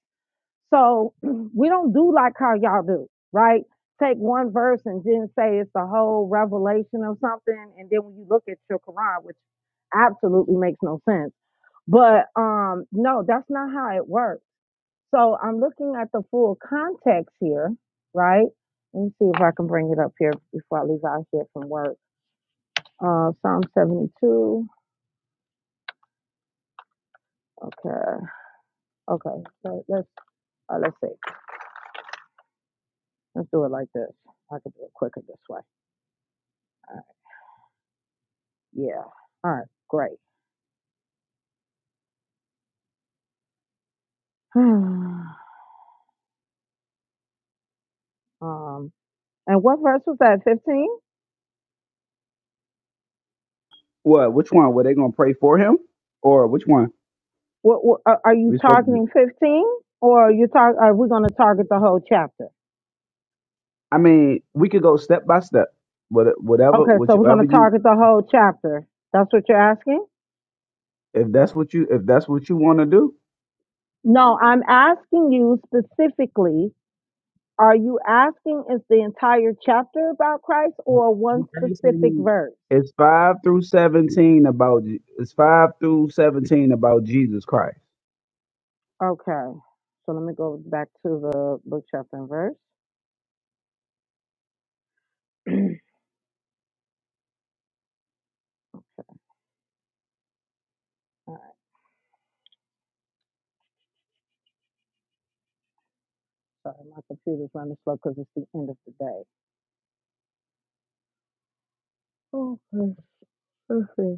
[SPEAKER 5] So we don't do like how y'all do, right? Take one verse and then say it's the whole revelation of something. And then when you look at your Quran, which absolutely makes no sense. But um, no, that's not how it works so I'm looking at the full context here, right? Let me see if I can bring it up here before I leave out here from work. Uh, Psalm 72. Okay. Okay. So let's uh, let's see. Let's do it like this. I can do it quicker this way. All right. Yeah. All right. Great. um. And what verse was that? 15.
[SPEAKER 7] what? Which one? Were they gonna pray for him, or which one
[SPEAKER 5] What, what are are you
[SPEAKER 7] we spoke to?
[SPEAKER 5] targeting? 15, or are you tar- Are we going to target the whole chapter?
[SPEAKER 7] I mean, we could go step by step. What whatever
[SPEAKER 5] Okay. So we're going to
[SPEAKER 7] whichever you
[SPEAKER 5] target the whole chapter. That's what you're asking.
[SPEAKER 7] if that's what you if that's what you want to do.
[SPEAKER 5] No, I'm asking you specifically, are you asking is the entire chapter about Christ
[SPEAKER 7] I'm
[SPEAKER 5] or one
[SPEAKER 7] asking
[SPEAKER 5] specific
[SPEAKER 7] you.
[SPEAKER 5] verse?
[SPEAKER 7] It's five through seventeen about Je- it's five through seventeen about Jesus Christ.
[SPEAKER 5] Okay. So let me go back to the book, chapter, and verse. All right, sorry, my computer's running slow because it's the end of the day. Okay, let's see.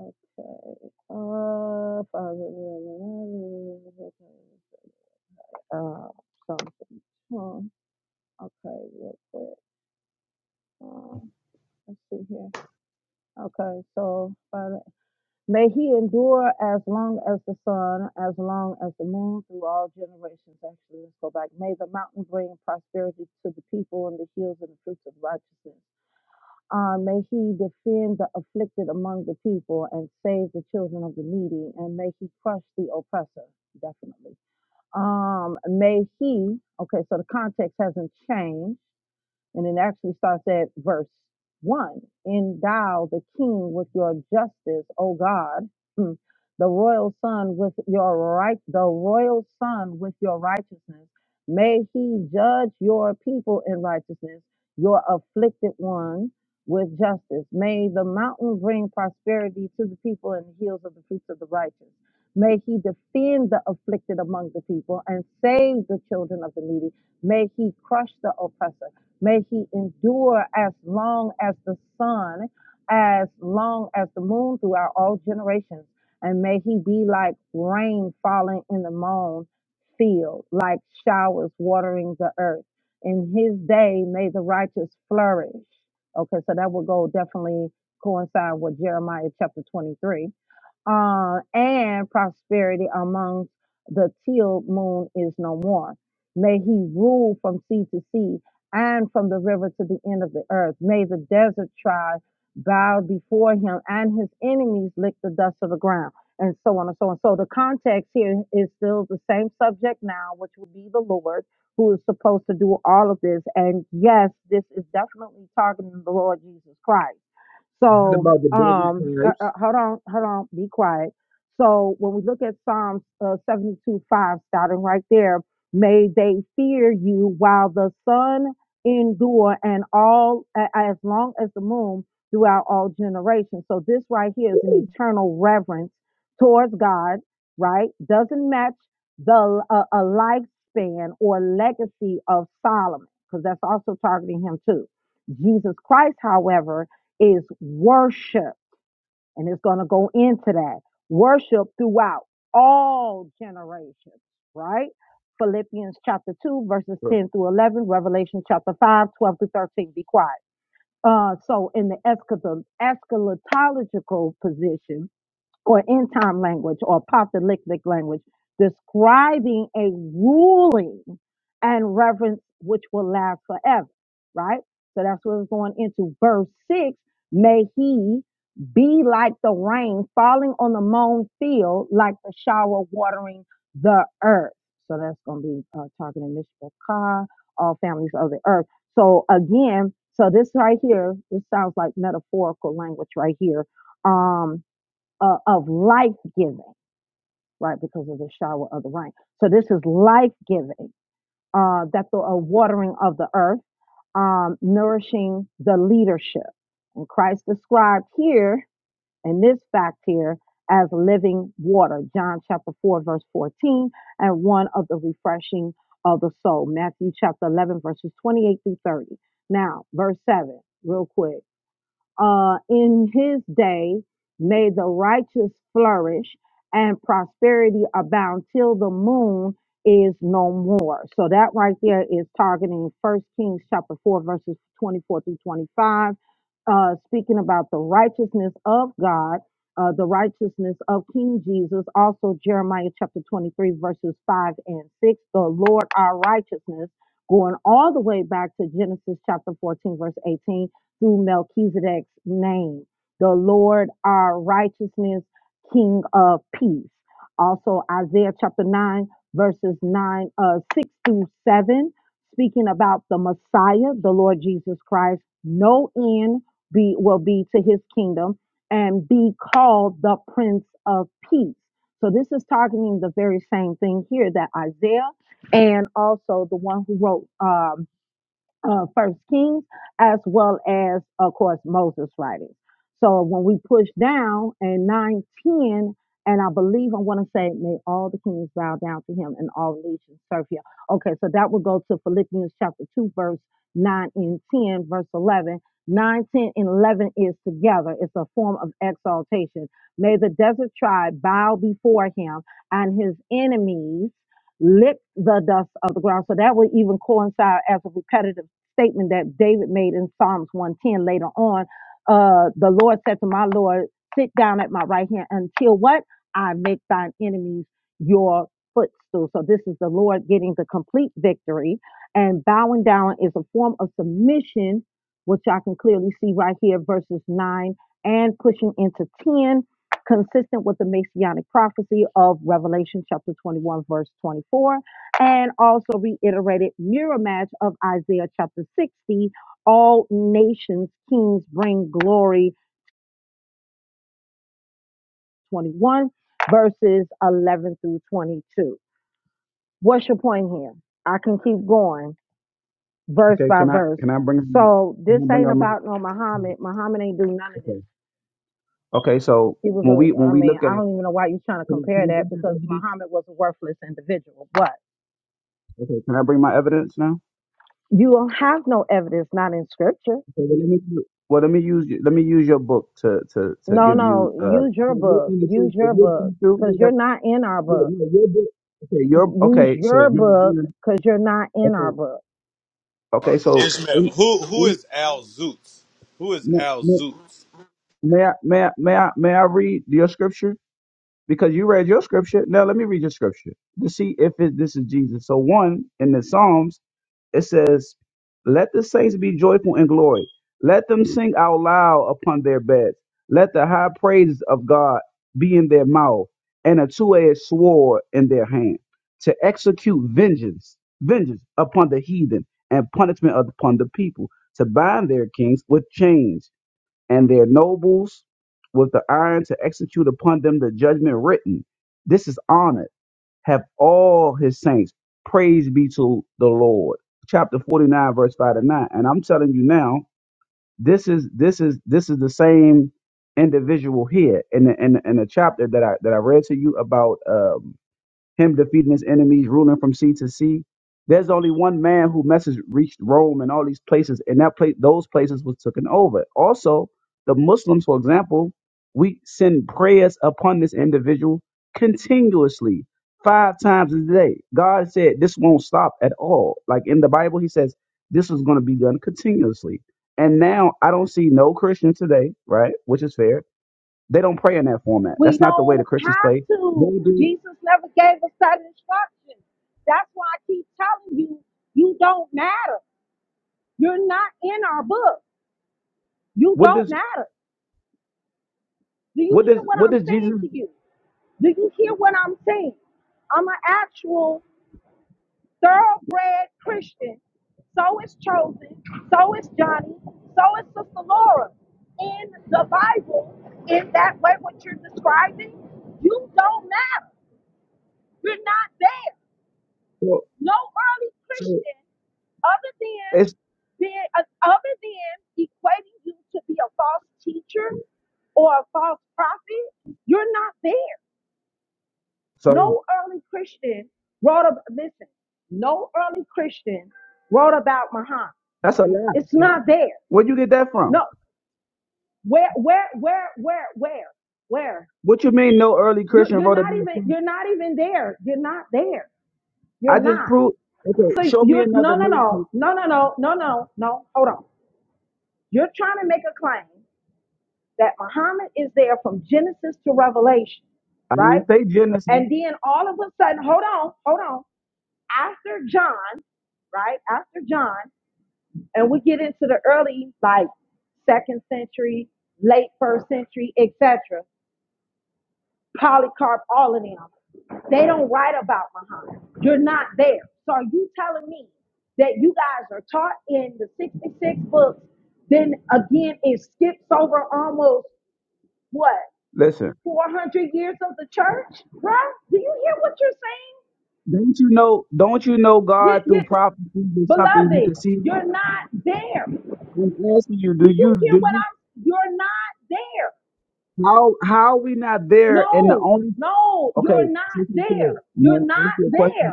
[SPEAKER 5] Okay. Uh, Father, uh, something. Hmm, Okay, real quick. Uh, let's see here. Okay, so. May he endure as long as the sun, as long as the moon, through all generations. Actually, let's go back. May the mountain bring prosperity to the people and the hills and the fruits of righteousness. Uh, may he defend the afflicted among the people and save the children of the needy, and may he crush the oppressor. Definitely. Um, may he, okay, so the context hasn't changed and it actually starts at verse one. Endow the king with your justice, O God. Hmm. The royal son with your right, the royal son with your righteousness. May he judge your people in righteousness, your afflicted one with justice. May the mountain bring prosperity to the people and the hills of the fruits of the righteous. May he defend the afflicted among the people and save the children of the needy. May he crush the oppressor. May he endure as long as the sun, as long as the moon throughout all generations. And may he be like rain falling in the mown field, like showers watering the earth. In his day, may the righteous flourish. Okay, so that would go definitely coincide with Jeremiah chapter 23 uh, and prosperity amongst the till moon is no more. May he rule from sea to sea and from the river to the end of the earth. May the desert tribe bow before him and his enemies lick the dust of the ground, and so on and so on. So the context here is still the same subject now, which would be the Lord who is supposed to do all of this. And yes, this is definitely targeting the Lord Jesus Christ
[SPEAKER 7] What
[SPEAKER 5] so,
[SPEAKER 7] about the
[SPEAKER 5] um,
[SPEAKER 7] devil
[SPEAKER 5] uh,
[SPEAKER 7] types?
[SPEAKER 5] uh, hold on, hold on, be quiet. So, when we look at Psalms uh, 72 5, starting right there, may they fear you while the sun endure and all a- as long as the moon throughout all generations. So, this right here is an eternal reverence towards God, right? Doesn't match the uh, a lifespan or legacy of Solomon, because that's also targeting him too. Jesus Christ, however, is worship. And it's going to go into that worship throughout all generations, right? Philippians chapter 2, verses 10 through 11, Revelation chapter 5, 12 through 13. Be quiet. Uh, so, in the eschatological position, or end time language or apocalyptic language, describing a ruling and reverence which will last forever, right? So that's what's going into verse six. May he be like the rain falling on the mown field, like the shower watering the earth. So that's going to be uh, talking to Mr. Carr, all families of the earth. So again, so this right here, this sounds like metaphorical language right here. Um, uh, of life giving, right? Because of the shower of the rain. So this is life giving, uh, that the a watering of the earth, um, nourishing the leadership. And Christ described here in this fact here as living water, John chapter 4, verse 14, and one of the refreshing of the soul, Matthew chapter 11, verses 28 through 30. Now, verse 7, real quick uh, in his day may the righteous flourish and prosperity abound till the moon is no more. So that right there is targeting First Kings chapter 4, verses 24 through 25, uh, speaking about the righteousness of God, uh, the righteousness of King Jesus, also Jeremiah chapter 23, verses 5 and 6, the Lord our righteousness, going all the way back to Genesis chapter 14, verse 18 through Melchizedek's name. The Lord our righteousness, King of peace. Also Isaiah chapter 9, verses 9, uh, 6 through 7, speaking about the Messiah, the Lord Jesus Christ. No end be will be to his kingdom and be called the Prince of Peace. So this is targeting the very same thing here that Isaiah and also the one who wrote um, uh, First Kings, as well as, of course, Moses' writings. So when we push down in 910, and I believe I want to say, may all the kings bow down to him and all nations serve him. Okay, so that would go to Philippians chapter 2, verse 9 and 10, verse 11. 9 10 and 11 is together. It's a form of exaltation. May the desert tribe bow before him and his enemies lick the dust of the ground. So that would even coincide as a repetitive statement that David made in Psalms 110 later on. Uh, the Lord said to my Lord, Sit down at my right hand until what? I make thine enemies your footstool. So this is the Lord getting the complete victory. And bowing down is a form of submission, which I can clearly see right here, verses 9 and pushing into 10, consistent with the messianic prophecy of Revelation chapter 21, verse 24 and also reiterated mirror match of Isaiah chapter 60, all nations, kings bring glory 21, verses 11 through 22. What's your point here? I can keep going verse
[SPEAKER 7] Okay,
[SPEAKER 5] by
[SPEAKER 7] can I
[SPEAKER 5] verse.
[SPEAKER 7] can I bring
[SPEAKER 5] So
[SPEAKER 7] can
[SPEAKER 5] this
[SPEAKER 7] I bring
[SPEAKER 5] ain't
[SPEAKER 7] up my
[SPEAKER 5] about no Muhammad. Muhammad ain't do none of
[SPEAKER 7] okay?
[SPEAKER 5] this.
[SPEAKER 7] Okay, so
[SPEAKER 5] He was
[SPEAKER 7] when we
[SPEAKER 5] a,
[SPEAKER 7] when
[SPEAKER 5] I
[SPEAKER 7] we
[SPEAKER 5] mean,
[SPEAKER 7] look at
[SPEAKER 5] I don't even know why you're trying to
[SPEAKER 7] can
[SPEAKER 5] compare that
[SPEAKER 7] I, can I
[SPEAKER 5] because
[SPEAKER 7] bring my evidence?
[SPEAKER 5] Muhammad was a worthless individual. But
[SPEAKER 7] Okay, can I bring my evidence now?
[SPEAKER 5] you don't have no evidence, not in scripture
[SPEAKER 7] Okay, well, let me well let me use you- let me use your book to to to
[SPEAKER 5] No,
[SPEAKER 7] give you
[SPEAKER 5] no.
[SPEAKER 7] uh. If
[SPEAKER 5] Use your
[SPEAKER 7] you're
[SPEAKER 5] book.
[SPEAKER 7] from the
[SPEAKER 5] Use
[SPEAKER 7] truth, if
[SPEAKER 5] your
[SPEAKER 7] you're from
[SPEAKER 5] book
[SPEAKER 7] the truth,
[SPEAKER 5] because
[SPEAKER 7] you got
[SPEAKER 5] you're not in our
[SPEAKER 7] yeah,
[SPEAKER 5] book.
[SPEAKER 7] yeah, your book. Okay, your
[SPEAKER 5] Use
[SPEAKER 7] okay. So
[SPEAKER 5] your
[SPEAKER 7] number
[SPEAKER 5] book
[SPEAKER 7] one.
[SPEAKER 5] because you're not in
[SPEAKER 7] okay.
[SPEAKER 5] our book.
[SPEAKER 7] Okay, so
[SPEAKER 3] Ishmael,
[SPEAKER 7] in-
[SPEAKER 3] who who
[SPEAKER 7] in-
[SPEAKER 3] is Al Zoots? Who is Al Zoots?
[SPEAKER 7] may, may, may I may I may I may I read your scripture? because you read your scripture. Now let me read your scripture to see if it, this is Jesus. So one in the Psalms, it says, "Let the saints be joyful in glory. Let them sing out loud upon their beds. Let the high praises of God be in their mouth, and a two-edged sword in their hand, to execute vengeance, vengeance upon the heathen, and punishment upon the people, to bind their kings with chains." and their nobles with the iron to execute upon them the judgment written. This is honored. Have all his saints. Praise be to the Lord. Chapter 49, verse 5 to 9. And I'm telling you now, this is this is this is the same individual here in the in the, in the chapter that I that I read to you about Um, him defeating his enemies, ruling from sea to sea. There's only one man whose message reached Rome and all these places, and that place, those places was taken over. Also, the Muslims, for example, we send prayers upon this individual continuously, five times a day. God said this won't stop at all. Like in the Bible, He says this is going to be done continuously. And now I don't see no Christian today, right? Which is fair. They don't pray in that format.
[SPEAKER 5] We
[SPEAKER 7] That's not the way
[SPEAKER 5] don't
[SPEAKER 7] the Christians play.
[SPEAKER 5] have
[SPEAKER 7] They
[SPEAKER 5] to.
[SPEAKER 7] do
[SPEAKER 5] Jesus never gave us that instruction. That's why I keep telling you, you don't matter. You're not in our book. You
[SPEAKER 7] what
[SPEAKER 5] don't
[SPEAKER 7] does
[SPEAKER 5] matter. Do you
[SPEAKER 7] What does
[SPEAKER 5] hear what
[SPEAKER 7] what
[SPEAKER 5] I'm
[SPEAKER 7] does
[SPEAKER 5] saying
[SPEAKER 7] Jesus
[SPEAKER 5] to you? Do you hear what I'm saying? I'm an actual thoroughbred Christian. So is Chosen. So is Johnny. So is Sister Laura. In the Bible, in that way, what you're describing, you don't matter. You're not there.
[SPEAKER 7] so,
[SPEAKER 5] No early
[SPEAKER 7] so
[SPEAKER 5] Christian, other
[SPEAKER 7] it's
[SPEAKER 5] than being, uh, other than equating you to be a false teacher or a false prophet, you're not there.
[SPEAKER 7] so
[SPEAKER 5] No early Christian wrote about, listen, no early Christian wrote about Muhammad.
[SPEAKER 7] that's a lie.
[SPEAKER 5] It's not there.
[SPEAKER 7] Where you get that from?
[SPEAKER 5] No. Where, where, where, where, where, where?
[SPEAKER 7] What you mean no early
[SPEAKER 5] You,
[SPEAKER 7] Christian
[SPEAKER 5] you're
[SPEAKER 7] wrote
[SPEAKER 5] not
[SPEAKER 7] about
[SPEAKER 5] even,
[SPEAKER 7] sin?
[SPEAKER 5] you're not even there. You're not there. You're
[SPEAKER 7] I just
[SPEAKER 5] not.
[SPEAKER 7] proved okay,
[SPEAKER 5] So
[SPEAKER 7] show me
[SPEAKER 5] you,
[SPEAKER 7] another
[SPEAKER 5] no, no, no,
[SPEAKER 7] nation.
[SPEAKER 5] no, no, no, no, no, no. Hold on. You're trying to make a claim that Muhammad is there from Genesis to Revelation,
[SPEAKER 7] I
[SPEAKER 5] right?
[SPEAKER 7] didn't say Genesis.
[SPEAKER 5] And then all of a sudden, hold on, hold on. After John, right? After John, and we get into the early, like second century, late first century, etc. Polycarp, all of them. They don't write about Muhammad. You're not there. So are you telling me that you guys are taught in the 66 books, then again it skips over almost what
[SPEAKER 7] Listen,
[SPEAKER 5] 400 years of the church, bruh? Do you hear what you're
[SPEAKER 7] don't you know don't you know
[SPEAKER 5] saying?
[SPEAKER 7] God
[SPEAKER 5] You,
[SPEAKER 7] through
[SPEAKER 5] you,
[SPEAKER 7] prophecy is something you
[SPEAKER 5] beloved,
[SPEAKER 7] can see?
[SPEAKER 5] you're not there. Do
[SPEAKER 7] I'm asking you, do you
[SPEAKER 5] you hear
[SPEAKER 7] do
[SPEAKER 5] what
[SPEAKER 7] you
[SPEAKER 5] I'm? You're not there.
[SPEAKER 7] how how we not there and the
[SPEAKER 5] No,
[SPEAKER 7] only
[SPEAKER 5] no,
[SPEAKER 7] okay,
[SPEAKER 5] you're not
[SPEAKER 7] Sister
[SPEAKER 5] there.
[SPEAKER 7] Carrie, may
[SPEAKER 5] You're not
[SPEAKER 7] ask you a question?
[SPEAKER 5] there.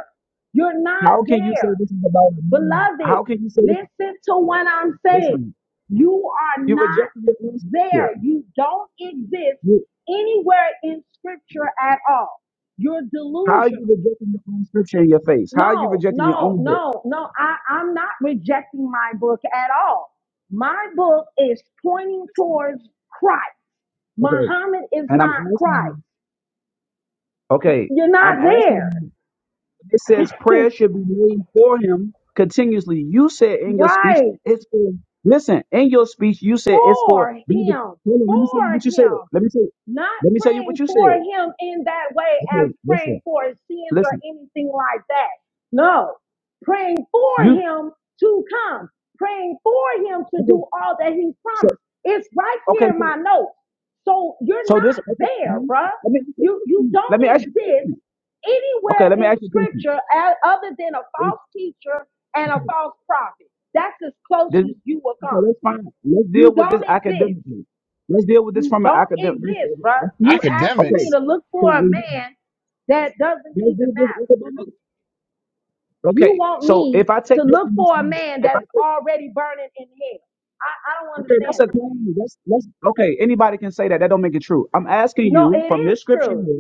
[SPEAKER 5] You're not
[SPEAKER 7] How can you say
[SPEAKER 5] there.
[SPEAKER 7] this is about a man?
[SPEAKER 5] Beloved,
[SPEAKER 7] How can you say this
[SPEAKER 5] listen to what I'm saying.
[SPEAKER 7] listen,
[SPEAKER 5] You are
[SPEAKER 7] you
[SPEAKER 5] not
[SPEAKER 7] rejected your own scripture.
[SPEAKER 5] there. You don't exist
[SPEAKER 7] You,
[SPEAKER 5] anywhere in scripture at all. You're
[SPEAKER 7] how are
[SPEAKER 5] delusional.
[SPEAKER 7] you rejecting your own scripture in your face? How are you
[SPEAKER 5] No,
[SPEAKER 7] rejecting your
[SPEAKER 5] no,
[SPEAKER 7] own book?
[SPEAKER 5] no, no. I, I'm not rejecting my book at all. My book is pointing towards Christ.
[SPEAKER 7] Okay.
[SPEAKER 5] Muhammad is
[SPEAKER 7] And I'm
[SPEAKER 5] not
[SPEAKER 7] asking
[SPEAKER 5] Christ.
[SPEAKER 7] you, okay,
[SPEAKER 5] You're
[SPEAKER 7] I'm
[SPEAKER 5] not
[SPEAKER 7] asking you,
[SPEAKER 5] there.
[SPEAKER 7] it says prayer should be made for him continuously. You said in your speech,
[SPEAKER 5] right.
[SPEAKER 7] it's for, listen, in your speech, you said it's for,
[SPEAKER 5] For him.
[SPEAKER 7] hold on, let me tell you
[SPEAKER 5] For
[SPEAKER 7] what you said.
[SPEAKER 5] him.
[SPEAKER 7] Let me tell you,
[SPEAKER 5] not
[SPEAKER 7] let me tell you what
[SPEAKER 5] praying
[SPEAKER 7] you said.
[SPEAKER 5] for him in that way as
[SPEAKER 7] Okay, listen,
[SPEAKER 5] praying for his sins or
[SPEAKER 7] listen.
[SPEAKER 5] anything like that. No, praying for
[SPEAKER 7] You,
[SPEAKER 5] him to come, praying for him to
[SPEAKER 7] okay,
[SPEAKER 5] do all that he's
[SPEAKER 7] so,
[SPEAKER 5] promised. It's right
[SPEAKER 7] okay,
[SPEAKER 5] here in
[SPEAKER 7] so,
[SPEAKER 5] my notes. So you're
[SPEAKER 7] so this,
[SPEAKER 5] not
[SPEAKER 7] okay, let
[SPEAKER 5] there, bruh.
[SPEAKER 7] me ask you a
[SPEAKER 5] You you
[SPEAKER 7] question. Let
[SPEAKER 5] don't
[SPEAKER 7] me ask you a
[SPEAKER 5] exist
[SPEAKER 7] question. Okay,
[SPEAKER 5] anywhere
[SPEAKER 7] let me
[SPEAKER 5] in
[SPEAKER 7] ask you a question.
[SPEAKER 5] scripture a- other than a false teacher and a false prophet. That's as close
[SPEAKER 7] This,
[SPEAKER 5] as you will
[SPEAKER 7] okay,
[SPEAKER 5] come.
[SPEAKER 7] that's fine. Let's
[SPEAKER 5] You
[SPEAKER 7] deal with this
[SPEAKER 5] don't exist.
[SPEAKER 7] academically. Let's deal with this
[SPEAKER 5] You
[SPEAKER 7] from an
[SPEAKER 5] don't
[SPEAKER 7] academic.
[SPEAKER 5] exist, bro. You asking me
[SPEAKER 7] Okay.
[SPEAKER 8] Academics.
[SPEAKER 5] to look
[SPEAKER 7] So
[SPEAKER 5] for a
[SPEAKER 7] we,
[SPEAKER 5] man that doesn't
[SPEAKER 7] let's deal
[SPEAKER 5] even
[SPEAKER 7] with this
[SPEAKER 5] matter.
[SPEAKER 7] academically.
[SPEAKER 5] You
[SPEAKER 7] Okay.
[SPEAKER 5] want
[SPEAKER 7] So
[SPEAKER 5] me
[SPEAKER 7] if I take
[SPEAKER 5] to
[SPEAKER 7] your
[SPEAKER 5] look for a
[SPEAKER 7] understanding,
[SPEAKER 5] man
[SPEAKER 7] if I
[SPEAKER 5] that's
[SPEAKER 7] take,
[SPEAKER 5] already burning in hell. I, I don't
[SPEAKER 7] okay, that's
[SPEAKER 5] understand.
[SPEAKER 7] a claim. That's, that's okay. Anybody can say that. That don't make it true. I'm
[SPEAKER 5] it.
[SPEAKER 7] asking
[SPEAKER 5] No,
[SPEAKER 7] you
[SPEAKER 5] it
[SPEAKER 7] from this
[SPEAKER 5] is
[SPEAKER 7] scripture.
[SPEAKER 5] true.
[SPEAKER 7] here.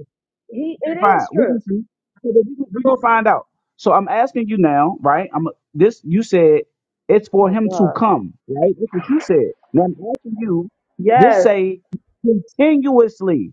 [SPEAKER 5] He, it
[SPEAKER 7] Fine.
[SPEAKER 5] is
[SPEAKER 7] We're gonna
[SPEAKER 5] true.
[SPEAKER 7] see. We're gonna find out. So I'm asking you now, right? I'm this you said it's for
[SPEAKER 5] Oh
[SPEAKER 7] him to
[SPEAKER 5] God.
[SPEAKER 7] come, right? That's what you said. Now I'm asking you, this
[SPEAKER 5] Yes.
[SPEAKER 7] say continuously.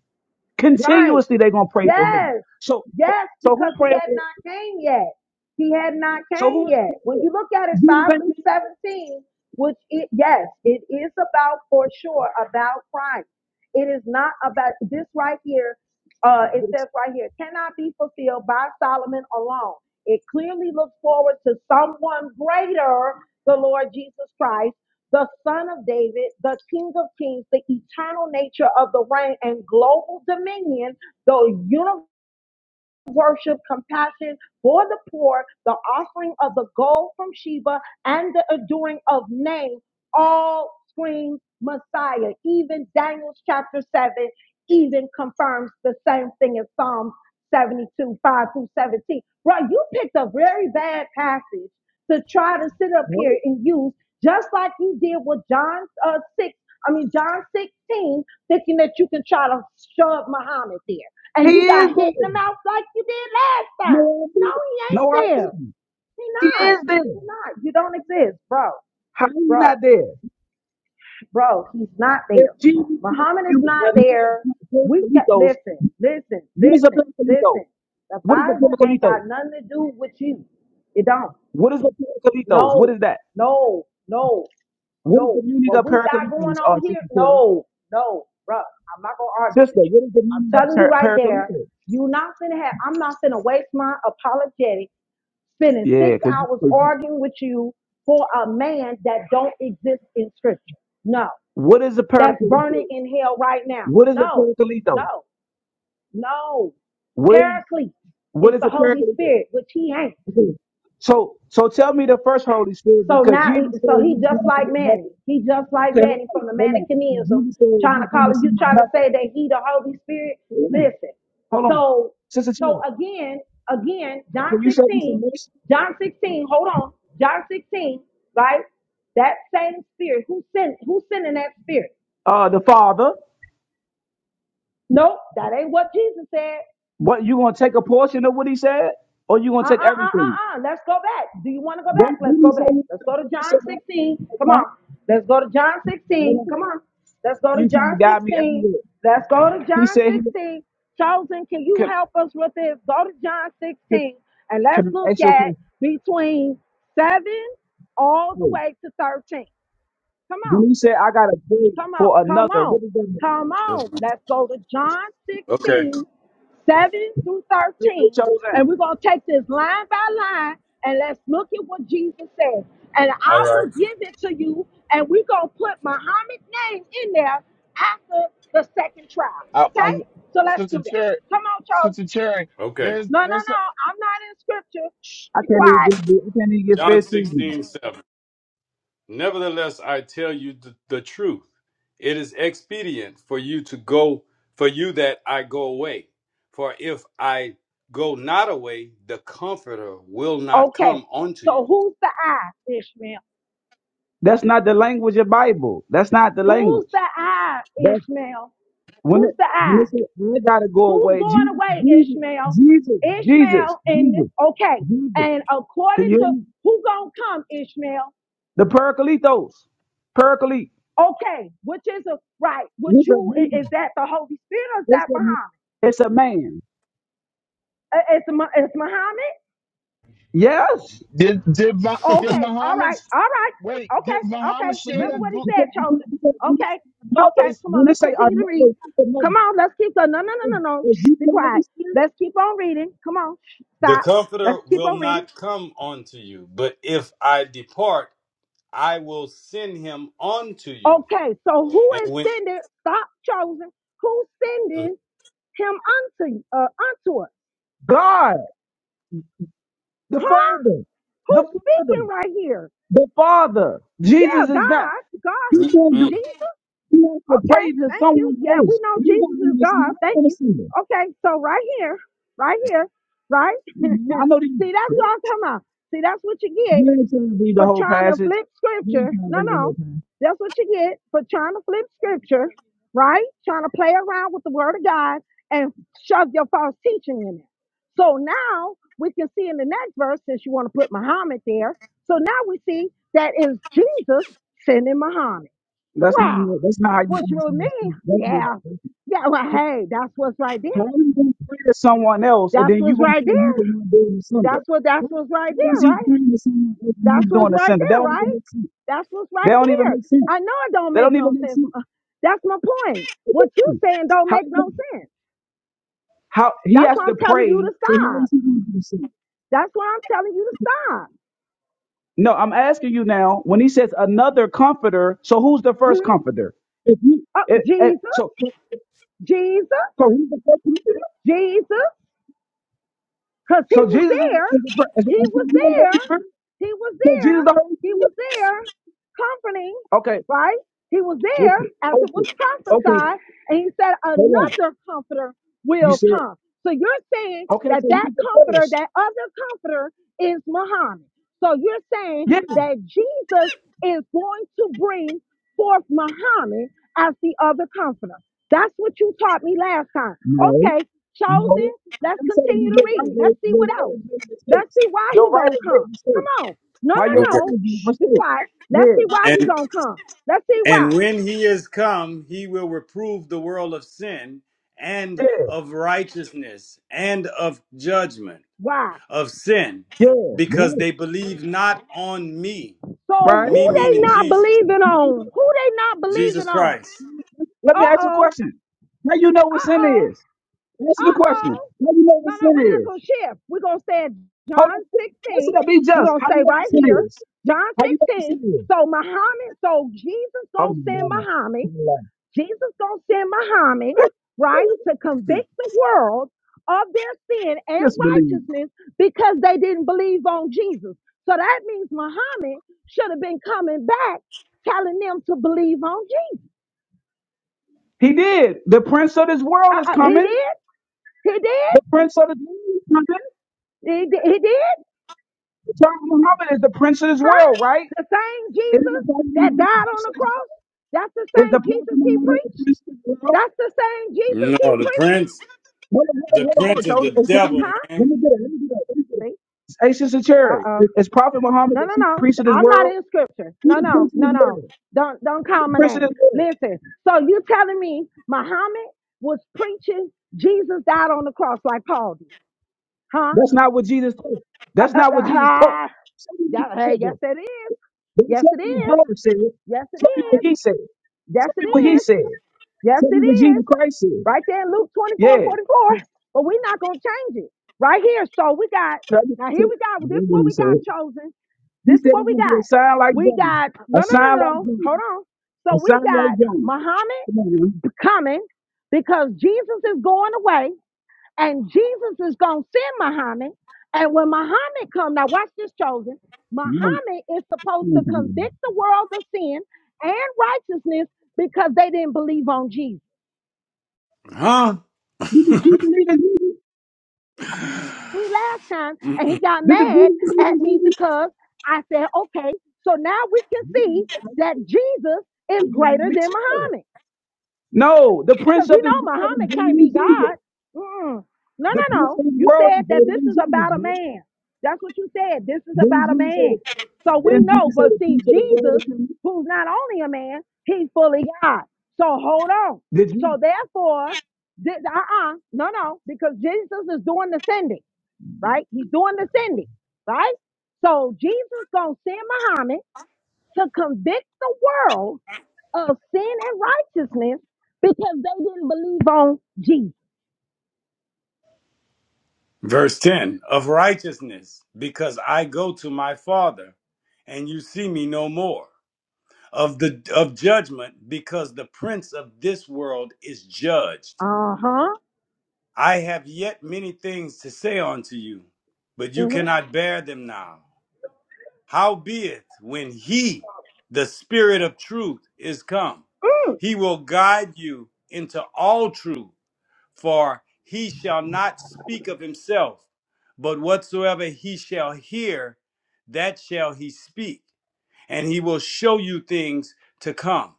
[SPEAKER 5] Right.
[SPEAKER 7] Continuously they're gonna pray for him.
[SPEAKER 5] Yes.
[SPEAKER 7] So
[SPEAKER 5] Yes,
[SPEAKER 7] so
[SPEAKER 5] because
[SPEAKER 7] who
[SPEAKER 5] he
[SPEAKER 7] praying
[SPEAKER 5] had
[SPEAKER 7] for
[SPEAKER 5] not came yet. He had not
[SPEAKER 7] so
[SPEAKER 5] came
[SPEAKER 7] who is
[SPEAKER 5] yet.
[SPEAKER 7] doing
[SPEAKER 5] When you look at it,
[SPEAKER 7] this?
[SPEAKER 5] 5
[SPEAKER 7] You think
[SPEAKER 5] through
[SPEAKER 7] he
[SPEAKER 5] 17, which it, yes, it is about for sure about Christ. It is not about this right here. Uh, it
[SPEAKER 7] is
[SPEAKER 5] says right here, cannot be fulfilled by Solomon alone. It clearly looks forward to someone greater, the Lord Jesus Christ, the Son of David, the King of Kings, the eternal nature of the reign and global dominion, the universal worship, compassion for the poor, the offering of the gold from Sheba, and the adoring of name all scream Messiah. Even Daniel's chapter 7 even confirms the same thing in Psalms 72, 5 through 17. Right, you picked a very bad passage to try to sit up here and use, just like you did with John uh, 6, I mean John 16, thinking that you can try to shove Muhammad there
[SPEAKER 7] there?
[SPEAKER 5] and
[SPEAKER 7] He
[SPEAKER 5] you got
[SPEAKER 7] is
[SPEAKER 5] hit in the
[SPEAKER 7] there.
[SPEAKER 5] mouth like you did last time.
[SPEAKER 7] No, I
[SPEAKER 5] No,
[SPEAKER 7] didn't.
[SPEAKER 5] he ain't
[SPEAKER 7] No, I
[SPEAKER 5] there.
[SPEAKER 7] didn't.
[SPEAKER 5] He
[SPEAKER 7] He
[SPEAKER 5] not.
[SPEAKER 7] is there.
[SPEAKER 5] He not. You don't exist, bro,
[SPEAKER 7] How are you
[SPEAKER 5] bro,
[SPEAKER 7] not there?
[SPEAKER 5] bro. He's not
[SPEAKER 7] If
[SPEAKER 5] there.
[SPEAKER 7] Jesus gives
[SPEAKER 5] Muhammad is
[SPEAKER 7] you
[SPEAKER 5] not there.
[SPEAKER 7] another
[SPEAKER 5] We can
[SPEAKER 7] person,
[SPEAKER 5] listen, listen,
[SPEAKER 7] What is a
[SPEAKER 5] listen,
[SPEAKER 7] paracletos?
[SPEAKER 5] listen. The
[SPEAKER 7] What is a
[SPEAKER 5] Bible ain't
[SPEAKER 7] paracletos?
[SPEAKER 5] got nothing to do with you. It don't.
[SPEAKER 7] What is a paracletos? What
[SPEAKER 5] No,
[SPEAKER 7] is that?
[SPEAKER 5] no, no,
[SPEAKER 7] What is
[SPEAKER 5] no.
[SPEAKER 7] the meaning of
[SPEAKER 5] What we got
[SPEAKER 7] paracletos?
[SPEAKER 5] going
[SPEAKER 7] Uh,
[SPEAKER 5] on here,
[SPEAKER 7] sister, Terry?
[SPEAKER 5] no, no, bruh. I'm not gonna argue
[SPEAKER 7] sister,
[SPEAKER 5] with
[SPEAKER 7] what is the
[SPEAKER 5] you. I'm
[SPEAKER 7] meaning of
[SPEAKER 5] telling you
[SPEAKER 7] ter-
[SPEAKER 5] right there,
[SPEAKER 7] paracletos?
[SPEAKER 5] you not finna have I'm not finna waste my apologetic spending
[SPEAKER 7] Yeah,
[SPEAKER 5] six
[SPEAKER 7] cause, you-
[SPEAKER 5] hours
[SPEAKER 7] cause you-
[SPEAKER 5] arguing with you for a man that don't exist in scripture. No.
[SPEAKER 7] what is a
[SPEAKER 5] That's burning
[SPEAKER 7] paracletos?
[SPEAKER 5] in hell right now.
[SPEAKER 7] What is a
[SPEAKER 5] No,
[SPEAKER 7] paracletos?
[SPEAKER 5] no, no.
[SPEAKER 7] What is,
[SPEAKER 5] Paraclete
[SPEAKER 7] what
[SPEAKER 5] is
[SPEAKER 7] is
[SPEAKER 5] the
[SPEAKER 7] a
[SPEAKER 5] Holy
[SPEAKER 7] paracletos?
[SPEAKER 5] Spirit, which he ain't.
[SPEAKER 7] So so tell me the first Holy Spirit
[SPEAKER 5] So
[SPEAKER 7] because
[SPEAKER 5] now,
[SPEAKER 7] Jesus said
[SPEAKER 5] so he
[SPEAKER 7] he's
[SPEAKER 5] just
[SPEAKER 7] gonna be
[SPEAKER 5] like
[SPEAKER 7] in
[SPEAKER 5] Manny.
[SPEAKER 7] heaven.
[SPEAKER 5] He just like
[SPEAKER 7] Okay, hold
[SPEAKER 5] Manny from
[SPEAKER 7] on,
[SPEAKER 5] the
[SPEAKER 7] hold on. But
[SPEAKER 5] Manichaeism,
[SPEAKER 7] Jesus said
[SPEAKER 5] trying
[SPEAKER 7] he's
[SPEAKER 5] to call
[SPEAKER 7] gonna see
[SPEAKER 5] you
[SPEAKER 7] my
[SPEAKER 5] trying to say that he the Holy Spirit.
[SPEAKER 7] heaven.
[SPEAKER 5] Listen.
[SPEAKER 7] Hold on,
[SPEAKER 5] So,
[SPEAKER 7] sister,
[SPEAKER 5] so
[SPEAKER 7] Terry,
[SPEAKER 5] again, again, John
[SPEAKER 7] can you show me some
[SPEAKER 5] 16,
[SPEAKER 7] mercy?
[SPEAKER 5] John 16. Hold on, John 16. Right, that same spirit. Who sent? Who sending that spirit?
[SPEAKER 7] Uh, the Father.
[SPEAKER 5] Nope, that ain't what Jesus said.
[SPEAKER 7] What you gonna take a portion of what he said, or you gonna
[SPEAKER 5] Uh, uh, uh,
[SPEAKER 7] take everything?
[SPEAKER 5] uh, uh. Let's go back. Do you want to go back?
[SPEAKER 7] Don't-
[SPEAKER 5] Let's
[SPEAKER 7] Didn't he
[SPEAKER 5] go
[SPEAKER 7] say
[SPEAKER 5] back.
[SPEAKER 7] you
[SPEAKER 5] Let's
[SPEAKER 7] gotta
[SPEAKER 5] go to
[SPEAKER 7] put this in
[SPEAKER 5] John
[SPEAKER 7] that in
[SPEAKER 5] 16. Come
[SPEAKER 7] account?
[SPEAKER 5] on. Let's go to John 16.
[SPEAKER 7] Hold on.
[SPEAKER 5] Come on. Let's go to
[SPEAKER 7] You trying to
[SPEAKER 5] John
[SPEAKER 7] guide me
[SPEAKER 5] 16.
[SPEAKER 7] everywhere?
[SPEAKER 5] Let's go to
[SPEAKER 7] He
[SPEAKER 5] John
[SPEAKER 7] said he
[SPEAKER 5] 16. Chosen, can you
[SPEAKER 7] can
[SPEAKER 5] help us with this? Go to John
[SPEAKER 7] can,
[SPEAKER 5] 16 and let's
[SPEAKER 7] can I
[SPEAKER 5] look
[SPEAKER 7] ask your
[SPEAKER 5] at
[SPEAKER 7] question.
[SPEAKER 5] between 7 all the
[SPEAKER 7] Hey,
[SPEAKER 5] way to 13. Come on.
[SPEAKER 7] then he said I gotta pray
[SPEAKER 5] Come on,
[SPEAKER 7] for
[SPEAKER 5] come
[SPEAKER 7] another.
[SPEAKER 5] on,
[SPEAKER 7] What does that mean?
[SPEAKER 5] come
[SPEAKER 3] Yes,
[SPEAKER 5] on.
[SPEAKER 3] ma'am.
[SPEAKER 5] Let's go to John
[SPEAKER 3] Okay.
[SPEAKER 5] sixteen, seven 7 through
[SPEAKER 7] Hey, hey,
[SPEAKER 5] 13. And
[SPEAKER 7] chosen.
[SPEAKER 5] we're going to take this line by line and let's look at what Jesus said. And
[SPEAKER 3] All
[SPEAKER 5] I
[SPEAKER 3] right.
[SPEAKER 5] will give it to you, and we're going to put Muhammad's name in there after the second trial.
[SPEAKER 8] I,
[SPEAKER 5] Okay?
[SPEAKER 8] I'm
[SPEAKER 5] So let's
[SPEAKER 8] Sister
[SPEAKER 5] do that.
[SPEAKER 8] Cherry.
[SPEAKER 5] Come on,
[SPEAKER 8] Sister
[SPEAKER 5] chosen.
[SPEAKER 8] Cherry.
[SPEAKER 3] Okay.
[SPEAKER 8] There's
[SPEAKER 5] No, no,
[SPEAKER 8] there's some,
[SPEAKER 5] no. I'm not in scripture. Shh,
[SPEAKER 7] I
[SPEAKER 5] be
[SPEAKER 7] can't even
[SPEAKER 5] quiet.
[SPEAKER 7] get I can't even get
[SPEAKER 3] John
[SPEAKER 7] fifteen.
[SPEAKER 3] 16 7. Nevertheless, I tell you th- the truth. It is expedient for you to go, for you that I go away. For if I go not away, the Comforter will not
[SPEAKER 5] Okay.
[SPEAKER 3] come unto
[SPEAKER 5] So
[SPEAKER 3] you.
[SPEAKER 5] who's the I, Ishmael?
[SPEAKER 7] That's not the language of Bible. That's not the
[SPEAKER 5] Who's
[SPEAKER 7] language.
[SPEAKER 5] the I,
[SPEAKER 7] That's
[SPEAKER 5] Ishmael?
[SPEAKER 7] when it
[SPEAKER 5] Who's the
[SPEAKER 7] when
[SPEAKER 5] I?
[SPEAKER 7] it said I gotta go
[SPEAKER 5] Who's
[SPEAKER 7] away.
[SPEAKER 5] going
[SPEAKER 7] Jesus,
[SPEAKER 5] away,
[SPEAKER 7] Jesus,
[SPEAKER 5] Ishmael?
[SPEAKER 7] Jesus, Jesus,
[SPEAKER 5] Ishmael and
[SPEAKER 7] Jesus,
[SPEAKER 5] okay.
[SPEAKER 7] Jesus.
[SPEAKER 5] And
[SPEAKER 7] Can
[SPEAKER 5] according
[SPEAKER 7] you hear
[SPEAKER 5] to
[SPEAKER 7] me?
[SPEAKER 5] who gonna come, Ishmael?
[SPEAKER 7] The Perikletos. Periklete.
[SPEAKER 5] Okay, which is a right? Which
[SPEAKER 7] It's a
[SPEAKER 5] you i- is
[SPEAKER 7] man.
[SPEAKER 5] that the Holy Spirit or is that
[SPEAKER 7] It's a man.
[SPEAKER 5] Muhammad?
[SPEAKER 7] It's a man.
[SPEAKER 5] Uh, it's Mu- is Muhammad?
[SPEAKER 7] Yes.
[SPEAKER 8] did did Mo- did
[SPEAKER 5] Okay, all
[SPEAKER 8] Muhammad
[SPEAKER 5] right,
[SPEAKER 8] sh-
[SPEAKER 5] all right,
[SPEAKER 8] wait
[SPEAKER 5] okay,
[SPEAKER 8] did Muhammad
[SPEAKER 5] okay.
[SPEAKER 8] share
[SPEAKER 7] Yeah.
[SPEAKER 5] Remember
[SPEAKER 8] his
[SPEAKER 5] what he
[SPEAKER 8] bl-
[SPEAKER 7] Because,
[SPEAKER 5] said,
[SPEAKER 7] because,
[SPEAKER 5] chosen.
[SPEAKER 7] because when you
[SPEAKER 5] Okay,
[SPEAKER 7] say another,
[SPEAKER 5] okay.
[SPEAKER 8] his?
[SPEAKER 5] Come on,
[SPEAKER 7] when you
[SPEAKER 5] let's
[SPEAKER 7] say
[SPEAKER 5] continue to read.
[SPEAKER 7] another, it's
[SPEAKER 5] Come
[SPEAKER 7] another.
[SPEAKER 5] on, let's keep going. No, no,
[SPEAKER 7] If,
[SPEAKER 5] no, no, no.
[SPEAKER 7] if
[SPEAKER 5] Shh,
[SPEAKER 7] you
[SPEAKER 5] be
[SPEAKER 7] know what
[SPEAKER 5] quiet.
[SPEAKER 7] the Spirit,
[SPEAKER 5] Let's keep on reading. Come on, shh,
[SPEAKER 3] The
[SPEAKER 5] stop.
[SPEAKER 3] Comforter
[SPEAKER 5] Let's keep
[SPEAKER 3] will
[SPEAKER 5] on reading.
[SPEAKER 3] not come unto you. But if I depart, I will send him unto you.
[SPEAKER 5] Okay, so who
[SPEAKER 3] And
[SPEAKER 5] is
[SPEAKER 3] when.
[SPEAKER 5] sending? Stop chosen. Who's sending him unto uh, unto us?
[SPEAKER 7] God. the
[SPEAKER 5] Huh?
[SPEAKER 7] Father, the
[SPEAKER 5] Who's
[SPEAKER 7] Father,
[SPEAKER 5] speaking right here?
[SPEAKER 7] The Father.
[SPEAKER 5] Yeah,
[SPEAKER 7] Jesus is that.
[SPEAKER 5] God, God,
[SPEAKER 7] He can't do
[SPEAKER 3] Mm-mm.
[SPEAKER 5] Jesus.
[SPEAKER 7] he has to
[SPEAKER 5] Okay,
[SPEAKER 7] pray to
[SPEAKER 5] thank you.
[SPEAKER 7] someone
[SPEAKER 5] Yeah, we
[SPEAKER 7] else.
[SPEAKER 5] know
[SPEAKER 7] and he's
[SPEAKER 5] Jesus
[SPEAKER 7] gonna be
[SPEAKER 5] is
[SPEAKER 7] the sinner.
[SPEAKER 5] God.
[SPEAKER 7] I'm
[SPEAKER 5] Thank
[SPEAKER 7] gonna
[SPEAKER 5] you.
[SPEAKER 7] see there.
[SPEAKER 5] Okay, so right here, right here, right. See,
[SPEAKER 7] I know that
[SPEAKER 5] that's what
[SPEAKER 7] you,
[SPEAKER 5] I'm talking about. See, that's what you get.
[SPEAKER 7] You ain't trying to read the
[SPEAKER 5] for
[SPEAKER 7] whole
[SPEAKER 5] trying to
[SPEAKER 7] passage.
[SPEAKER 5] flip
[SPEAKER 7] you ain't
[SPEAKER 5] scripture.
[SPEAKER 7] trying to
[SPEAKER 5] No,
[SPEAKER 7] read the whole
[SPEAKER 5] no.
[SPEAKER 7] passage.
[SPEAKER 5] That's what you get for trying to flip scripture, right? Trying to play around with the word of God and shove your false teaching in it. So now we can see in the next verse, since you want to put Muhammad there. So now we see that is Jesus sending Muhammad.
[SPEAKER 7] That's
[SPEAKER 5] Wow.
[SPEAKER 7] not that's not how you
[SPEAKER 5] Which will
[SPEAKER 7] understand
[SPEAKER 5] mean,
[SPEAKER 7] scripture. That's not
[SPEAKER 5] yeah,
[SPEAKER 7] that's-
[SPEAKER 5] yeah, well, hey, that's what's right there.
[SPEAKER 7] how you gonna pray to someone else and
[SPEAKER 5] That's
[SPEAKER 7] then you
[SPEAKER 5] what's
[SPEAKER 7] gonna
[SPEAKER 5] right
[SPEAKER 7] say
[SPEAKER 5] there.
[SPEAKER 7] he the one doing the sender?
[SPEAKER 5] That's what that's
[SPEAKER 7] How
[SPEAKER 5] what's right
[SPEAKER 7] how is
[SPEAKER 5] there,
[SPEAKER 7] he
[SPEAKER 5] right?
[SPEAKER 7] praying to someone else and
[SPEAKER 5] That's
[SPEAKER 7] he's doing
[SPEAKER 5] what's
[SPEAKER 7] the
[SPEAKER 5] right
[SPEAKER 7] sender? That
[SPEAKER 5] there,
[SPEAKER 7] don't even
[SPEAKER 5] right?
[SPEAKER 7] make sense.
[SPEAKER 5] That's what's
[SPEAKER 7] That
[SPEAKER 5] right
[SPEAKER 7] don't even
[SPEAKER 5] there.
[SPEAKER 7] make sense.
[SPEAKER 5] I know it don't
[SPEAKER 7] That
[SPEAKER 5] make
[SPEAKER 7] don't even
[SPEAKER 5] no
[SPEAKER 7] make
[SPEAKER 5] sense.
[SPEAKER 7] sense.
[SPEAKER 5] That's my point. What you saying don't
[SPEAKER 7] How
[SPEAKER 5] make
[SPEAKER 7] you
[SPEAKER 5] no
[SPEAKER 7] gonna-
[SPEAKER 5] sense.
[SPEAKER 7] how he
[SPEAKER 5] That's
[SPEAKER 7] has
[SPEAKER 5] why
[SPEAKER 7] to
[SPEAKER 5] I'm telling you
[SPEAKER 7] pray,
[SPEAKER 5] to
[SPEAKER 7] so how
[SPEAKER 5] stop.
[SPEAKER 7] is he gonna do the sender?
[SPEAKER 5] That's why I'm telling you to stop.
[SPEAKER 7] No, I'm asking you now, when he says another comforter, so who's the first
[SPEAKER 5] Mhm.
[SPEAKER 7] comforter? If you
[SPEAKER 5] Oh,
[SPEAKER 7] it, it,
[SPEAKER 5] Jesus,
[SPEAKER 7] so so
[SPEAKER 5] Jesus,
[SPEAKER 7] who's the first comforter?
[SPEAKER 5] Jesus. Because he
[SPEAKER 7] So
[SPEAKER 5] was
[SPEAKER 7] Jesus
[SPEAKER 5] there.
[SPEAKER 7] is
[SPEAKER 5] He was there.
[SPEAKER 7] the first.
[SPEAKER 5] He was
[SPEAKER 7] So
[SPEAKER 5] there.
[SPEAKER 7] Jesus already
[SPEAKER 5] He
[SPEAKER 7] said,
[SPEAKER 5] was there comforting,
[SPEAKER 7] okay,
[SPEAKER 5] right? He was
[SPEAKER 7] okay,
[SPEAKER 5] there as it was
[SPEAKER 7] okay, okay,
[SPEAKER 5] prophesied. And he said,
[SPEAKER 7] hold on.
[SPEAKER 5] another comforter
[SPEAKER 7] You
[SPEAKER 5] will
[SPEAKER 7] said,
[SPEAKER 5] come. So you're saying
[SPEAKER 7] okay,
[SPEAKER 5] that
[SPEAKER 7] so
[SPEAKER 5] that
[SPEAKER 7] who's the
[SPEAKER 5] comforter,
[SPEAKER 7] first?
[SPEAKER 5] that other comforter is Muhammad. So you're saying
[SPEAKER 7] Yeah.
[SPEAKER 5] that Jesus is going to bring forth Muhammad as the other comforter. That's what you taught me last time.
[SPEAKER 7] No,
[SPEAKER 5] Okay,
[SPEAKER 7] no.
[SPEAKER 5] Chosen,
[SPEAKER 7] I
[SPEAKER 5] let's
[SPEAKER 7] am telling
[SPEAKER 5] continue
[SPEAKER 7] you,
[SPEAKER 5] to
[SPEAKER 7] your
[SPEAKER 5] read.
[SPEAKER 7] writers,
[SPEAKER 5] Let's see
[SPEAKER 7] your
[SPEAKER 5] what else.
[SPEAKER 7] writers made
[SPEAKER 5] Let's
[SPEAKER 7] mistakes.
[SPEAKER 5] see why
[SPEAKER 7] Your
[SPEAKER 5] he gonna
[SPEAKER 7] writers
[SPEAKER 5] come.
[SPEAKER 7] made
[SPEAKER 5] Come
[SPEAKER 7] mistakes.
[SPEAKER 5] on. No,
[SPEAKER 7] Why your
[SPEAKER 5] no,
[SPEAKER 3] Okay.
[SPEAKER 7] writers
[SPEAKER 5] no.
[SPEAKER 7] made
[SPEAKER 5] Shh, be
[SPEAKER 7] mistakes?
[SPEAKER 5] quiet. Let's see
[SPEAKER 7] Yeah,
[SPEAKER 5] why he
[SPEAKER 3] And
[SPEAKER 5] gonna come. Let's see why.
[SPEAKER 3] and when he is come, he will reprove the world of sin and
[SPEAKER 7] yeah,
[SPEAKER 3] of righteousness and of judgment
[SPEAKER 5] Why?
[SPEAKER 3] of sin,
[SPEAKER 7] yeah, right,
[SPEAKER 3] because they believe not on me.
[SPEAKER 5] So
[SPEAKER 7] right.
[SPEAKER 3] Me
[SPEAKER 5] who they
[SPEAKER 3] meaning
[SPEAKER 5] not
[SPEAKER 3] Jesus,
[SPEAKER 5] believing on? Who they not
[SPEAKER 3] Jesus
[SPEAKER 5] believing on?
[SPEAKER 3] Christ.
[SPEAKER 7] Let me ask you a
[SPEAKER 5] Uh-oh.
[SPEAKER 7] question. How you know what sin
[SPEAKER 5] Uh-oh.
[SPEAKER 7] is? Answer the question.
[SPEAKER 5] Uh-oh.
[SPEAKER 7] How you know what
[SPEAKER 5] No, no, we're
[SPEAKER 7] sin
[SPEAKER 5] not
[SPEAKER 7] is?
[SPEAKER 5] gonna shift. We're gonna stay at
[SPEAKER 7] Hold
[SPEAKER 5] John
[SPEAKER 7] on. Listen
[SPEAKER 5] 16.
[SPEAKER 7] to be
[SPEAKER 5] We're
[SPEAKER 7] just.
[SPEAKER 5] gonna
[SPEAKER 7] How you
[SPEAKER 5] stay
[SPEAKER 7] know what
[SPEAKER 5] right
[SPEAKER 7] sin
[SPEAKER 5] here.
[SPEAKER 7] is?
[SPEAKER 5] John
[SPEAKER 7] How you know what
[SPEAKER 5] 16.
[SPEAKER 7] sin is?
[SPEAKER 5] So Muhammad, so Jesus
[SPEAKER 7] Oh
[SPEAKER 5] gonna send Muhammad.
[SPEAKER 7] my God.
[SPEAKER 5] Jesus gonna send Muhammad, right, to
[SPEAKER 3] Hmm.
[SPEAKER 5] convict the world of their sin and
[SPEAKER 7] Just believe.
[SPEAKER 5] righteousness because they didn't believe on Jesus. So that means Muhammad should have been coming back telling them to believe on Jesus.
[SPEAKER 7] He did. The prince of this world
[SPEAKER 5] Uh,
[SPEAKER 7] is
[SPEAKER 5] uh, he
[SPEAKER 7] coming.
[SPEAKER 5] did. He did.
[SPEAKER 7] The prince of this world is coming.
[SPEAKER 5] He did. He did.
[SPEAKER 7] The Prophet Muhammad is the prince of this
[SPEAKER 5] Huh?
[SPEAKER 7] world, right?
[SPEAKER 5] The same
[SPEAKER 7] Is the Prophet
[SPEAKER 5] Jesus that
[SPEAKER 7] Muhammad the
[SPEAKER 5] died on
[SPEAKER 7] prince of
[SPEAKER 5] the
[SPEAKER 7] this
[SPEAKER 5] cross.
[SPEAKER 7] world?
[SPEAKER 5] That's the
[SPEAKER 7] Is the
[SPEAKER 5] same
[SPEAKER 7] Prophet
[SPEAKER 5] Jesus he
[SPEAKER 7] Muhammad the
[SPEAKER 5] preached.
[SPEAKER 7] prince of this world?
[SPEAKER 5] That's the same Jesus
[SPEAKER 3] No,
[SPEAKER 5] he
[SPEAKER 3] the
[SPEAKER 5] preached.
[SPEAKER 3] prince,
[SPEAKER 7] Hold on, hold on,
[SPEAKER 3] the
[SPEAKER 7] hold on, hold on.
[SPEAKER 3] prince is
[SPEAKER 7] Charles.
[SPEAKER 3] the
[SPEAKER 7] Is Prophet-
[SPEAKER 3] devil,
[SPEAKER 5] Huh?
[SPEAKER 7] Let
[SPEAKER 3] man.
[SPEAKER 7] me get it. Let me get it. Let me get it.
[SPEAKER 5] See?
[SPEAKER 7] Hey, Sister
[SPEAKER 5] Uh
[SPEAKER 7] Cherry,
[SPEAKER 5] oh.
[SPEAKER 7] is is Prophet Muhammad
[SPEAKER 5] No,
[SPEAKER 7] the
[SPEAKER 5] no,
[SPEAKER 7] chief
[SPEAKER 5] no.
[SPEAKER 7] priest of this
[SPEAKER 5] I'm not
[SPEAKER 7] world?
[SPEAKER 5] in scripture.
[SPEAKER 7] He's
[SPEAKER 5] No,
[SPEAKER 7] the
[SPEAKER 5] no,
[SPEAKER 7] prince of
[SPEAKER 5] no,
[SPEAKER 7] this
[SPEAKER 5] no.
[SPEAKER 7] world.
[SPEAKER 5] Don't don't
[SPEAKER 7] He's
[SPEAKER 5] call
[SPEAKER 7] the
[SPEAKER 5] my
[SPEAKER 7] prince of
[SPEAKER 5] name.
[SPEAKER 7] this world.
[SPEAKER 5] Listen. So you telling me Muhammad was preaching Jesus died on the cross like Paul did, huh?
[SPEAKER 7] That's not what Jesus taught.
[SPEAKER 5] Uh,
[SPEAKER 7] That's
[SPEAKER 5] uh, uh,
[SPEAKER 7] not what Jesus taught.
[SPEAKER 5] ah.
[SPEAKER 7] Some people
[SPEAKER 5] Yeah,
[SPEAKER 7] said
[SPEAKER 5] hey, yes
[SPEAKER 7] that.
[SPEAKER 5] it is.
[SPEAKER 7] They
[SPEAKER 5] Yes
[SPEAKER 7] said
[SPEAKER 5] it
[SPEAKER 7] what
[SPEAKER 5] is.
[SPEAKER 7] Paul said.
[SPEAKER 5] Yes it
[SPEAKER 7] Some people
[SPEAKER 5] is.
[SPEAKER 7] he said.
[SPEAKER 5] Yes
[SPEAKER 7] Tell
[SPEAKER 5] it
[SPEAKER 7] me what he
[SPEAKER 5] is.
[SPEAKER 7] said.
[SPEAKER 5] Yes
[SPEAKER 7] Tell me
[SPEAKER 5] it
[SPEAKER 7] what Jesus
[SPEAKER 5] is.
[SPEAKER 7] Christ said.
[SPEAKER 5] Right there in Luke 24 and
[SPEAKER 7] Yeah.
[SPEAKER 5] 44. But we're not gonna change it. Right here. So we got
[SPEAKER 7] Can I just
[SPEAKER 5] now here
[SPEAKER 7] tell-
[SPEAKER 5] we got this
[SPEAKER 7] no,
[SPEAKER 5] is
[SPEAKER 7] he
[SPEAKER 5] what
[SPEAKER 7] didn't
[SPEAKER 5] we
[SPEAKER 7] say
[SPEAKER 5] got chosen.
[SPEAKER 7] He
[SPEAKER 5] This is
[SPEAKER 7] said
[SPEAKER 5] what
[SPEAKER 7] it's
[SPEAKER 5] we
[SPEAKER 7] gonna be a
[SPEAKER 5] got.
[SPEAKER 7] sign like
[SPEAKER 5] We
[SPEAKER 7] Jonah.
[SPEAKER 5] got
[SPEAKER 7] A
[SPEAKER 5] no, no,
[SPEAKER 7] sign
[SPEAKER 5] no,
[SPEAKER 7] like
[SPEAKER 5] no. Hold
[SPEAKER 7] Jonah.
[SPEAKER 5] on. So
[SPEAKER 7] A
[SPEAKER 5] we
[SPEAKER 7] sign like
[SPEAKER 5] got
[SPEAKER 7] Jonah.
[SPEAKER 5] Muhammad
[SPEAKER 7] Come on, man.
[SPEAKER 5] coming because Jesus is going away, and Jesus is gonna send Muhammad. And when Muhammad comes, now watch this, chosen.
[SPEAKER 7] Come on.
[SPEAKER 5] Muhammad is supposed
[SPEAKER 7] Come
[SPEAKER 5] to
[SPEAKER 7] on, come on.
[SPEAKER 5] convict the world of sin and righteousness because they didn't believe on Jesus.
[SPEAKER 3] Huh?
[SPEAKER 7] Did the Jews believe in Jesus?
[SPEAKER 5] Me last time, and he got
[SPEAKER 7] Did the
[SPEAKER 5] mad
[SPEAKER 7] Jews believe
[SPEAKER 5] at
[SPEAKER 7] in
[SPEAKER 5] me
[SPEAKER 7] Jesus?
[SPEAKER 5] because I said, okay, so now we can see that Jesus is greater
[SPEAKER 7] Me
[SPEAKER 5] than
[SPEAKER 7] too.
[SPEAKER 5] Muhammad.
[SPEAKER 7] No, the
[SPEAKER 5] Because
[SPEAKER 7] prince of
[SPEAKER 5] we
[SPEAKER 7] this
[SPEAKER 5] know
[SPEAKER 7] world is
[SPEAKER 5] Muhammad
[SPEAKER 7] greater
[SPEAKER 5] can't
[SPEAKER 7] than
[SPEAKER 5] be God.
[SPEAKER 7] Jesus.
[SPEAKER 5] Mm-mm. No,
[SPEAKER 7] The
[SPEAKER 5] no,
[SPEAKER 7] prince
[SPEAKER 5] no.
[SPEAKER 7] of this
[SPEAKER 5] You
[SPEAKER 7] world
[SPEAKER 5] said
[SPEAKER 7] is
[SPEAKER 5] that
[SPEAKER 7] greater
[SPEAKER 5] this
[SPEAKER 7] than
[SPEAKER 5] is
[SPEAKER 7] Jesus,
[SPEAKER 5] about a
[SPEAKER 7] bro.
[SPEAKER 5] man. That's what you said. This is
[SPEAKER 7] Didn't
[SPEAKER 5] about a
[SPEAKER 7] Jesus say
[SPEAKER 5] man.
[SPEAKER 7] the
[SPEAKER 5] So we
[SPEAKER 7] didn't
[SPEAKER 5] know,
[SPEAKER 7] Jesus say
[SPEAKER 5] but
[SPEAKER 7] the
[SPEAKER 5] see,
[SPEAKER 7] prince of the world
[SPEAKER 5] Jesus,
[SPEAKER 7] is coming?
[SPEAKER 5] who's not only a man, he's fully God. So hold on.
[SPEAKER 7] Did
[SPEAKER 5] So therefore, uh uh no, no, because Jesus is doing the sending, right? He's doing the sending, right? So Jesus gonna send Muhammad to convict the world of sin and righteousness because they didn't believe on Jesus.
[SPEAKER 3] Verse 10 of righteousness, because I go to my father and you see me no more. of the of judgment because the prince of this world is judged
[SPEAKER 5] Uh huh.
[SPEAKER 3] i have yet many things to say unto you but you
[SPEAKER 5] Mhm.
[SPEAKER 3] cannot bear them now howbeit when he the spirit of truth is come he will guide you into all truth for he shall not speak of himself but whatsoever he shall hear that shall he speak and he will show you things to come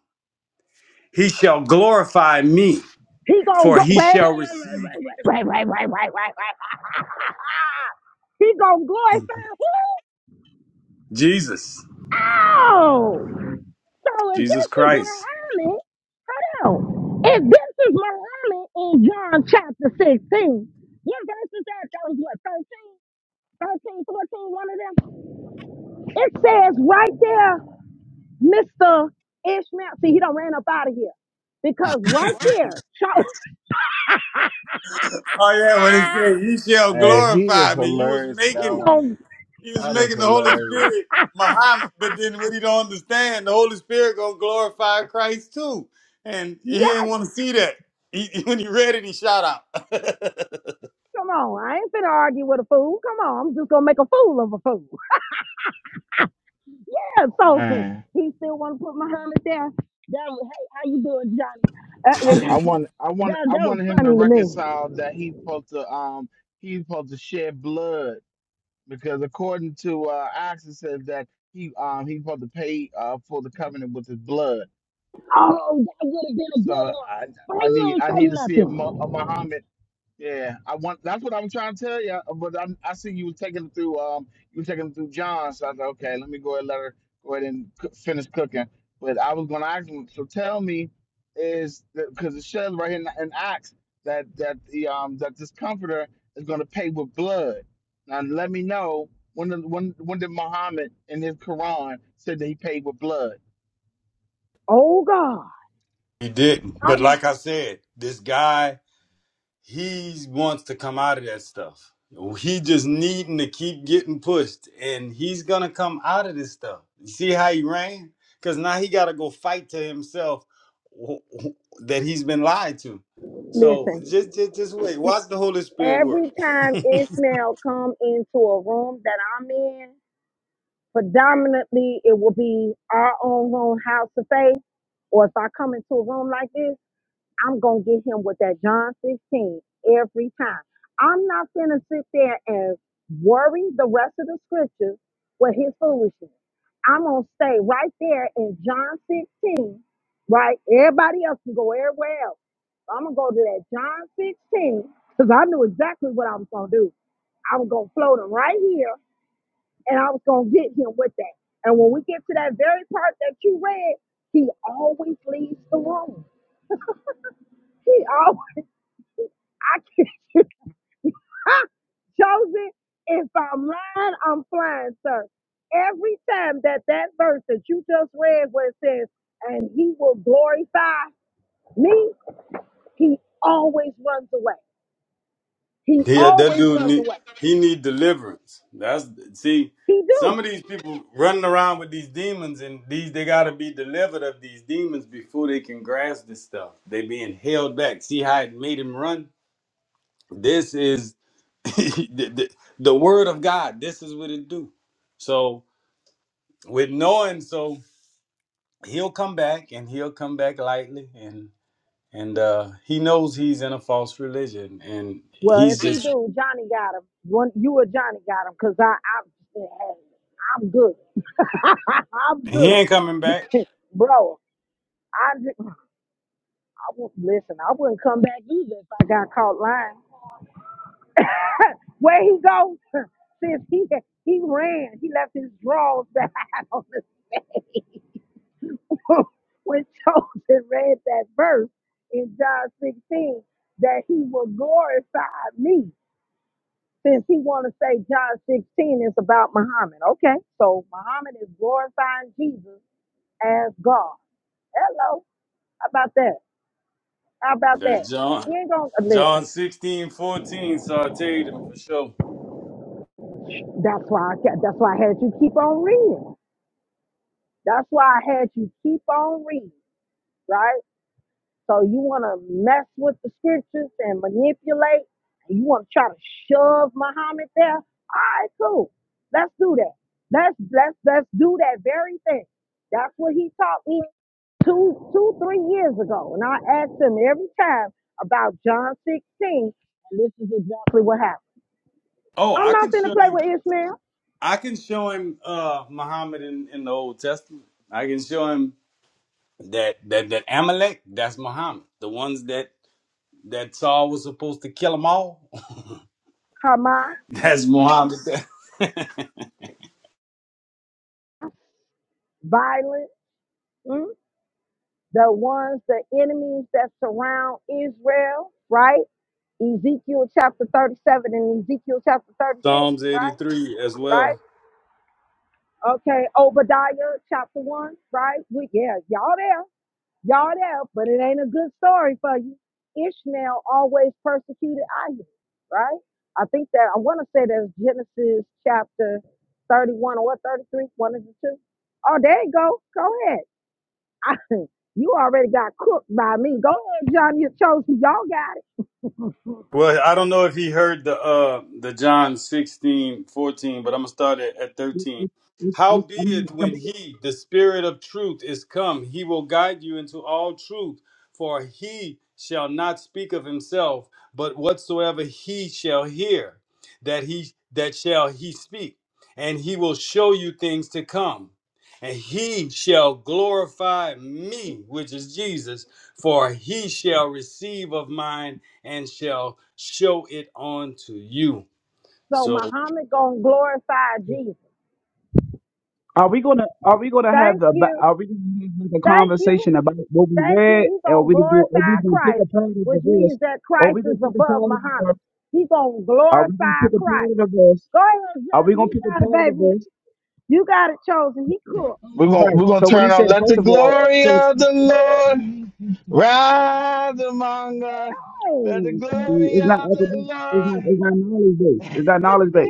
[SPEAKER 3] He shall glorify me,
[SPEAKER 5] He gonna
[SPEAKER 3] for
[SPEAKER 5] go.
[SPEAKER 3] he
[SPEAKER 5] Wait, wait,
[SPEAKER 3] shall
[SPEAKER 5] wait, wait,
[SPEAKER 3] receive
[SPEAKER 5] wait, wait, wait, wait, wait, wait, wait. He gonna glorify who?
[SPEAKER 3] Jesus,
[SPEAKER 5] Oh, so if
[SPEAKER 3] Jesus
[SPEAKER 5] this is
[SPEAKER 3] Christ.
[SPEAKER 5] Muhammad, hold on. If this is Muhammad in John chapter 16, what verse is that? That was what, 13? one of them? It says right there Mr. Ishmael. See, he done ran up out of here. Because right there, show
[SPEAKER 3] Oh yeah, what it say? He shall
[SPEAKER 8] Hey, he is
[SPEAKER 3] glorify me. You was
[SPEAKER 8] hilarious for
[SPEAKER 5] she
[SPEAKER 8] that
[SPEAKER 3] making,
[SPEAKER 8] one.
[SPEAKER 5] gon'
[SPEAKER 3] he was
[SPEAKER 8] That is
[SPEAKER 3] making the Holy
[SPEAKER 8] hilarious,
[SPEAKER 3] Spirit Muhammad, but then what he don't understand, the Holy Spirit gonna glorify Christ too, and he
[SPEAKER 5] yes.
[SPEAKER 3] ain't want to see that. He, when he read it, he shot out.
[SPEAKER 5] Come on, I ain't finna argue with a fool. Come on, I'm just gonna make a fool of a fool. Yeah, so
[SPEAKER 8] man.
[SPEAKER 5] he still wanna put my helmet there. That was, hey, how you doing, Johnny? Uh,
[SPEAKER 8] I, I
[SPEAKER 5] that,
[SPEAKER 8] want I want
[SPEAKER 5] that
[SPEAKER 8] I
[SPEAKER 5] that was
[SPEAKER 8] wanted him to
[SPEAKER 5] funny to me.
[SPEAKER 8] reconcile that he's supposed to um he's supposed to shed blood because according to uh, Acts, it says that he um he supposed to pay uh for the covenant with his blood.
[SPEAKER 5] Oh, that would have been a good
[SPEAKER 8] So
[SPEAKER 5] one.
[SPEAKER 8] I
[SPEAKER 5] Why
[SPEAKER 8] I
[SPEAKER 5] you
[SPEAKER 8] need
[SPEAKER 5] ain't
[SPEAKER 8] I
[SPEAKER 5] say
[SPEAKER 8] need to see a, Mu-
[SPEAKER 5] nothing?
[SPEAKER 8] a Muhammad yeah, I want. That's what I'm trying to tell you. But I'm, I see you were taking it through. Um, you were taking it through John. So I said, okay, let me go ahead and let her go ahead and cook, finish cooking. But I was going to ask him. So tell me, is because it says right here in, in Acts that that the um that this comforter is going to pay with blood. Now let me know when the, when when did Muhammad in his Quran said that he paid with blood?
[SPEAKER 5] Oh God.
[SPEAKER 3] he didn't.
[SPEAKER 5] I,
[SPEAKER 3] But like I said, this guy. he wants to come out of that stuff. He just needing to keep getting pushed, and he's gonna come out of this stuff. You see how he ran? Cause now he got to go fight to himself wh- wh- that he's been lied to. So
[SPEAKER 5] listen,
[SPEAKER 3] just, just, just wait. Watch the Holy Spirit work.
[SPEAKER 5] every time Ishmael come into a room that I'm in. predominantly it will be our own room house of faith or if i come into a room like this i'm gonna get him with that john 16 every time i'm not gonna sit there and worry the rest of the scriptures with his foolishness i'm gonna stay right there in john 16 right everybody else can go everywhere else So i'm gonna go to that john 16 because i knew exactly what i was gonna do i was gonna float him right here and I was gonna get him with that. And when we get to that very part that you read, he always leaves the room. He always, I can't, Joseph, if I'm lying, I'm flying, sir. Every time that that verse that you just read where it says, and he will glorify me, he always runs away. He
[SPEAKER 3] Yeah, that
[SPEAKER 5] always
[SPEAKER 3] dude
[SPEAKER 5] runs
[SPEAKER 3] need
[SPEAKER 5] away.
[SPEAKER 3] he need deliverance. That's see,
[SPEAKER 5] He
[SPEAKER 3] some
[SPEAKER 5] do.
[SPEAKER 3] of these people running around with these demons and these they gotta be delivered of these demons before they can grasp this stuff. They being held back. See how it made him run? This is the, the, the word of God. This is what it do. So with knowing so he'll come back and he'll come back lightly and and uh he knows he's in a false religion and
[SPEAKER 5] Well, if
[SPEAKER 3] he's
[SPEAKER 5] he
[SPEAKER 3] just
[SPEAKER 5] do, Johnny got him. One, you or Johnny got him, cause I, I, I'm good. I'm
[SPEAKER 3] he
[SPEAKER 5] good,
[SPEAKER 3] ain't coming back.
[SPEAKER 5] bro. I, just, I won't, listen. I wouldn't come back either if I got caught lying. Where he goes, Since he he ran, he left his drawers behind on the stage. when Joseph read that verse in John 16, that he will glorify me. Since he want to say John 16 is about Muhammad. Okay, so Muhammad is glorifying Jesus as God. Hello, how about that? How about
[SPEAKER 3] That
[SPEAKER 5] that?
[SPEAKER 3] John.
[SPEAKER 5] He ain't gonna uh,
[SPEAKER 3] John
[SPEAKER 5] listen.
[SPEAKER 3] 16, 14 sauteed him for sure.
[SPEAKER 5] That's why I kept, that's why I had you keep on reading. That's why I had you keep on reading, right? So you wanna mess with the scriptures and manipulate, and you wanna try to shove Muhammad there. All right, cool. Let's do that. Let's let's let's do that very thing. That's what he taught me two two three years ago, and I asked him every time about John 16, and this is exactly what happened.
[SPEAKER 3] Oh,
[SPEAKER 5] I'm
[SPEAKER 3] I
[SPEAKER 5] not
[SPEAKER 3] can
[SPEAKER 5] gonna
[SPEAKER 3] show
[SPEAKER 5] play
[SPEAKER 3] you.
[SPEAKER 5] with Ishmael.
[SPEAKER 3] I can show him uh Muhammad in, in the Old Testament. I can show him that that that Amalek, that's Muhammad. The ones that that Saul was supposed to kill them all.
[SPEAKER 5] Hamas,
[SPEAKER 3] That's Muhammad.
[SPEAKER 5] violence, mm, the ones, the enemies that surround Israel, right? Ezekiel chapter 37 and Ezekiel chapter 36,
[SPEAKER 3] Psalms
[SPEAKER 5] right?
[SPEAKER 3] 83 as well.
[SPEAKER 5] Right? Okay, Obadiah chapter 1, right? We, yeah, y'all there, y'all there, but it ain't a good story for you. Ishmael always persecuted Isaac, right? I think that, I want to say that's Genesis chapter 31 or 33, one of the two. Oh, there you go. Go ahead. I, you already got cooked by me. Go ahead, John. You chose who y'all got it.
[SPEAKER 3] Well, I don't know if he heard the uh the John 16 14, but I'm gonna start at, at 13. How be it when
[SPEAKER 7] you?
[SPEAKER 3] he, the spirit of truth, is come, he will guide you into all truth, for he shall not speak of himself, but whatsoever he shall hear, that he that shall he speak, and he will show you things to come. And he shall glorify me, which is Jesus, for he shall receive of mine and shall show it unto you.
[SPEAKER 5] so
[SPEAKER 3] So
[SPEAKER 5] Muhammad gonna glorify Jesus.
[SPEAKER 7] Are we gonna Are we gonna have
[SPEAKER 5] Thank
[SPEAKER 7] the ba-
[SPEAKER 5] you.
[SPEAKER 7] Are we gonna have like a
[SPEAKER 5] Thank you.
[SPEAKER 7] conversation about what we
[SPEAKER 5] Thank you.
[SPEAKER 7] read?
[SPEAKER 5] He
[SPEAKER 7] or are
[SPEAKER 5] gonna
[SPEAKER 7] we gonna Are we
[SPEAKER 5] glorify
[SPEAKER 7] gonna pick
[SPEAKER 5] Christ,
[SPEAKER 7] a part of this,
[SPEAKER 5] which
[SPEAKER 7] verse?
[SPEAKER 5] means that
[SPEAKER 7] Are
[SPEAKER 5] Christ
[SPEAKER 7] we
[SPEAKER 5] is
[SPEAKER 7] gonna pick a part
[SPEAKER 5] above
[SPEAKER 7] of this,
[SPEAKER 5] Muhammad.
[SPEAKER 7] verse?
[SPEAKER 5] He gonna
[SPEAKER 7] Are we gonna
[SPEAKER 5] glorify
[SPEAKER 7] pick a part
[SPEAKER 5] Christ.
[SPEAKER 7] of this,
[SPEAKER 5] Go ahead,
[SPEAKER 7] Are we
[SPEAKER 5] Johnny.
[SPEAKER 7] gonna
[SPEAKER 5] You
[SPEAKER 7] pick a
[SPEAKER 5] got it,
[SPEAKER 7] part of this?
[SPEAKER 5] baby. You got it chosen. He cooked.
[SPEAKER 8] We're gonna
[SPEAKER 7] Right.
[SPEAKER 8] we're gonna
[SPEAKER 7] So when
[SPEAKER 8] turn
[SPEAKER 7] he
[SPEAKER 8] on
[SPEAKER 7] said,
[SPEAKER 8] let the
[SPEAKER 7] first of all,
[SPEAKER 8] glory
[SPEAKER 7] he it's,
[SPEAKER 8] of the Lord rise among us. Let the
[SPEAKER 5] Hey.
[SPEAKER 8] glory
[SPEAKER 7] it's not
[SPEAKER 8] of the
[SPEAKER 7] academic. It's not.
[SPEAKER 8] Lord.
[SPEAKER 7] It's not knowledge based. It's not knowledge based.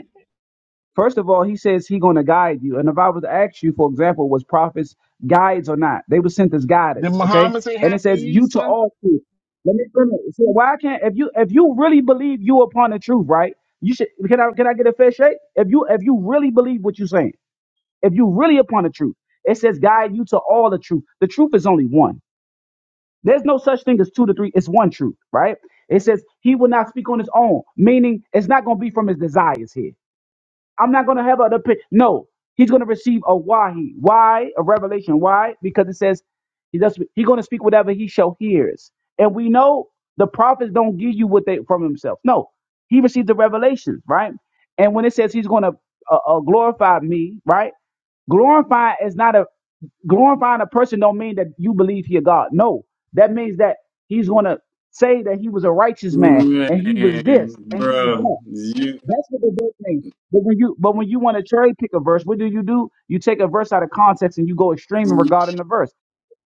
[SPEAKER 7] First of all, he says he's going to guide you. And if I was to ask you, for example, was prophets guides or not? They were sent as
[SPEAKER 8] Did
[SPEAKER 7] guidance, okay?
[SPEAKER 8] Muhammad say
[SPEAKER 7] And it
[SPEAKER 8] Happy
[SPEAKER 7] says you to
[SPEAKER 8] Easter?
[SPEAKER 7] all truth. Let me finish. So why can't if you if you really believe you upon the truth, right? You should can I can I get a fair shake? If you if you really believe what you're saying, if you really upon the truth, it says guide you to all the truth. The truth is only one. There's no such thing as two to three. It's one truth, right? It says he will not speak on his own, meaning it's not going to be from his desires here. I'm not going to have other opinion. No, he's going to receive a wahi. Why? A revelation. Why? Because it says he does. He's going to speak whatever he shall hears. And we know the prophets don't give you what they from himself. No, he received the revelations, right? And when it says he's going to uh, uh, glorify me, right? Glorify is not a glorifying a person don't mean that you believe he a God. No, that means that he's going to say that he was a righteous man and he was
[SPEAKER 3] Man,
[SPEAKER 7] this and he was that.
[SPEAKER 3] bro, you.
[SPEAKER 7] That's what the verse means. But when you but when you want to cherry pick a verse, what do you do? You take a verse out of context and you go extreme in regarding the verse.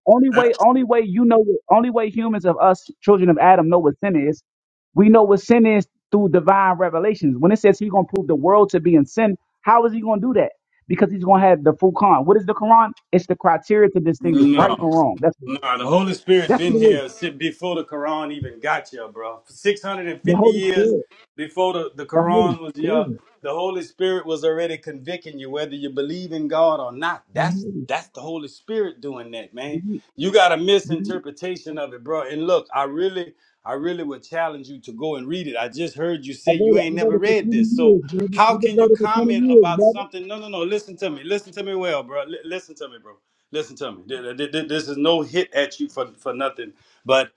[SPEAKER 7] Only way only way you know only way humans of us children of Adam know what sin is. We know what sin is through divine revelations. When it says he's gonna prove the world to be in sin, how is he gonna do that? Because he's gonna have the full Quran. What is the Quran? It's the criteria to distinguish right
[SPEAKER 3] No,
[SPEAKER 7] from wrong. That's what it is.
[SPEAKER 3] no. The Holy Spirit
[SPEAKER 7] That's what
[SPEAKER 3] been
[SPEAKER 7] it is.
[SPEAKER 3] here si- before the Quran even got here, bro. Six hundred and
[SPEAKER 7] The
[SPEAKER 3] fifty
[SPEAKER 7] Holy
[SPEAKER 3] years
[SPEAKER 7] Spirit.
[SPEAKER 3] before the, the
[SPEAKER 7] The Holy
[SPEAKER 3] Quran was here,
[SPEAKER 7] Spirit.
[SPEAKER 3] the Holy Spirit was already convicting you whether you believe in God or not.
[SPEAKER 7] The
[SPEAKER 3] That's
[SPEAKER 7] Holy
[SPEAKER 3] that's the Holy Spirit doing that, man. You got a
[SPEAKER 7] Spirit.
[SPEAKER 3] misinterpretation of it, bro. And look, I really, I really would challenge you to go and read it. I just heard you
[SPEAKER 7] I
[SPEAKER 3] say you
[SPEAKER 7] voted, I
[SPEAKER 3] ain't never
[SPEAKER 7] voted for
[SPEAKER 3] read
[SPEAKER 7] 20
[SPEAKER 3] this, so
[SPEAKER 7] years, brother.
[SPEAKER 3] how
[SPEAKER 7] I've been
[SPEAKER 3] can you
[SPEAKER 7] voting for 20
[SPEAKER 3] comment
[SPEAKER 7] years,
[SPEAKER 3] about
[SPEAKER 7] brother.
[SPEAKER 3] something? No, no, no. Listen to me. Listen to me well, bro. Li- listen to me, bro listen to me. This is no hit at you for, for nothing, but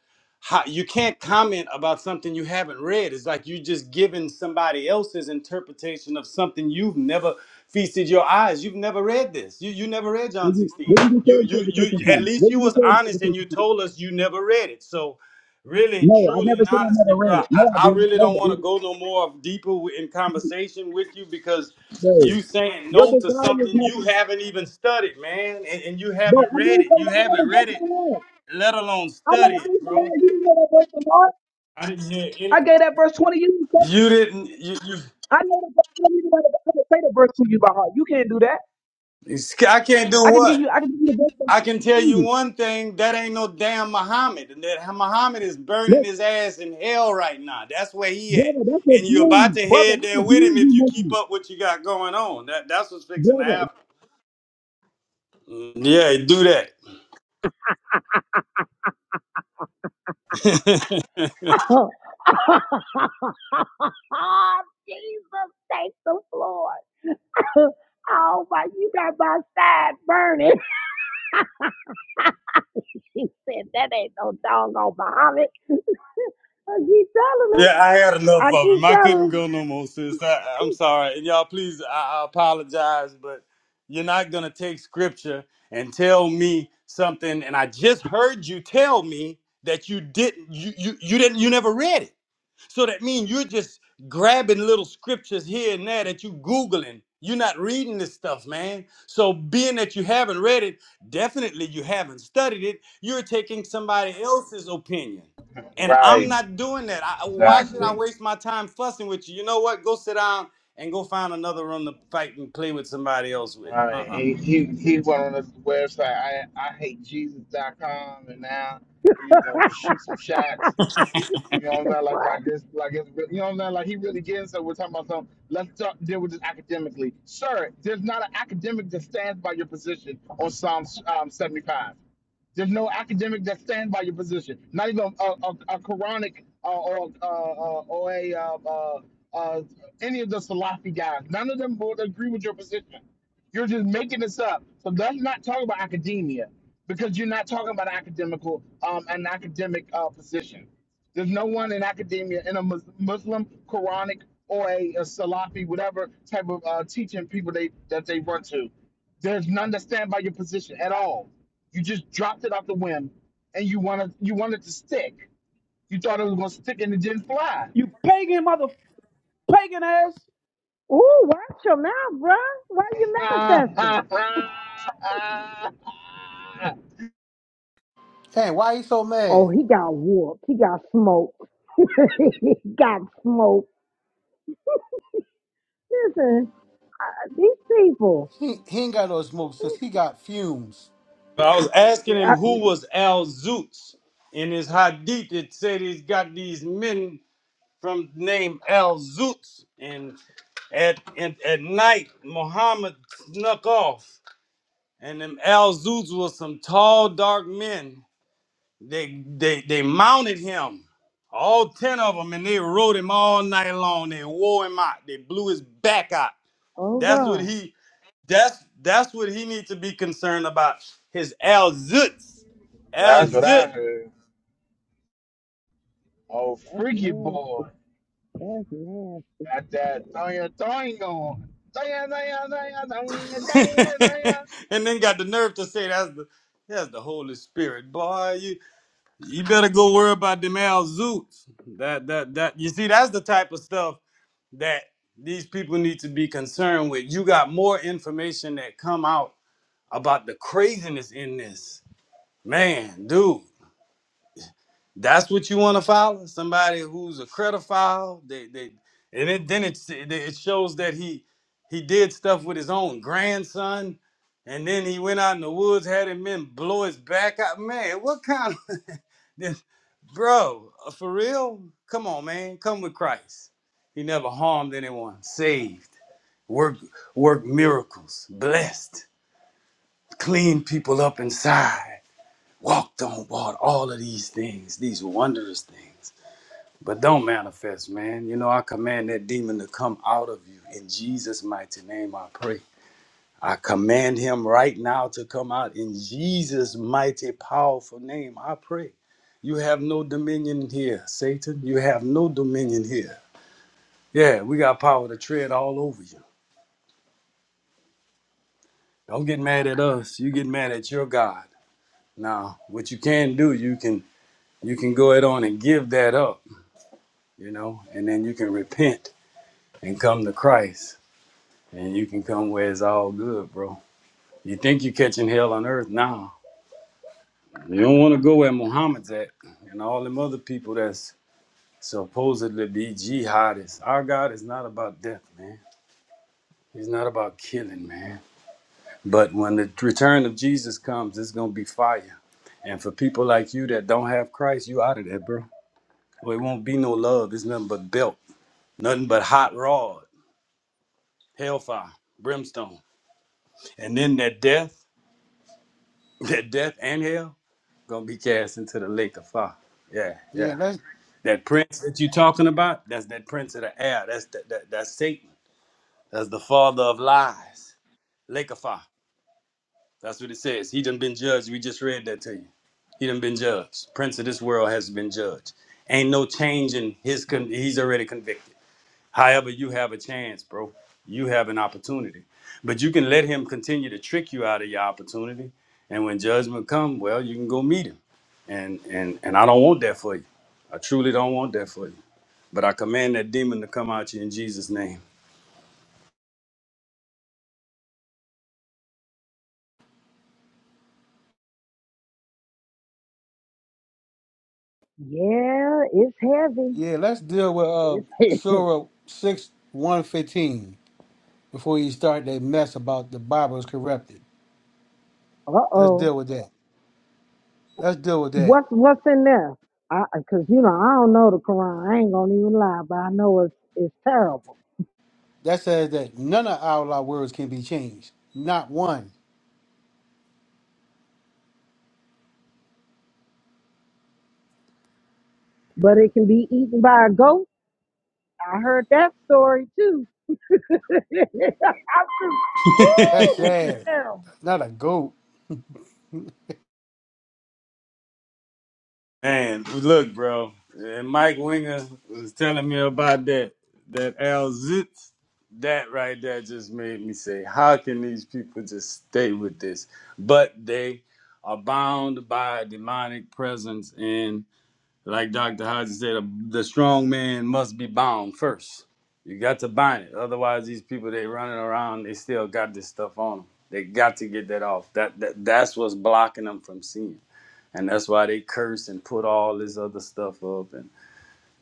[SPEAKER 3] how, you can't comment about something you haven't read. It's like you just giving somebody else's interpretation of something you've never feasted your eyes. You've never read this. You you never read
[SPEAKER 7] Did
[SPEAKER 3] John
[SPEAKER 7] you,
[SPEAKER 3] 16.
[SPEAKER 7] Did you get your
[SPEAKER 3] You you you
[SPEAKER 7] interpretation
[SPEAKER 3] at
[SPEAKER 7] from?
[SPEAKER 3] least
[SPEAKER 7] Did
[SPEAKER 3] you
[SPEAKER 7] you
[SPEAKER 3] was
[SPEAKER 7] get your
[SPEAKER 3] honest and
[SPEAKER 7] interpretation
[SPEAKER 3] you
[SPEAKER 7] from?
[SPEAKER 3] told us you never read it. So really,
[SPEAKER 7] No, I
[SPEAKER 3] truly,
[SPEAKER 7] never
[SPEAKER 3] and
[SPEAKER 7] said I never
[SPEAKER 3] honestly, bro,
[SPEAKER 7] read it.
[SPEAKER 3] I,
[SPEAKER 7] No, I
[SPEAKER 3] I
[SPEAKER 7] didn't.
[SPEAKER 3] really
[SPEAKER 7] No,
[SPEAKER 3] don't
[SPEAKER 7] I
[SPEAKER 3] want to
[SPEAKER 7] didn't.
[SPEAKER 3] go no more deeper wi- in conversation with you because
[SPEAKER 7] No.
[SPEAKER 3] you saying
[SPEAKER 7] Your
[SPEAKER 3] no to
[SPEAKER 7] desire is
[SPEAKER 3] something
[SPEAKER 7] not,
[SPEAKER 3] you
[SPEAKER 7] no,
[SPEAKER 3] haven't even studied, man, and, and you haven't
[SPEAKER 7] I
[SPEAKER 3] read
[SPEAKER 7] didn't
[SPEAKER 3] it.
[SPEAKER 7] say
[SPEAKER 3] You
[SPEAKER 7] that. I know
[SPEAKER 3] haven't
[SPEAKER 7] the
[SPEAKER 3] read
[SPEAKER 7] verse
[SPEAKER 3] it,
[SPEAKER 7] by heart.
[SPEAKER 3] let alone
[SPEAKER 7] I know
[SPEAKER 3] study
[SPEAKER 7] the
[SPEAKER 3] it,
[SPEAKER 7] verse by
[SPEAKER 3] bro.
[SPEAKER 7] heart. You didn't know that verse by heart.
[SPEAKER 3] I didn't hear
[SPEAKER 7] I
[SPEAKER 3] any.
[SPEAKER 7] gave that verse 20 years ago.
[SPEAKER 3] You didn't. You, you.
[SPEAKER 7] I know the verse. I don't even know the, I can say the verse to you by heart. You can't do that.
[SPEAKER 3] it's- I can't do
[SPEAKER 7] I can give
[SPEAKER 3] what?
[SPEAKER 7] you, I can give you the verse by
[SPEAKER 3] I can tell you
[SPEAKER 7] heart.
[SPEAKER 3] one thing, that ain't no damn Muhammad. And That Muhammad is burning
[SPEAKER 7] Let's,
[SPEAKER 3] his ass in hell right now. That's where he at.
[SPEAKER 7] brother, that's a
[SPEAKER 3] And you're about
[SPEAKER 7] dream.
[SPEAKER 3] to
[SPEAKER 7] Brother,
[SPEAKER 3] head
[SPEAKER 7] that's
[SPEAKER 3] there
[SPEAKER 7] a
[SPEAKER 3] with
[SPEAKER 7] dream
[SPEAKER 3] him
[SPEAKER 7] you
[SPEAKER 3] if you keep
[SPEAKER 7] making.
[SPEAKER 3] up what you got going on. That that's what's fixing to
[SPEAKER 7] Brother,
[SPEAKER 3] happen. Mm, Yeah, do that.
[SPEAKER 5] Oh, Jesus, thank the Lord. Oh my, you got my side burning. She said, that ain't no doggone Muhammad. I keep telling
[SPEAKER 3] Yeah, I had
[SPEAKER 5] him.
[SPEAKER 3] enough
[SPEAKER 5] I
[SPEAKER 3] of
[SPEAKER 5] keep
[SPEAKER 3] him. I
[SPEAKER 5] telling
[SPEAKER 3] couldn't go no more, sis. I, I'm sorry. And y'all, please, I, I apologize, but you're not going to take scripture and tell me something. And I just heard you tell me that you didn't, you, you, you didn't, you never read it. So that means you're just grabbing little scriptures here and there that you Googling. You're not reading this stuff, man. So being that you haven't read it, definitely you haven't studied it. You're taking somebody else's opinion. And I'm
[SPEAKER 8] Right,
[SPEAKER 3] not doing that. I, why should I
[SPEAKER 8] exactly.
[SPEAKER 3] waste my time fussing with you? You know what? Go sit down and go find another room to fight and play with somebody else with.
[SPEAKER 8] Right.
[SPEAKER 3] Uh-uh.
[SPEAKER 8] He he he went on this website I I hate Jesus. dot Com, and now he's gonna
[SPEAKER 5] him.
[SPEAKER 8] just shoot some shots. You know what I'm
[SPEAKER 5] said,
[SPEAKER 8] saying? Like
[SPEAKER 5] what?
[SPEAKER 8] like this like it's you know what I'm saying? Like he really getting so we're talking about something. Let's talk, deal with this academically. Sir, there's not an academic that stands by your position on Psalm um, 75. There's no academic that stands by your position. Not even a, a, a Quranic uh, or uh, uh, or a uh, uh, uh, any of the Salafi guys. None of them would agree with your position. You're just making this up. So let's not talk about academia because you're not talking about academical um, an academic uh, position. There's no one in academia in a Mus- Muslim, Quranic, or a, a Salafi, whatever type of uh, teaching people they that they run to. There's none that stand by your position at all. You just dropped it off the whim, and you wanted you wanted to stick. You thought it was going to stick, and it didn't fly.
[SPEAKER 9] You pagan mother, pagan ass.
[SPEAKER 5] Ooh, watch your mouth, bruh. Why are you manifesting?
[SPEAKER 10] Hey, why he so mad?
[SPEAKER 5] Oh, he got whooped. He got smoked. he got smoked. Listen, these people.
[SPEAKER 10] He he ain't got no smoke since he got fumes.
[SPEAKER 3] But I was asking
[SPEAKER 5] I,
[SPEAKER 3] him who was Al Zoots in his hadith. It said he's got these men from the name Al Zutz. And at, and at night, Muhammad snuck off. And them Al Zutz was some tall, dark men. They, they, they mounted him, all 10 of them, and they rode him all night long. They wore him out. They blew his back out.
[SPEAKER 5] oh
[SPEAKER 3] That's what
[SPEAKER 5] God,
[SPEAKER 3] he, that's, that's what he needs to be concerned about. His Al Zutz. Al
[SPEAKER 8] That's what I
[SPEAKER 3] Zutz.
[SPEAKER 8] heard. Oh,
[SPEAKER 5] that's
[SPEAKER 8] freaky
[SPEAKER 5] nasty.
[SPEAKER 8] boy!
[SPEAKER 5] That's nasty.
[SPEAKER 8] Got that thing thing going.
[SPEAKER 3] and then got the nerve to say that's the that's the Holy Spirit, boy. You better go worry about them Al Zoots. That that that you see, that's the type of stuff that these people need to be concerned with. You got more information that come out about the craziness in this. Man, dude, that's what you want to follow? Somebody who's a credophile. They they and it, then it it shows that he he did stuff with his own grandson, and then he went out in the woods, had him men blow his back out. Man, what kind of Bro, uh, for real? Come on, man. Come with Christ. He never harmed anyone. Saved. Work. Work miracles. Blessed. Cleaned people up inside. Walked on water. All of these things. These wondrous things. But don't manifest, man. You know, I command that demon to come out of you. In Jesus' mighty name, I pray. I command him right now to come out in Jesus' mighty, powerful name. I pray. You have no dominion here, Satan. You have no dominion here. Yeah, we got power to tread all over you. Don't get mad at us. You get mad at your God. Now, what you can do, you can you can go ahead on and give that up, you know, and then you can repent and come to Christ. And you can come where it's all good, bro. You think you're catching hell on earth now, You don't want to go where Muhammad's at and all them other people that's supposedly be jihadists. Our God is not about death, man. He's not about killing, man. But when the return of Jesus comes, it's going to be fire. And for people like you that don't have Christ, you out of there, bro. Well, it won't be no love. It's nothing but belt, nothing but hot rod, hellfire, brimstone. And then that death, that death and hell, going to be cast into the lake of fire. Yeah, yeah.
[SPEAKER 10] Yeah, let's
[SPEAKER 3] That prince that you talking about, that's that prince of the air. That's that, that that's Satan. That's the father of lies. Lake of fire. That's what it says. He done been judged. We just read that to you. He done been judged. Prince of this world has been judged. Ain't no change in his con- he's already convicted. However, you have a chance, bro. You have an opportunity. But you can let him continue to trick you out of your opportunity. And when judgment come, well, you can go meet him. And and and I don't want that for you. I truly don't want that for you. But I command that demon to come out you in Jesus' name.
[SPEAKER 5] Yeah, it's heavy.
[SPEAKER 10] yeah, let's deal with uh
[SPEAKER 5] It's
[SPEAKER 10] Surah six one fifteen before you start that mess about the Bible is corrupted.
[SPEAKER 5] uh
[SPEAKER 10] Let's
[SPEAKER 5] oh.
[SPEAKER 10] deal with that. Let's deal with that.
[SPEAKER 5] What's what's in there? I because you know I don't know the Quran. I ain't gonna even lie, but I know it's it's terrible.
[SPEAKER 10] That says that none of our law words can be changed. Not one.
[SPEAKER 5] But it can be eaten by a goat. I heard that story too. I'm just,
[SPEAKER 10] That's
[SPEAKER 5] woo, this is
[SPEAKER 10] sad.
[SPEAKER 5] terrible.
[SPEAKER 10] Not a goat.
[SPEAKER 3] Man, look, bro. And Mike Winger was telling me about that. That Al Zitz. That right there just made me say, how can these people just stay with this? But they are bound by a demonic presence and. Like Dr. Hodges said, the strong man must be bound first. You got to bind it. Otherwise, these people they running around, they still got this stuff on them. They got to get that off. That, that that's what's blocking them from seeing. And that's why they curse and put all this other stuff up and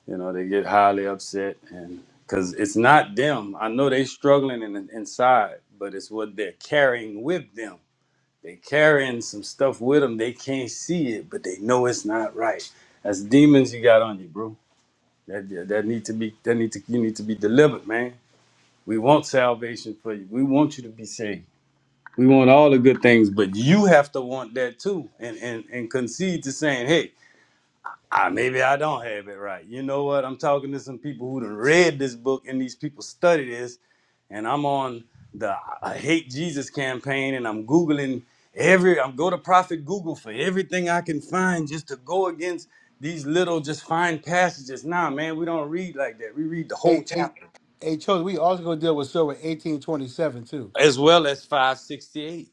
[SPEAKER 3] you know, they get highly upset and cuz it's not them. I know they struggling in, inside, but it's what they're carrying with them they carrying some stuff with them. They can't see it, but they know it's not right. That's demons you got on you, bro. That that need to be that need to you need to be delivered, man. We want salvation for you. We want you to be saved. We want all the good things, but you have to want that too, and and and concede to saying, hey ah, maybe I don't have it right. You know what? I'm talking to some people who done read this book and these people study this, and I'm on the I hate Jesus campaign and I'm googling every I'm go to Prophet Google for everything I can find just to go against these little just fine passages. Nah, man, we don't read like that. We read the whole
[SPEAKER 10] Hey, hey,
[SPEAKER 3] chapter
[SPEAKER 10] hey, children, we also gonna deal with Surah eighteen twenty seven too.
[SPEAKER 3] as well as 568.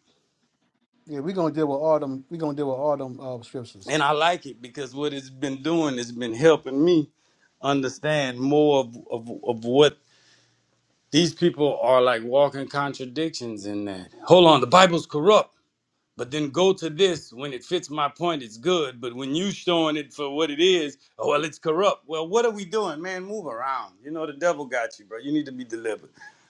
[SPEAKER 10] Yeah, we gonna deal with all them we gonna deal with all them uh, scriptures.
[SPEAKER 3] And I like it because what it's been doing has been helping me understand more of, of, of what These people are like walking contradictions in that. Hold on, the Bible's corrupt, but then go to this. When it fits my point, it's good. But when you showing it for what it is, oh well, it's corrupt. Well, what are we doing, man? Move around. You know the devil got you, bro. You need to be delivered.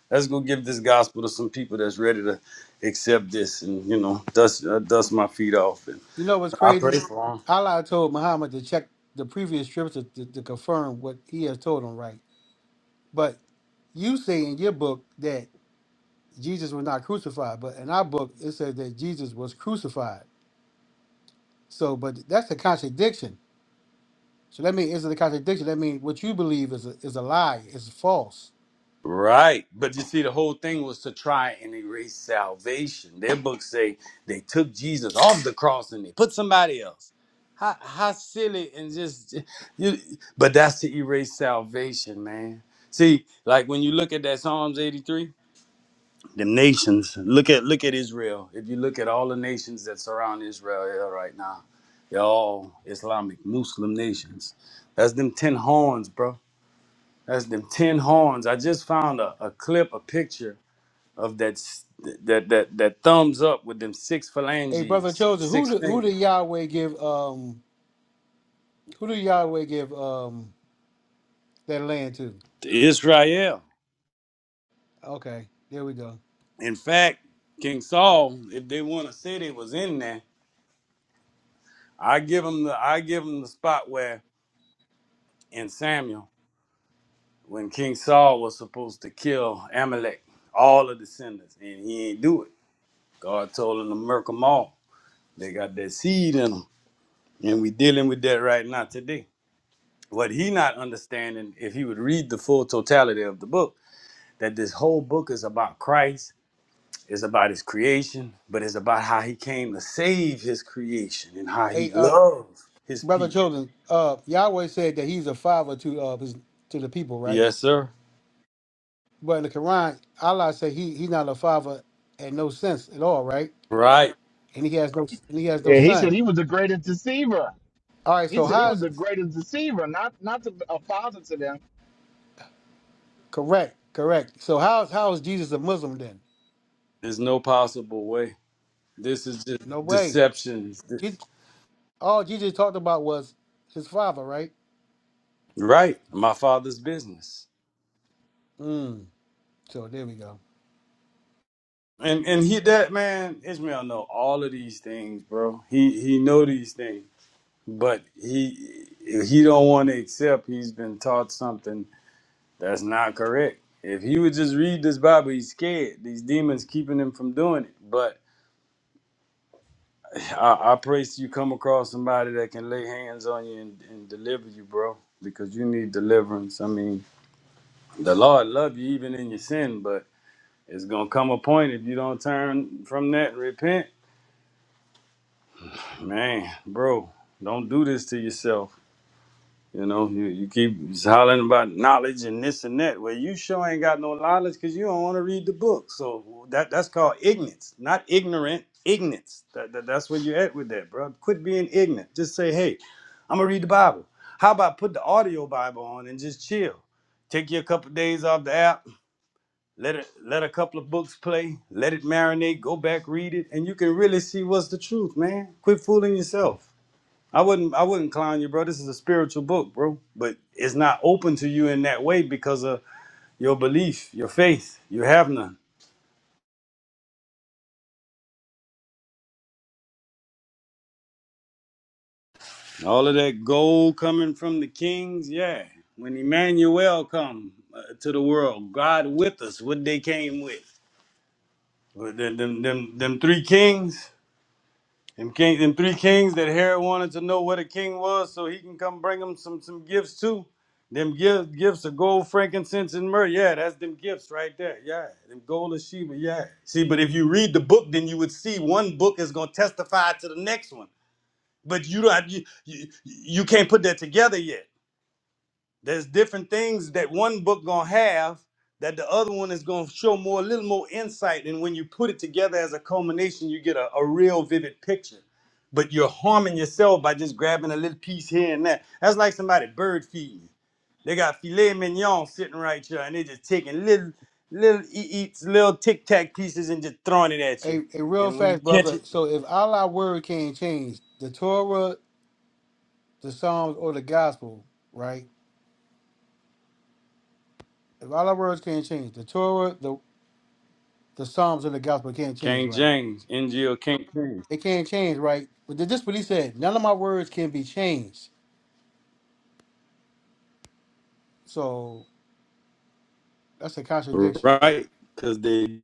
[SPEAKER 3] Let's go give this gospel to some people that's ready to accept this, and you know, dust uh, dust my feet off. And
[SPEAKER 10] You know what's
[SPEAKER 3] I pray
[SPEAKER 10] crazy?
[SPEAKER 3] for 'em.
[SPEAKER 10] Allah told Muhammad to check the previous scripture to, to confirm what he has told him, right? But you say in your book that Jesus was not crucified, but in our book it says that Jesus was crucified. So, but that's a contradiction. So that means it's a contradiction. That means what you believe is a, is a lie. It's false.
[SPEAKER 3] Right. But you see, the whole thing was to try and erase salvation. Their books say they took Jesus off the cross and they put somebody else. How, how silly and just you but that's to erase salvation, man. See, like when you look at that Psalms 83, the nations, look at look at Israel. If you look at all the nations that surround Israel yeah, right now, they're all Islamic Muslim nations. That's them ten horns, bro. That's them ten horns. I just found a, a clip, a picture of that s- that that that thumbs up with them six
[SPEAKER 10] Hey, brother
[SPEAKER 3] phalanges, them
[SPEAKER 10] chosen, who
[SPEAKER 3] six
[SPEAKER 10] do, who
[SPEAKER 3] fingers.
[SPEAKER 10] did Yahweh give um who did Yahweh give um that land to?
[SPEAKER 3] To Israel.
[SPEAKER 10] Okay, there we go.
[SPEAKER 3] In fact, King Saul, if they want to say they was in there, I give them the I give them the spot where in Samuel when King Saul was supposed to kill Amalek, all the descendants, and he ain't do it. God told him to murk them all. They got that seed in them, and we dealing with that right now today. what he not understanding if he would read the full totality of the book that this whole book is about christ is about his creation but it's about how he came to save his creation and how he
[SPEAKER 10] Hey, uh,
[SPEAKER 3] loved his
[SPEAKER 10] brother
[SPEAKER 3] people
[SPEAKER 10] chosen, uh, Yahweh said that he's a father to uh his, to the people, right?
[SPEAKER 3] yes sir
[SPEAKER 10] But in the Quran, Allah said he he's not a father in no sense at all, right?
[SPEAKER 3] right
[SPEAKER 10] And he has no and he has no
[SPEAKER 8] Yeah, he said
[SPEAKER 10] son.
[SPEAKER 8] he was the greatest deceiver.
[SPEAKER 10] All right,
[SPEAKER 8] He
[SPEAKER 10] so
[SPEAKER 8] said he was
[SPEAKER 10] how's
[SPEAKER 8] the greatest deceiver, not not a father to them.
[SPEAKER 10] correct, correct. So how's how is Jesus a Muslim then?
[SPEAKER 3] there's no possible way this is just
[SPEAKER 10] No way.
[SPEAKER 3] deception
[SPEAKER 10] Jesus, all Jesus talked about was his father, right?
[SPEAKER 3] right my father's business
[SPEAKER 10] Mm. So there we go.
[SPEAKER 3] and and he that man ishmael know all of these things bro he he know these things but he he don't want to accept he's been taught something that's not correct if he would just read this bible he's scared these demons keeping him from doing it but i, I pray you come across somebody that can lay hands on you and, and deliver you bro because you need deliverance i mean the lord love you even in your sin but it's gonna come a point if you don't turn from that and repent man bro don't do this to yourself You know, you, you keep hollering about knowledge and this and that. Well, you sure ain't got no knowledge because you don't want to read the book. So that that's called ignorance, not ignorant, ignorance. That, that, that's where you're at with that, bro. Quit being ignorant. Just say, hey, I'm going to read the Bible. How about put the audio Bible on and just chill? Take you a couple days off the app. Let it let a couple of books play. Let it marinate. Go back, read it, and you can really see what's the truth, man. Quit fooling yourself. I wouldn't I wouldn't clown you, bro. This is a spiritual book, bro. But it's not open to you in that way because of your belief, your faith. You have none. All of that gold coming from the kings, yeah. When Emmanuel come uh, to the world, God with us, what they came with. With Them, them, them, them three kings, Them king, them three kings that Herod wanted to know what a king was, so he can come bring him some some gifts too. Them gifts, gifts of gold, frankincense, and myrrh. Yeah, that's them gifts right there. Yeah, them gold of Sheba. Yeah. See, but if you read the book, then you would see one book is gonna testify to the next one. But you don't. You you, you can't put that together yet. There's different things that one book gonna have that the other one is gonna show more, a little more insight. And when you put it together as a culmination, you get a, a real vivid picture. But you're harming yourself by just grabbing a little piece here and there. That's like somebody bird feeding you. They got filet mignon sitting right here, and they just taking little, little e- eats, little tic tac pieces and just throwing it at you.
[SPEAKER 10] A, a real
[SPEAKER 3] And when you
[SPEAKER 10] fast,
[SPEAKER 3] catch
[SPEAKER 10] brother.
[SPEAKER 3] it,
[SPEAKER 10] So if Allah word can't change, the Torah, the Psalms, or the Gospel, right? A lot of words can't change. The Torah, the the Psalms, and the Gospel can't change,
[SPEAKER 3] King
[SPEAKER 10] right?
[SPEAKER 3] James, NGO King James,
[SPEAKER 10] It can't change, right? But this is what he said. None of my words can be changed. So that's a contradiction.
[SPEAKER 3] right? Because they.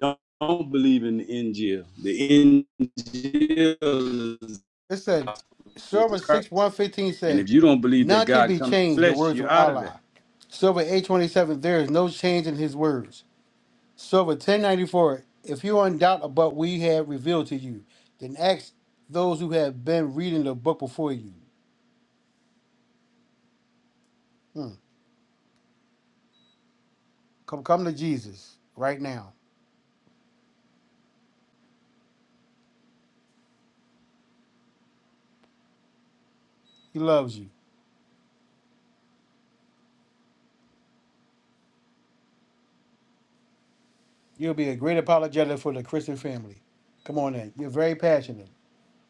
[SPEAKER 3] don't, don't believe in the NGL. The NGL is
[SPEAKER 10] It
[SPEAKER 3] the
[SPEAKER 10] said,
[SPEAKER 3] gospel of
[SPEAKER 10] Server
[SPEAKER 3] Jesus
[SPEAKER 10] 6
[SPEAKER 3] Christ.
[SPEAKER 10] 115
[SPEAKER 3] And
[SPEAKER 10] said,
[SPEAKER 3] if you don't believe that
[SPEAKER 10] None can
[SPEAKER 3] God
[SPEAKER 10] be
[SPEAKER 3] come in
[SPEAKER 10] changed, the
[SPEAKER 3] flesh,
[SPEAKER 10] words
[SPEAKER 3] you're
[SPEAKER 10] of
[SPEAKER 3] out of there.
[SPEAKER 10] Allah. Silver 827, there is no change in his words. Silver 1094, if you are in doubt about what we have revealed to you, then ask those who have been reading the book before you. Hmm. Come, come to Jesus right now. He loves you. You'll be a great apologetic for the Christian family. Come on in. You're very passionate.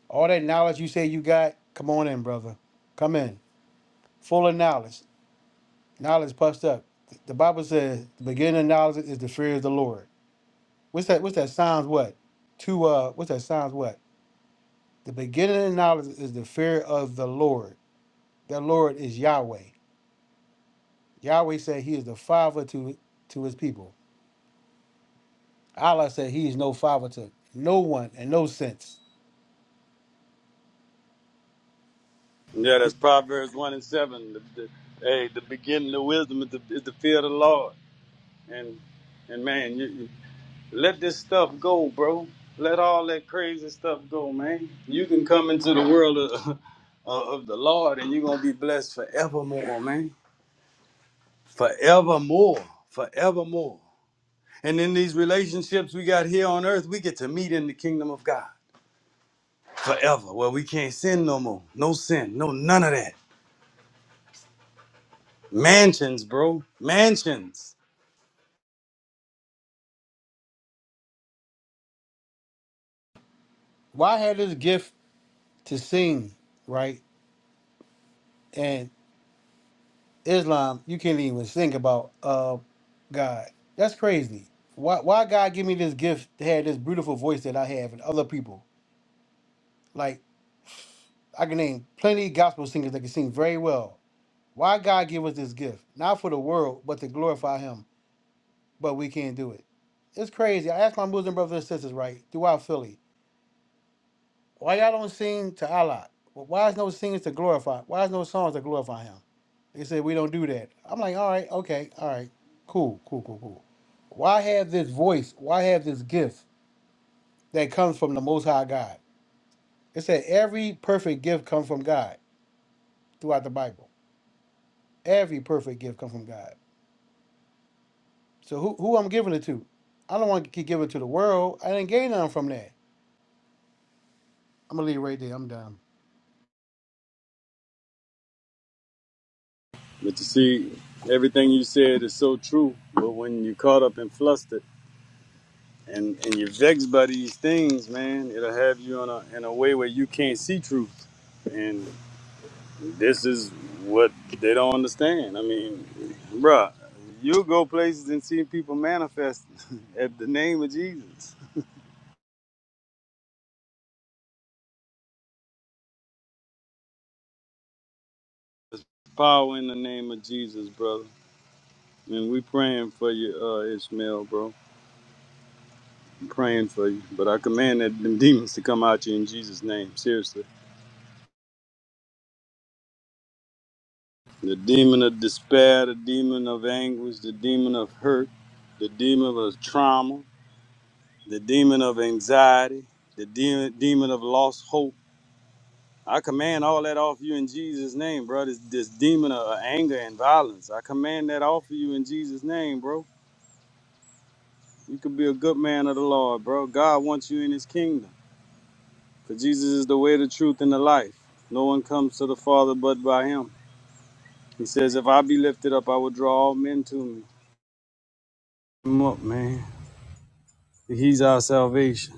[SPEAKER 10] All that knowledge you say you got, come on in, brother. Come in. Full of knowledge. Knowledge puffed up. The Bible says the beginning of knowledge is the fear of the Lord. What's that? What's that? Psalms what? Two uh what's that? Psalms what? The beginning of knowledge is the fear of the Lord. The Lord is Yahweh. Yahweh said he is the father to to his people. Allah said he is no father to no one in no sense.
[SPEAKER 3] Yeah, that's Proverbs 1 and 7. The, the, hey, the beginning of wisdom is the, is the fear of the Lord. And and man, you, you- let this stuff go, bro. Let all that crazy stuff go, man. You can come into the world of, of the Lord and you're going to be blessed forevermore, man. Forevermore. Forevermore. And in these relationships we got here on earth, we get to meet in the kingdom of God forever, where we can't sin no more. No sin, no none of that. Mansions, bro. Mansions.
[SPEAKER 10] Why had this gift to sing, right? And Islam, you can't even think about uh God. That's crazy. Why why God give me this gift to have this beautiful voice that I have and other people? Like I can name plenty of gospel singers that can sing very well. Why God give us this gift? Not for the world, but to glorify him, but we can't do it. It's crazy. I asked my Muslim brothers and sisters, right, throughout Philly, why y'all don't sing to Allah? Why is no singers to glorify? Why is no songs to glorify him? They said we don't do that. I'm like, all right, okay, all right, cool, cool, cool, cool. Why have this voice? Why have this gift that comes from the Most High God? It said every perfect gift comes from God throughout the Bible. Every perfect gift comes from God. So who who I'm giving it to? I don't want to keep giving it to the world. I didn't gain nothing from that. I'm gonna leave it right there. I'm done.
[SPEAKER 3] But you see, everything you said is so true. But when you're caught up and flustered and, and you're vexed by these things, man, it'll have you in a, in a way where you can't see truth. And this is what they don't understand. I mean, bruh, you'll go places and see people manifest at the name of Jesus. Power in the name of Jesus, brother. And we praying for you, uh, Ishmael, bro. I'm praying for you. But I command that them demons to come out you in Jesus' name. Seriously. The demon of despair, the demon of anguish, the demon of hurt, the demon of trauma, the demon of anxiety, the demon, demon of lost hope. I command all that off you in Jesus' name, bro. This, this demon of anger and violence. I command that off of you in Jesus' name, bro. You could be a good man of the Lord, bro. God wants you in his kingdom. For Jesus is the way, the truth, and the life. No one comes to the Father but by him. He says, If I be lifted up, I will draw all men to me. Come up, man. He's our salvation.